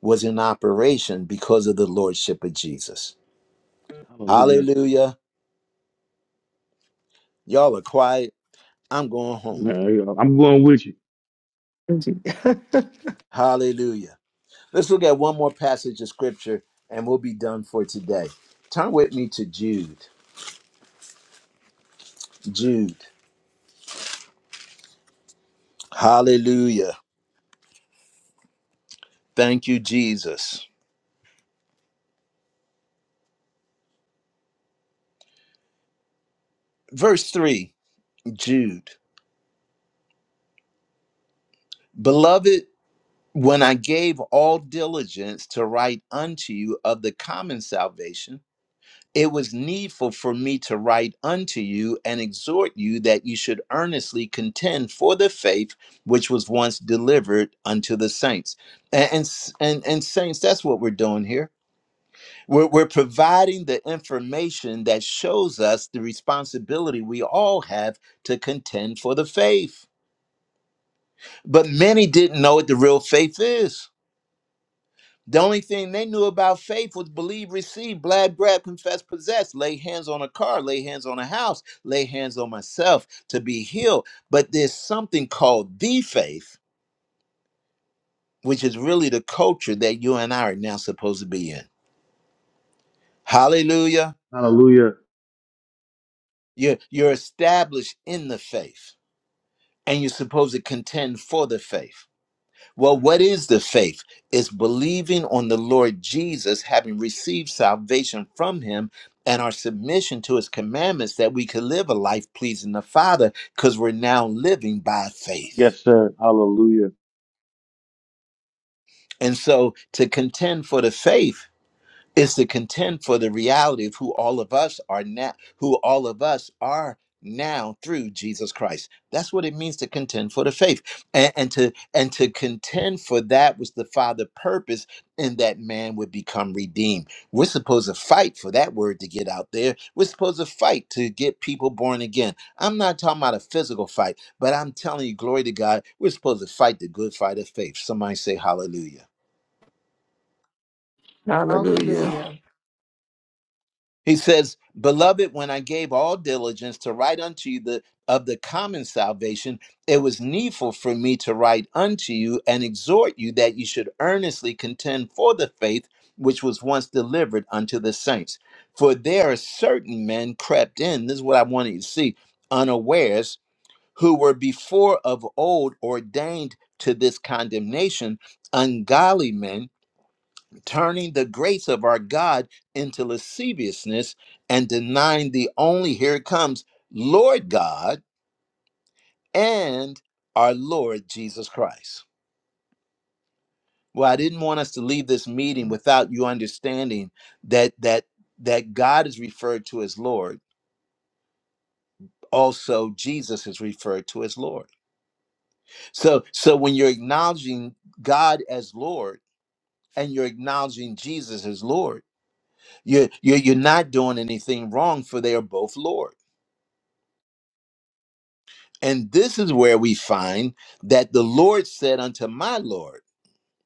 was in operation because of the lordship of Jesus.
Hallelujah.
Hallelujah. Y'all are quiet. I'm going home.
Man, I'm going with you.
Hallelujah. Let's look at one more passage of scripture and we'll be done for today. Turn with me to Jude. Jude. Hallelujah. Thank you, Jesus. Verse 3, Jude. Beloved, when I gave all diligence to write unto you of the common salvation, It was needful for me to write unto you and exhort you that you should earnestly contend for the faith which was once delivered unto the saints. And and and, and saints, that's what we're doing here. We're, we're providing the information that shows us the responsibility we all have to contend for the faith. But many didn't know what the real faith is. The only thing they knew about faith was believe, receive, blab, grab, confess, possess, lay hands on a car, lay hands on a house, lay hands on myself to be healed. But there's something called the faith, which is really the culture that you and I are now supposed to be in. Hallelujah.
Hallelujah.
You're, you're established in the faith and you're supposed to contend for the faith. Well, what is the faith? It's believing on the Lord Jesus, having received salvation from him, and our submission to his commandments that we could live a life pleasing the Father because we're now living by faith.
Yes, sir. Hallelujah.
And so to contend for the faith, Is to contend for the reality of who all of us are now, who all of us are now through Jesus Christ. That's what it means to contend for the faith, and, and to and to contend for that was the Father purpose and that man would become redeemed. We're supposed to fight for that word to get out there. We're supposed to fight to get people born again. I'm not talking about a physical fight, but I'm telling you, glory to God, we're supposed to fight the good fight of faith. Somebody say Hallelujah.
Hallelujah.
Hallelujah.
He says, Beloved, when I gave all diligence to write unto you the of the common salvation, it was needful for me to write unto you and exhort you that you should earnestly contend for the faith which was once delivered unto the saints. For there are certain men crept in, this is what I wanted you to see, unawares, who were before of old ordained to this condemnation, ungodly men turning the grace of our God into lasciviousness and denying the only, here it comes, Lord God and our Lord Jesus Christ. Well, I didn't want us to leave this meeting without you understanding that that that God is referred to as Lord. Also, Jesus is referred to as Lord. So so when you're acknowledging God as Lord and you're acknowledging Jesus as Lord, you're, you're, you're not doing anything wrong, for they are both Lord. And this is where we find that the Lord said unto my Lord,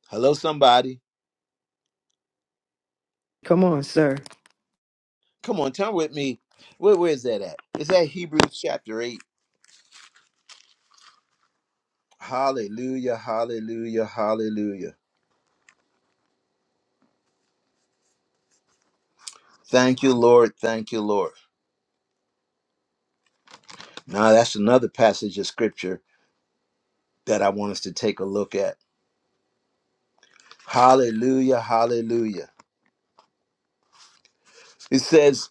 Hello, somebody.
Come on, sir.
Come on, turn with me. Where, where is that at? Is that Hebrews chapter 8? Hallelujah, hallelujah, hallelujah. Thank you, Lord. Thank you, Lord. Now, that's another passage of scripture that I want us to take a look at. Hallelujah, hallelujah. It says,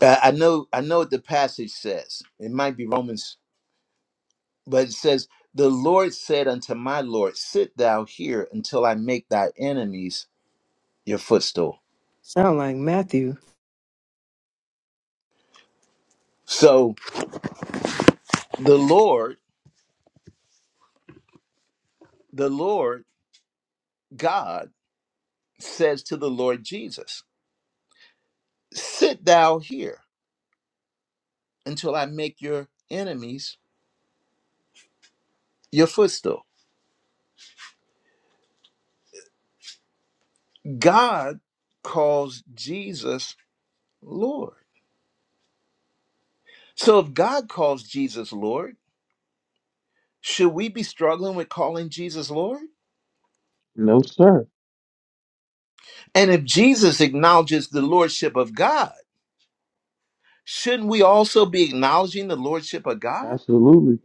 uh, I know I know what the passage says. It might be Romans But it says, The Lord said unto my Lord, Sit thou here until I make thy enemies your footstool.
Sound like Matthew.
So the Lord, the Lord God says to the Lord Jesus, Sit thou here until I make your enemies your footstool. God calls Jesus Lord. So if God calls Jesus Lord, should we be struggling with calling Jesus Lord?
No, sir.
And if Jesus acknowledges the Lordship of God, Shouldn't we also be acknowledging the lordship of God?
Absolutely.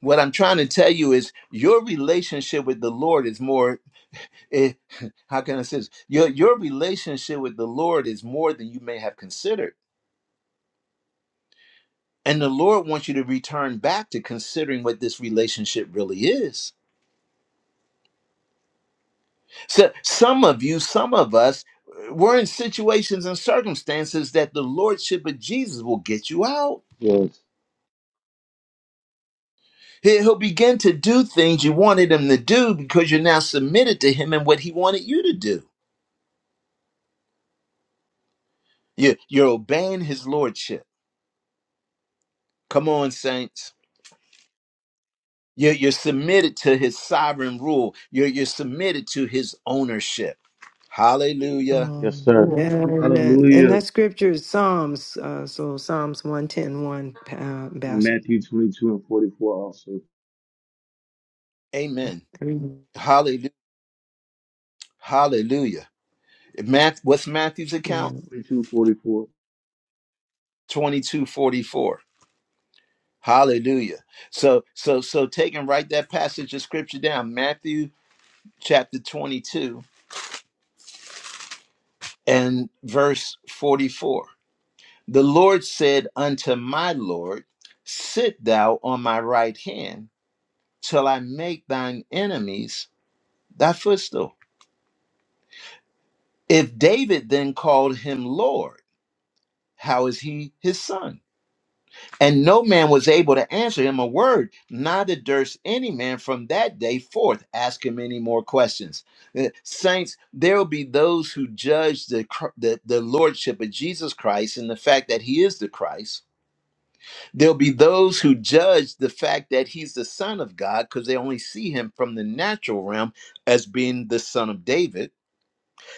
What I'm trying to tell you is your relationship with the Lord is more eh, how can I say this? Your your relationship with the Lord is more than you may have considered. And the Lord wants you to return back to considering what this relationship really is. So some of you, some of us, eh, we're in situations and circumstances that the Lordship of Jesus will get you out.
Yes.
He- He'll begin to do things you wanted him to do because you're now submitted to him and what he wanted you to do. You- You're obeying his lordship. Come on, saints. You're, you're submitted to his sovereign rule. You're, you're submitted to his ownership. Hallelujah.
Yes,
Um,
sir.
Amen.
yeah, man. And
Hallelujah.
that
Amen.
scripture is Psalms. Uh, so Psalms one, ten, one, 1, uh,
In
Bassett.
Matthew 22 and 44 also.
Amen. Hallelujah. Hallelujah. Math, what's Matthew's
Yeah,
account?
22, 44.
2244. Hallelujah. So, so, so take and write that passage of scripture down. Matthew chapter 22 and verse 44. The Lord said unto my Lord, Sit thou on my right hand till I make thine enemies thy footstool. If David then called him Lord, how is he his son? And no man was able to answer him a word, neither durst any man from that day forth ask him any more questions. Uh, Saints, there will be those who judge the, cr- the, the lordship of Jesus Christ and the fact that he is the Christ There'll be those who judge the fact that he's the son of God because they only see him from the natural realm as being the son of David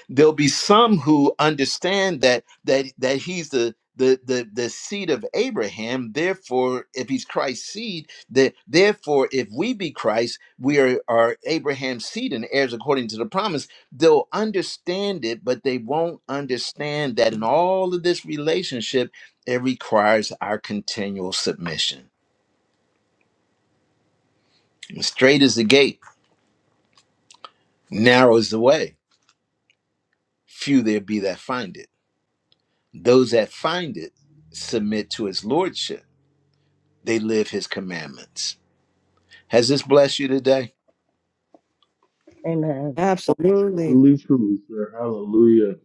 there'll be some who understand that that that he's the the the, the seed of abraham therefore if he's christ's seed that therefore if we be christ we are, are abraham's seed and heirs according to the promise they'll understand it but they won't understand that in all of this relationship it requires our continual submission straight is the gate narrow is the way few there be that find it those that find it submit to his lordship they live his commandments. Has this blessed you today?
Amen.
absolutely.
Truly, truly, sir. Hallelujah.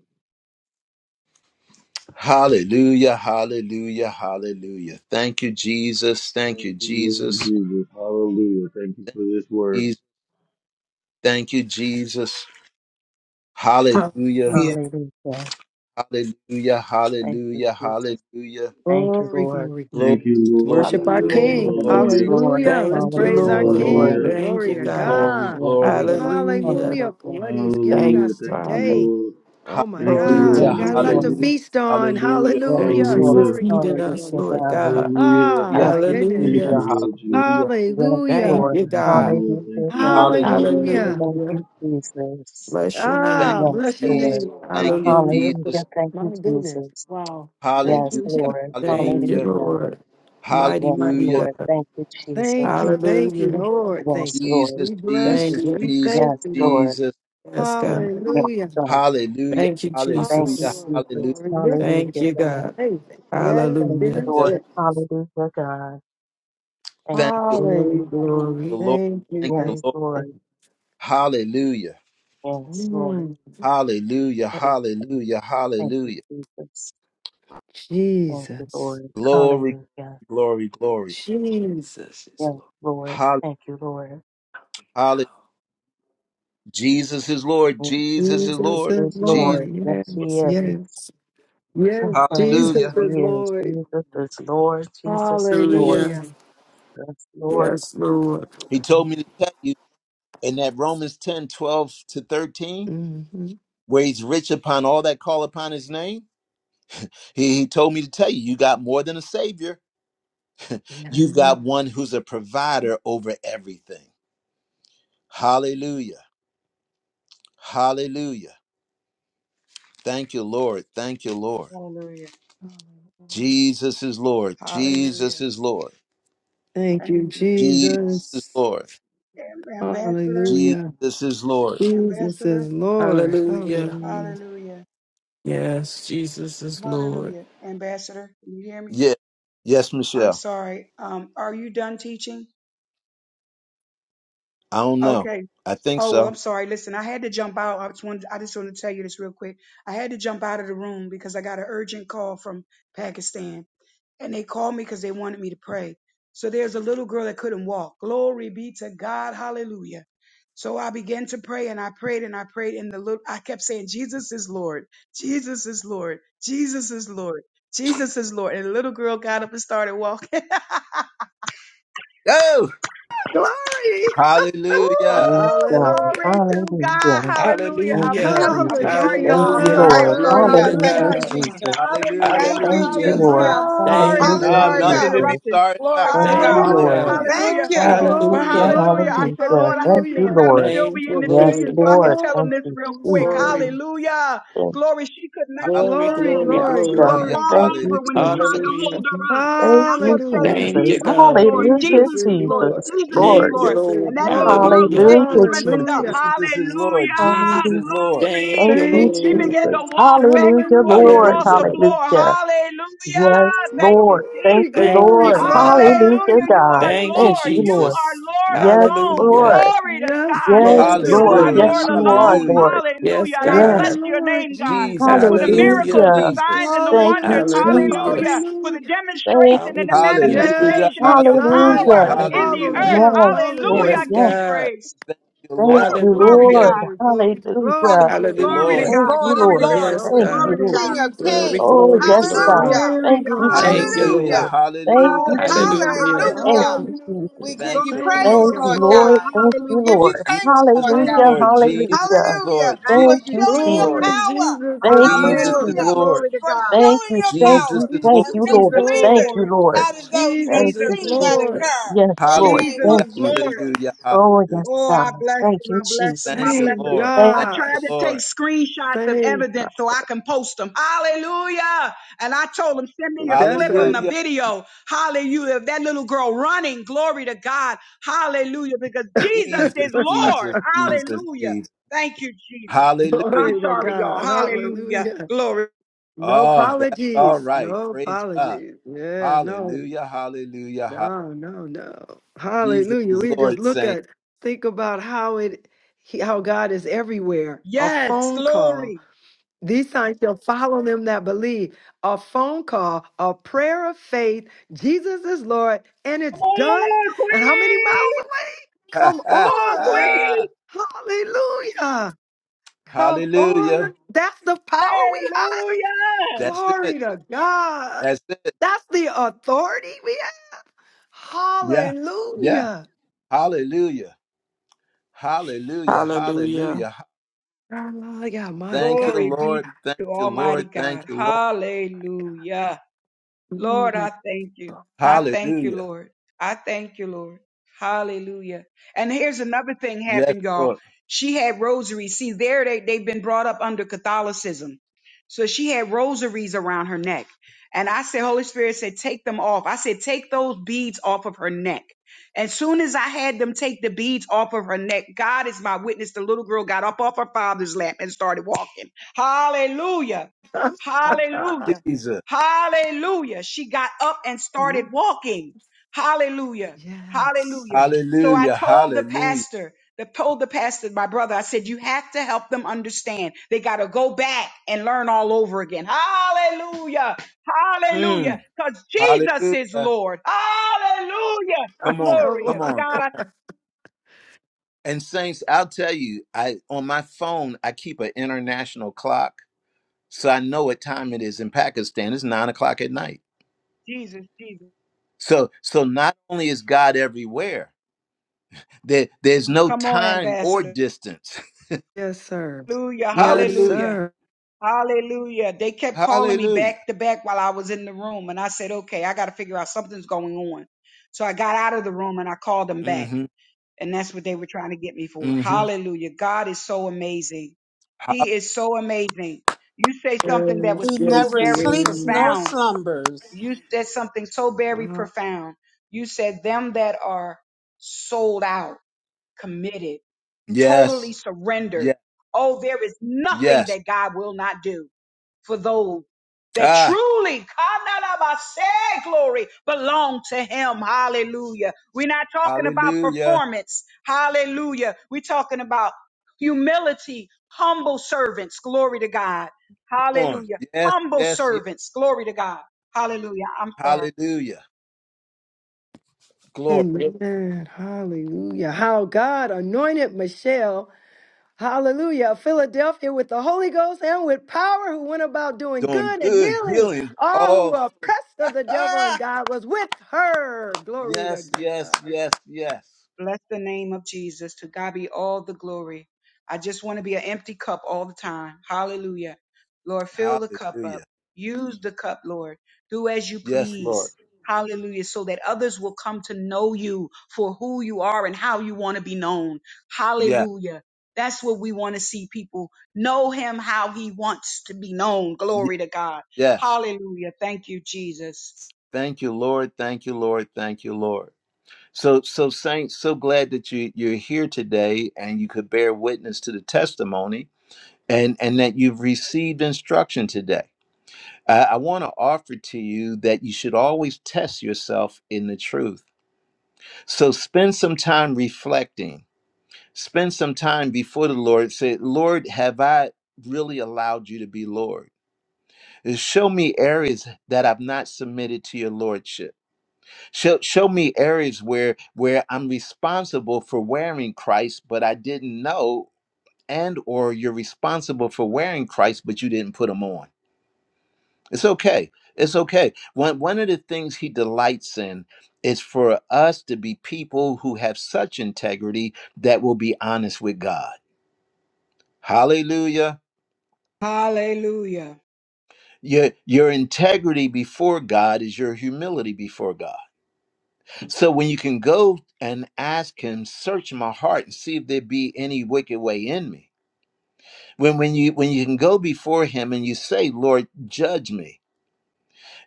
Hallelujah, hallelujah, hallelujah. Thank you, Jesus. Thank
Yes,
you,
Lord
Jesus.
Jesus, hallelujah. Thank you for this word.
Jesus. Thank you, Jesus. Hallelujah,
Hallelujah.
Hallelujah.
hallelujah,
Thank you,
hallelujah,
Jesus.
hallelujah.
Thank you,
Glory,
Lord.
glory,
Glory,
glory.
Thank you, Lord
glory,
Worship our
Jesus,
glory,
Hallelujah.
King.
Yes,
glory,
hallelujah.
Lord.
Hallelujah. Let's
Thank you,
praise
Hallelujah,
our
Lord.
Lord.
King.
glory,
Hallelujah.
Thank
Glory
you,
to
glory,
God.
glory,
God.
Yes,
glory.
Lord.
Hallelujah.
Hallelujah for
Hallelujah.
what he's given
Thank
Hallelujah.
us
you,
Thank you,
Father.
today.
Lord.
Oh my
Thank you,
Glory
God,
Lord
to
we
Yes,
your
Hallelujah,
got a lot
Lord.
Jesus.
to
hallelujah,
name.
feast on.
hallelujah,
Yes,
Thank
Hallelujah.
you
Lord.
for
Hallelujah.
Glory,
feeding
glory,
us,
Hallelujah,
glory.
Lord
God.
God.
Hallelujah.
Oh
yeah,
Thank
my
you,
goodness.
Thank
Hallelujah.
hallelujah,
you,
Jesus.
Lord Jesus.
hallelujah,
Yes,
Thank
Hallelujah.
Lord.
you,
Thank you,
God.
Lord.
Hallelujah,
Thank
God.
you, Lord.
Thank
hallelujah.
Hallelujah.
you,
Hallelujah.
Jesus.
Bless your
Thank
Ah,
name.
Yes,
bless
you,
your
Lord.
name,
Jesus.
Lord
Thank
God.
you,
Hallelujah.
Jesus.
Hallelujah. Thank you,
My goodness.
Jesus.
Wow. Thank
Yes,
Hallelujah,
you.
Lord.
Thank you,
hallelujah,
Hallelujah.
Lord.
Yes,
Mighty, mighty
hallelujah.
Lord.
God.
Thank you, Jesus.
Thank you. Thank you,
Hallelujah.
Lord.
Yes,
Thank you.
Lord.
Jesus,
We bless
Jesus,
Thank
you.
you.
We
Jesus,
thank
Yes,
you, Lord.
Lord.
Jesus.
Yes, God.
Yes,
Hallelujah.
God.
Hallelujah,
Thank you,
Thank
Oh,
you,
hallelujah,
Jesus.
glory,
Jesus.
hallelujah.
glory. This
Hallelujah,
is
Thank you,
God.
God.
amazing. Yes,
Thank you,
Hallelujah.
yes,
Lord.
yes.
Hallelujah, God. Thank
Thank
you,
you,
Glory,
Jesus.
Hallelujah.
glory.
Lord.
Thank you.
Thank you,
Yes,
Thank
Lord.
you. Thank you.
Lord.
Hallelujah,
Yes, Lord.
Mm,
hallelujah,
Thank you.
hallelujah,
Thank you,
hallelujah.
Jesus. Thank you,
Jesus.
Lord.
Glory,
Hallelujah.
glory, glory.
Jesus is
Yes,
Lord.
Lord.
Hallelujah.
Thank you, Lord.
Hallelujah. Jesus is Lord.
Yes,
Jesus is
Jesus
Jesus
Lord.
is
is
Jesus.
Lord.
Lord. Yes, He
Yes,
is.
yes. Yes,
Yes, Oh,
Jesus
yes,
Hallelujah.
He
is
is.
Lord.
Jesus is Lord. Jesus is Lord.
Hallelujah.
Hallelujah.
Yes, Lord.
Yes, Lord.
He told me to tell you in that Romans 10 12 to 13
hmm
where he's rich upon all that call upon his name. He, he told me to tell you, you got more than a savior. You've got one who's a provider over everything. Hallelujah. Hallelujah. Thank you, Lord. Thank you, Lord.
Hallelujah.
Jesus is Lord. Jesus
Hallelujah.
is Lord.
Thank
Thank
you,
you,
Jesus
Jesus.
is
Jesus.
Lord.
Am- Ambassador,
Jesus
Hallelujah.
is Lord.
Jesus
ambassador,
is Lord.
Hallelujah.
Hallelujah.
hallelujah.
Yes, Jesus is Lord.
Hallelujah. Ambassador, can you hear me?
Yeah. Yes,
I'm
Michelle.
sorry. Um, are you done teaching?
I don't know.
Okay.
I think
Oh, well, I'm
so.
sorry. Listen, I had to jump out. I just wanted, I just wanted to tell you this real quick. I had to jump out of the room because I got an urgent call from Pakistan. and they called me because they wanted me to pray. So there's a little girl that couldn't walk. Glory be to God. Hallelujah. So I began to pray and I prayed and I prayed and the little, I kept saying, Jesus is Lord. Jesus is Lord. Jesus is Lord. Jesus is Lord. And the little girl got up and started walking.
Oh,
Glory.
Woo!
hallelujah.
Praise God.
Glory
Hallelujah.
to God.
Hallelujah.
Hallelujah.
Thank
I'm
you,
Hallelujah.
telling you, I'm
Jesus.
sorry,
Thank
y'all. I'm
you,
Hallelujah.
Hallelujah.
sorry. I'm
Lord.
sorry.
Glory to
Hallelujah.
Hallelujah,
Hallelujah.
Thank you,
God.
Jesus.
Hallelujah.
Jesus.
Hallelujah.
Thank
Hallelujah.
you,
Thank you,
Hallelujah.
Hallelujah.
Lord.
Jesus.
I'm sorry.
Thank
Hallelujah,
I'm
you,
No,
sorry
Lord.
for
Hallelujah.
nothing
Hallelujah.
to be
Jesus.
interrupting.
sorry about.
Glory to
Thank
Thank
you,
you,
God.
Hallelujah.
Lord.
Glory,
God.
Hallelujah.
Hallelujah.
Thank you,
glory,
Lord.
But
glory,
Hallelujah,
Hallelujah.
hallelujah. I
glory.
said,
hallelujah.
Lord, I said,
Thank you,
please let
Hallelujah.
them
Lord.
still be
Thank you,
in the
Yes,
teaching
Thank
Lord.
so
you,
I could
Lord.
tell them
Thank
this
Lord.
you,
real quick.
Jesus.
Inside.
Glory,
Hallelujah.
Thank you,
Glory, she could not
glory,
Glory,
stand.
glory,
yes,
glory,
She would
glory.
God.
Hallelujah.
glory,
fall
Thank
glory.
Hallelujah.
you,
over when they tried to
Jesus.
hold
Hallelujah.
her up. And
Thank
I
you,
kept saying,
Hallelujah.
Thank
Jesus.
you,
Jesus is
God.
Lord.
Hallelujah,
Jesus
Jesus
is
is Lord.
Jesus.
Lord.
Jesus is
Thank you,
Glory.
Lord.
Jesus is
Lord.
And that little
Lord.
girl's
Hallelujah.
Jesus
leg
is
Hallelujah,
Lord.
strengthened up.
Hallelujah.
Jesus.
Jesus is Lord.
Hallelujah.
Jesus
Hallelujah.
is Lord.
Thank
Thank
Glory.
you,
you,
Thank
She
you,
Lord.
began
Jesus.
to
Lord.
walk back and
Hallelujah,
forth
Hallelujah.
Lord.
across the
Hallelujah.
floor.
Hallelujah.
Hallelujah.
Yes,
Thank
Oh,
you,
Lord. Thank
glory,
you,
Jesus.
Thank
glory,
you,
Lord.
Hallelujah.
Father.
glory.
Hallelujah,
Hallelujah. You
God.
are
Thank you,
Thank
Lord.
you,
You
Lord.
are
Jesus.
Lord
Yes,
alone.
Hallelujah.
Lord.
Glory to
Yes,
God.
Yes,
You
Yes,
Lord.
Lord.
are
Hallelujah.
Lord.
Yes,
Lord
you
Hallelujah.
are,
alone.
Hallelujah.
Lord.
Yes,
Hallelujah. And I
Thank
Yes.
bless
God.
you,
your
Lord
name, God.
Jesus.
Jesus,
For the
Jesus,
Hallelujah.
miracles, the
Hallelujah.
signs,
Jesus.
and the
Thank
wonders.
you,
Hallelujah.
Hallelujah.
Hallelujah.
Jesus.
For the
Hallelujah.
Thank
demonstration and
you,
the
Hallelujah.
Jesus.
Hallelujah.
Yes,
manifestation of
his
your power
signs
Hallelujah.
Hallelujah.
shall
in the
follow
Hallelujah.
Hallelujah.
earth.
them.
Yes,
Hallelujah.
Lord.
I
Yes,
Hallelujah.
give
Yes.
you
God.
praise.
Thank you,
Woo!
Thank
Lord.
you,
Glory
Glory,
to
Hallelujah.
Lord.
God.
glory, glory,
Hallelujah.
Thank
glory, glory.
you,
Hallelujah.
Glory to
Lord.
Hallelujah.
He's
Thank
God.
Thank
you,
Lord of
Glory
you,
to
Lord.
Lord.
God.
Lords
Yes,
and
Thank you,
Glory
God.
to
Hallelujah,
Lord.
God.
King of
Glory,
Kings.
Jesus.
Oh,
glory,
yes,
glory.
God.
Hallelujah.
Glory,
Thank
Hallelujah.
you,
glory,
Thank
Jesus.
you,
Hallelujah.
glory.
Hallelujah.
Lord.
Hallelujah.
Thank
Hallelujah.
you,
Hallelujah.
Jesus.
Hallelujah.
Hallelujah.
Thank
Hallelujah.
Hallelujah.
you,
Hallelujah.
We
Jesus.
give
Thank
you
you,
Glory,
Lord.
Same
praise,
Thank
glory,
you,
God.
Lord
glory.
Lord.
God.
Thank
We
you,
Hallelujah.
give you
Lord.
thanks,
Jesus
Lord
is
Thank
God.
you,
Hallelujah.
Same.
Lord.
Jesus.
Jesus is
Hallelujah.
Hallelujah.
Lord. Jesus
For
Thank
Thank
you,
you,
showing
is
your
Jesus.
Lord.
Glory,
Jesus.
power.
Jesus
Thank
is
you,
Jesus is
Lord.
Hallelujah.
Hallelujah.
Jesus.
Lord.
Glory to
For
God.
Thank
showing
you,
your
thank
Jesus
you,
power
is Lord.
thank
and
Jesus
you,
make
is
Lord.
Jesus is
Lord.
Thank
believers
you,
Lord.
Lord.
out of those that
Jesus
Thank
Jesus
is
you,
seen
is
that
Lord.
Lord.
Jesus.
occur
Yes,
in the
Lord.
name
Jesus
of
Hallelujah,
Thank
is
you.
Lord.
hallelujah,
Jesus.
Oh,
hallelujah.
yes,
Oh, I
God.
bless
Thank
him.
you,
I bless him. I
Thank
Jesus.
you,
bless
Thank
him.
Lord.
Thank
I
Thank
God.
you,
tried to take
Lord.
screenshots of
Thank God.
evidence so I can post them. Hallelujah. And I told him, send me a
That's
clip of
right.
the
Hallelujah.
video. Hallelujah. Of that little girl running. Glory to God. Hallelujah. Because Jesus is
Jesus,
Lord.
Jesus, Jesus,
Hallelujah.
Jesus.
Thank you, Jesus. I'm
Hallelujah.
Glory to
sorry, y'all.
God.
Hallelujah.
Hallelujah.
Glory.
No
Oh, that's all
apologies.
right.
No
Praise God.
apologies. Yeah, no,
Hallelujah, hallelujah, hallelujah.
no, no, no.
Jesus
Hallelujah.
is
We just
Lord,
look
saint.
at, think about how it, he- how God is everywhere. A
Yes,
phone call.
glory.
These signs shall follow them that believe. A phone call, a prayer of faith. Jesus is Lord, and
Come
it's done.
on,
And how many
Queen.
miles away? Come
Come on,
on.
Queen.
Hallelujah. Come on.
hallelujah.
That's the power we have.
Hallelujah.
That's it.
Glory to God.
That's it.
That's the authority we have.
Yeah. Yeah.
Hallelujah.
Hallelujah. Hallelujah,
Hallelujah.
hallelujah.
Hallelujah. My
Thank you,
God.
Glory
My
Lord.
be
God.
Thank
to
you,
Almighty
Lord.
God.
Thank you, Lord.
Hallelujah. Lord, I
Mm.
thank you. I thank you,
Hallelujah.
Lord. I thank you, Lord. Hallelujah. And here's another thing
Yes,
happened, y'all.
Lord.
She had rosaries. See, there they, they've been brought up under Catholicism. So she had rosaries around her neck. And I said, Holy Spirit said, take them off. I said, take those beads off of her neck. As soon as I had them take the beads off of her neck, God is my witness. The little girl got up off her father's lap and started walking. Hallelujah. Hallelujah.
Jesus.
Hallelujah. She got up and started walking. Hallelujah.
yes.
Hallelujah. So I
Hallelujah.
told the
Hallelujah.
pastor, the, told the pastor, my brother, I said, you have to help them understand. They got to go back and learn all over again. Hallelujah. Hallelujah.
Mm.
Because Jesus is
Hallelujah.
Lord. Hallelujah.
Come on.
Come
Glory
Come
to
on.
on. Come
God.
on. And saints, I'll tell you, I on my phone, I keep an international clock. So I know what time it is in Pakistan. It's nine o'clock at night.
Jesus, Jesus.
So so not only is God everywhere, there, there's no
Come on,
time or
ambassador.
distance.
Yes, sir.
Hallelujah.
Yes,
Hallelujah.
Hallelujah.
sir.
Hallelujah. They kept calling me
Hallelujah.
back to back while I was in the room. And I said, okay, I got to figure out something's going on. So I got out of the room and I called them back.
Mm-hmm.
And that's what they were trying to get me for.
Mm-hmm.
Hallelujah. God is so amazing. He is so amazing. You say something that
Yes,
was
He
yes,
so
never
he
very
sleeps
is.
nor
profound.
slumbers.
You said something so very profound. You said, them that are sold out, committed, totally
Yes. Yes.
surrendered.
Yeah.
Oh, there is nothing
Yes.
that God will not do for those that
Ah,
truly, say glory, belong to him. Hallelujah. We're not talking about
hallelujah.
performance. Hallelujah. We're talking about humility, humble servants. Glory to God.
on.
Hallelujah.
Yes,
Humble
yes, yes.
servants. Glory to God. Hallelujah. I'm sorry.
Hallelujah. Glory.
Amen. Hallelujah. How God anointed Michelle, hallelujah, of Philadelphia with the Holy Ghost and with power, who went about doing
Doing
good and
good
healing
healing
all who
of.
were oppressed of the devil, and God was with her. Glory to
yes, yes,
God.
yes, yes.
Bless the name of Jesus. To God be all the glory. I just want to be an empty cup all the time. Hallelujah. Lord, fill the cup up.
Hallelujah.
Use the cup, Lord. Do as you
Yes, Lord.
please. Hallelujah. So that others will come to know you for who you are and how you want to be known.
Yes,
Hallelujah. That's what we want to see people know him how he wants to be known.
yes,
Glory to God.
yes.
Hallelujah. Thank you, Jesus.
Thank you, Lord. Thank you, Lord. Thank you, Lord. So, so saints, so glad that you you're here today and you could bear witness to the testimony and and that you've received instruction today. I, I want to offer to you that you should always test yourself in the truth So spend some time reflecting. Spend some time before the Lord. Say, Lord, have I really allowed you to be Lord? Uh, Show me areas that I've not submitted to your Lordship. Show, show me areas where where I'm responsible for wearing Christ, but I didn't know, and or you're responsible for wearing Christ, but you didn't put him on It's okay. It's okay. One one of the things he delights in is for us to be people who have such integrity that will be honest with God. Hallelujah.
Hallelujah.
Your your integrity before God is your humility before God. So when you can go and ask him, search my heart and see if there be any wicked way in me. When when you when you can go before him and you say, Lord, judge me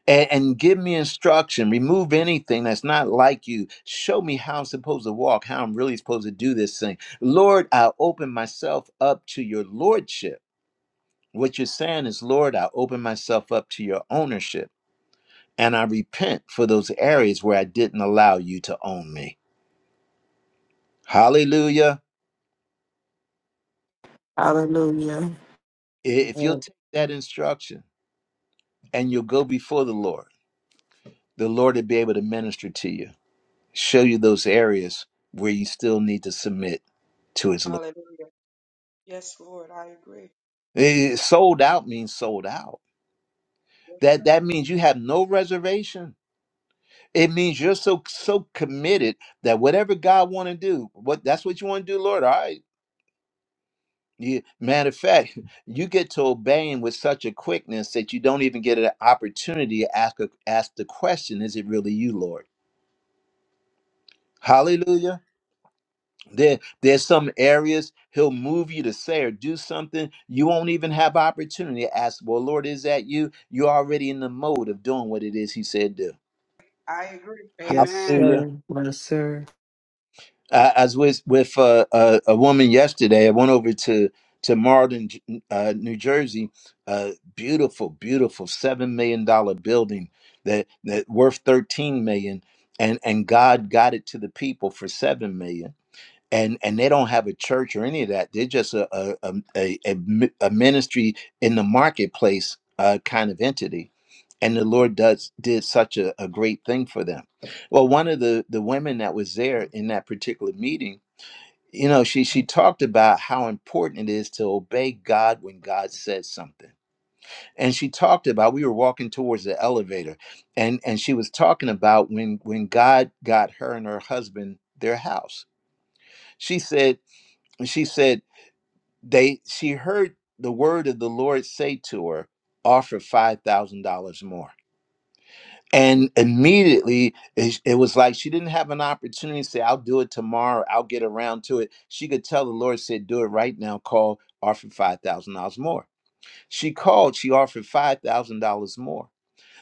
and, and give me instruction remove anything that's not like you show me how i'm supposed to walk how i'm really supposed to do this thing lord i open myself up to your lordship what you're saying is lord i open myself up to your ownership and i repent for those areas where i didn't allow you to own me hallelujah
Hallelujah.
I- if you'll
you.
take that instruction and you'll go before the lord the lord will be able to minister to you show you those areas where you still need to submit to his lordship
Hallelujah. Yes, Lord. I agree.
Eh, sold out means sold out. That that means you have no reservation. It means you're so so committed that whatever God want to do, what that's what you want to do, Lord. All right. You, matter of fact, you get to obeying with such a quickness that you don't even get an opportunity to ask a, ask the question: Is it really you, Lord? Hallelujah. There, there's some areas he'll move you to say or do something you won't even have opportunity to ask. Well, Lord, is that you? You're already in the mode of doing what it is He said do.
I agree.
Yes,
Amen.
Hallelujah.
sir. Yes, sir.
I, I was with, with uh, a, a woman yesterday. I went over to to Marlin, J- uh, New Jersey. A beautiful, beautiful seven million dollar building that that worth thirteen million, and and God got it to the people for seven million and and they don't have a church or any of that. They're just a a a, a, mi- a ministry in the marketplace uh, kind of entity. And the Lord does did such a, a great thing for them. Well, one of the the women that was there in that particular meeting, you know, she she talked about how important it is to obey God when God says something. And she talked about we were walking towards the elevator, and and she was talking about when when God got her and her husband their house. She said She said. They she heard the word of the Lord say to her, offer five thousand dollars more. And immediately it it was like she didn't have an opportunity to say, I'll do it tomorrow, I'll get around to it. She could tell the Lord said, Do it right now, call, offer five thousand dollars more. She called, she offered five thousand dollars more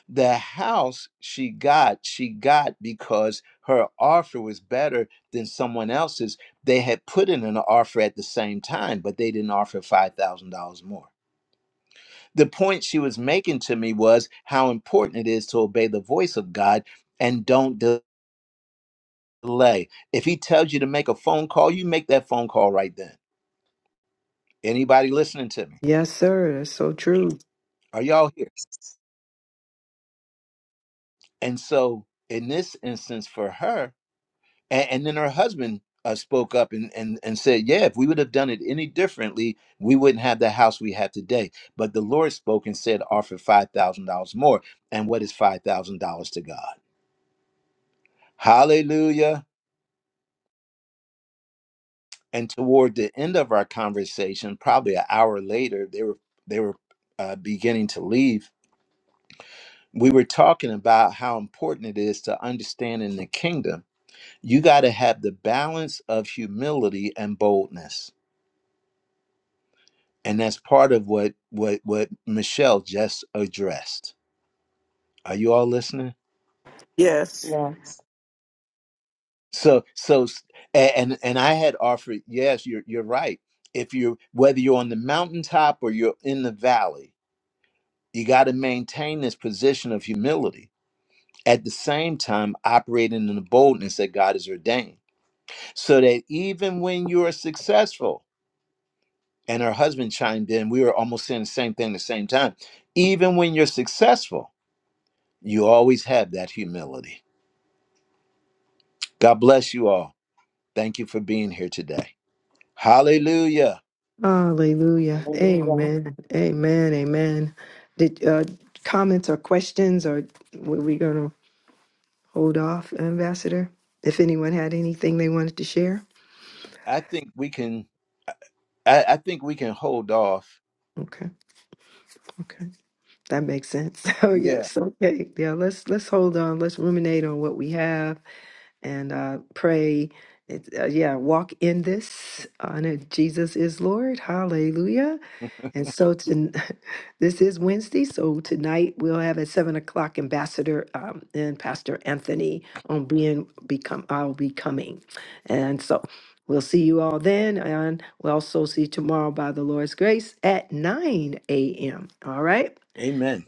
the house she got, she got because her offer was better than someone else's. They had put in an offer at the same time, but they didn't offer $5,000 more. The point she was making to me was how important it is to obey the voice of God and don't delay. If he tells you to make a phone call, you make that phone call right then. Anybody listening to me?
Yes, sir. That's so true.
Are y'all here? And so, in this instance, for her, And, and then her husband uh, spoke up and, and, and said, Yeah, if we would have done it any differently, we wouldn't have the house we have today. But the Lord spoke and said, Offer $5,000 more. And what is $5,000 to God? Hallelujah. And toward the end of our conversation, probably an hour later, they were, they were uh, beginning to leave. We were talking about how important it is to understand in the kingdom, you got to have the balance of humility and boldness and that's part of what what what Michelle just addressed. Are you all listening?
Yes.
Lord. Yes.
So so and and I had offered yes, you're you're right. If you whether you're on the mountaintop or you're in the valley, you got to maintain this position of humility. At the same time, operating in the boldness that God has ordained, so that even when you are successful, and her husband chimed in, we were almost saying the same thing at the same time. Even when you're successful, you always have that humility. God bless you all. Thank you for being here today. Hallelujah.
Hallelujah.
Hallelujah.
Amen. Amen. Amen. Did uh, comments or questions, or were we going to hold off, Ambassador? If anyone had anything they wanted to share?
I think we can I, I think we can hold off.
Okay. Okay. That makes sense. Oh
Yeah.
yes. Okay. Yeah. Let's let's hold on. Let's ruminate on what we have and uh, pray. It, uh, yeah. Walk in this. Honor Jesus is Lord. Hallelujah. And so to, this is Wednesday. So tonight we'll have at seven o'clock Ambassador um, and Pastor Anthony on being become I'll be coming, and so we'll see you all then, and we'll also see you tomorrow by the Lord's grace at nine a.m. All right,
Amen.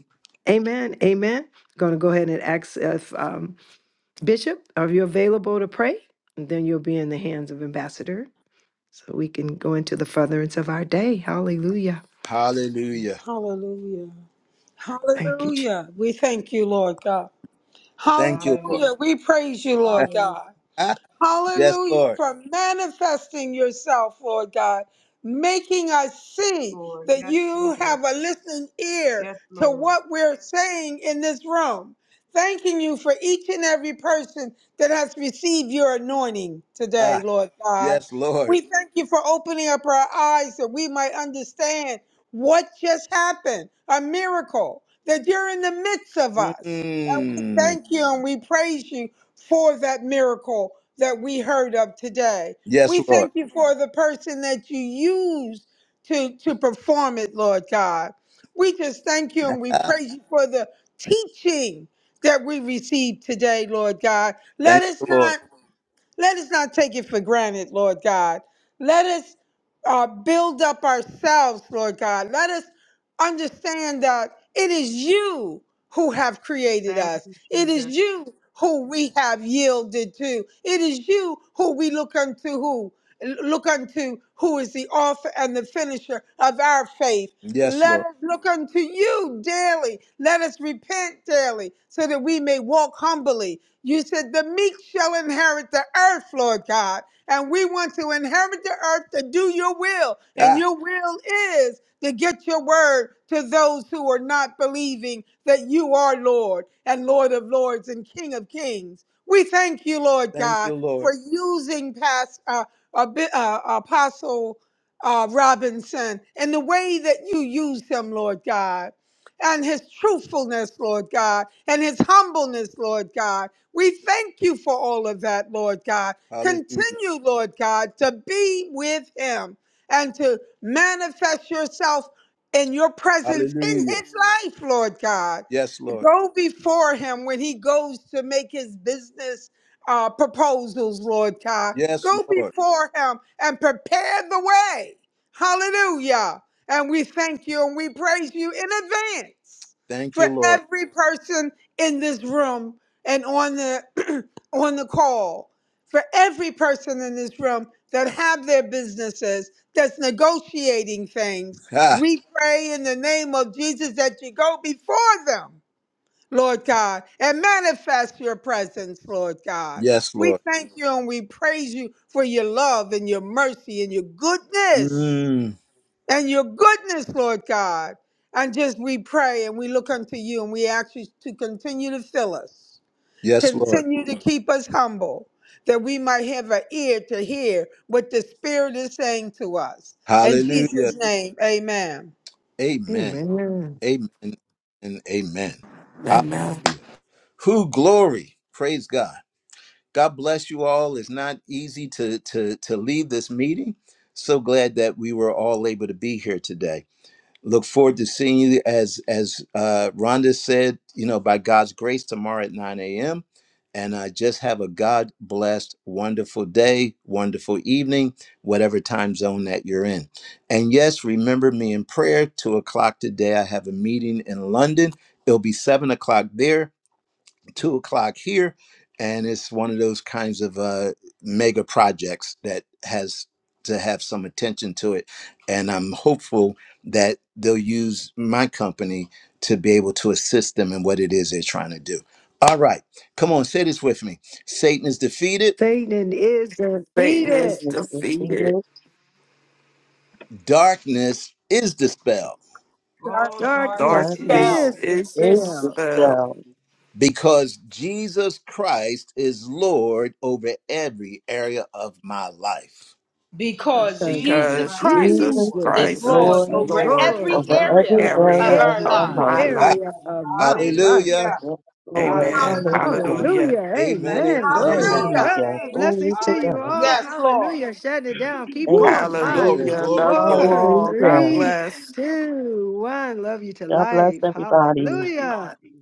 Amen, Amen. Going to go ahead and ask if um, Bishop, are you available to pray? And then you'll be in the hands of Ambassador, so we can go into the furtherance of our day. Hallelujah.
Hallelujah.
Hallelujah.
Thank you,
Hallelujah. We thank you, Lord God.
Thank you, Lord.
Hallelujah.
Hallelujah. We praise you, Lord
Hallelujah,
God.
Ah, yes,
Hallelujah
Lord.
for manifesting yourself, Lord God, making us see
Lord.
that
Yes,
you
Lord.
have a listening ear
Yes,
to
Lord.
what we're saying in this room. Thanking you for each and every person that has received your anointing today,
Ah,
Lord God.
yes, Lord.
We thank you for opening up our eyes that we might understand what just happened a miracle, that you're in the midst of us. And we
Mm,
thank you and we praise you for that miracle that we heard of today.
yes,
We
Lord.
thank you for the person that you used to, to perform it, Lord God. We just thank you and we
Ah,
praise you for the teaching that we received today, Lord God. Let
thank
us
you, Lord.
not let us not take it for granted, Lord God. Let us uh, build up ourselves, Lord God. Let us understand that it is you who have created
Thank
us.
you,
It is
Jesus.
you who we have yielded to. It is you who we look unto who look unto who is the author and the finisher of our faith.
Yes,
Let
Lord.
us look unto you daily. Let us repent daily so that we may walk humbly. You said the meek shall inherit the earth, Lord God. And we want to inherit the earth to do your will. And
Ah,
your will is to get your word to those who are not believing that you are Lord and Lord of lords and King of kings. We thank you, Lord
thank
God,
you, Lord.
for using past uh, a bit, uh, Apostle uh, Robinson and the way that you use him, Lord God, and his truthfulness, Lord God, and his humbleness, Lord God. We thank you for all of that, Lord God.
Hallelujah.
Continue, Lord God, to be with him and to manifest yourself in your presence in
Hallelujah.
his life, Lord God.
Yes, Lord.
Go before him when he goes to make his business uh, proposals, Lord God.
Yes,
Go
Lord.
before him and prepare the way. Hallelujah. And we thank you and we praise you in advance
Thank
for
you, Lord.
every person in this room and on the on the call. For every person in this room that have their businesses, that's negotiating things,
Ah,
we pray in the name of Jesus that you go before them Lord God, and manifest your presence, Lord God.
yes,
We
Lord.
thank you and we praise you for your love and your mercy and your goodness
Mm,
and your goodness, Lord God. And just we pray and we look unto you and we ask you to continue to fill us,
yes, Lord.
continue to keep us humble, that we might have an ear to hear what the Spirit is saying to us. In
Hallelujah.
Jesus' name, amen.
Amen.
Amen.
Amen and amen.
Amen.
Who glory. Praise God. God bless you all. It's not easy to to to leave this meeting. So glad that we were all able to be here today. Look forward to seeing you as as uh, Rhonda said, you know, by God's grace tomorrow at 9 a.m. And uh, just have a God blessed, wonderful day, wonderful evening, whatever time zone that you're in. And yes, remember me in prayer. Two o'clock today, I have a meeting in London. It'll be seven o'clock there two o'clock here, and it's one of those kinds of uh, mega projects that has to have some attention to it. And I'm hopeful that they'll use my company to be able to assist them in what it is they're trying to do. All right, come on, say this with me Satan is defeated,
Satan is
Satan is
defeated.
Satan is
defeated.
defeated.
darkness is dispelled.
Dark
All
Darkness
darkness is
Darkness
Darkness
fell.
is
dispelled
is
is
expelled
dispelled
dispelled
Because Jesus Christ is Lord over every area of my life.
because
because
because
Jesus
And
Jesus
because
Christ is
Christ
Jesus
Jesus
Lord
Jesus
is
is
Christ
Christ
Lord
is
Lord
over
is
over
every
Lord
Lord
every
over
area
over
of
every
my
area
every
over
life.
of
area
area
of
our
my
of
every
my
life.
lives.
Ah,
life.
area
Amen.
of my life.
hallelujah.
Hallelujah.
Yes, Lord.
Amen.
Hallelujah.
Hallelujah.
Hallelujah.
Hallelujah.
Hallelujah.
Amen, amen,
Amen.
Blessings to
Glory
you
amen.
to
all.
Hallelujah.
Hallelujah.
Thank.
God.
Glory
Blessings to
to
you
God.
all.
Hallelujah.
Yes, Lord.
Hallelujah. Shut it down. Keep
Thank
Woo!
you,
going.
Thank
Five,
you,
Glory,
Jesus.
Hallelujah.
Jesus.
glory,
Love you
glory.
four,
all. God
Hallelujah.
three,
bless.
two, one. Love you to
God bless
life.
everybody.
Thank you,
Hallelujah.
Jesus.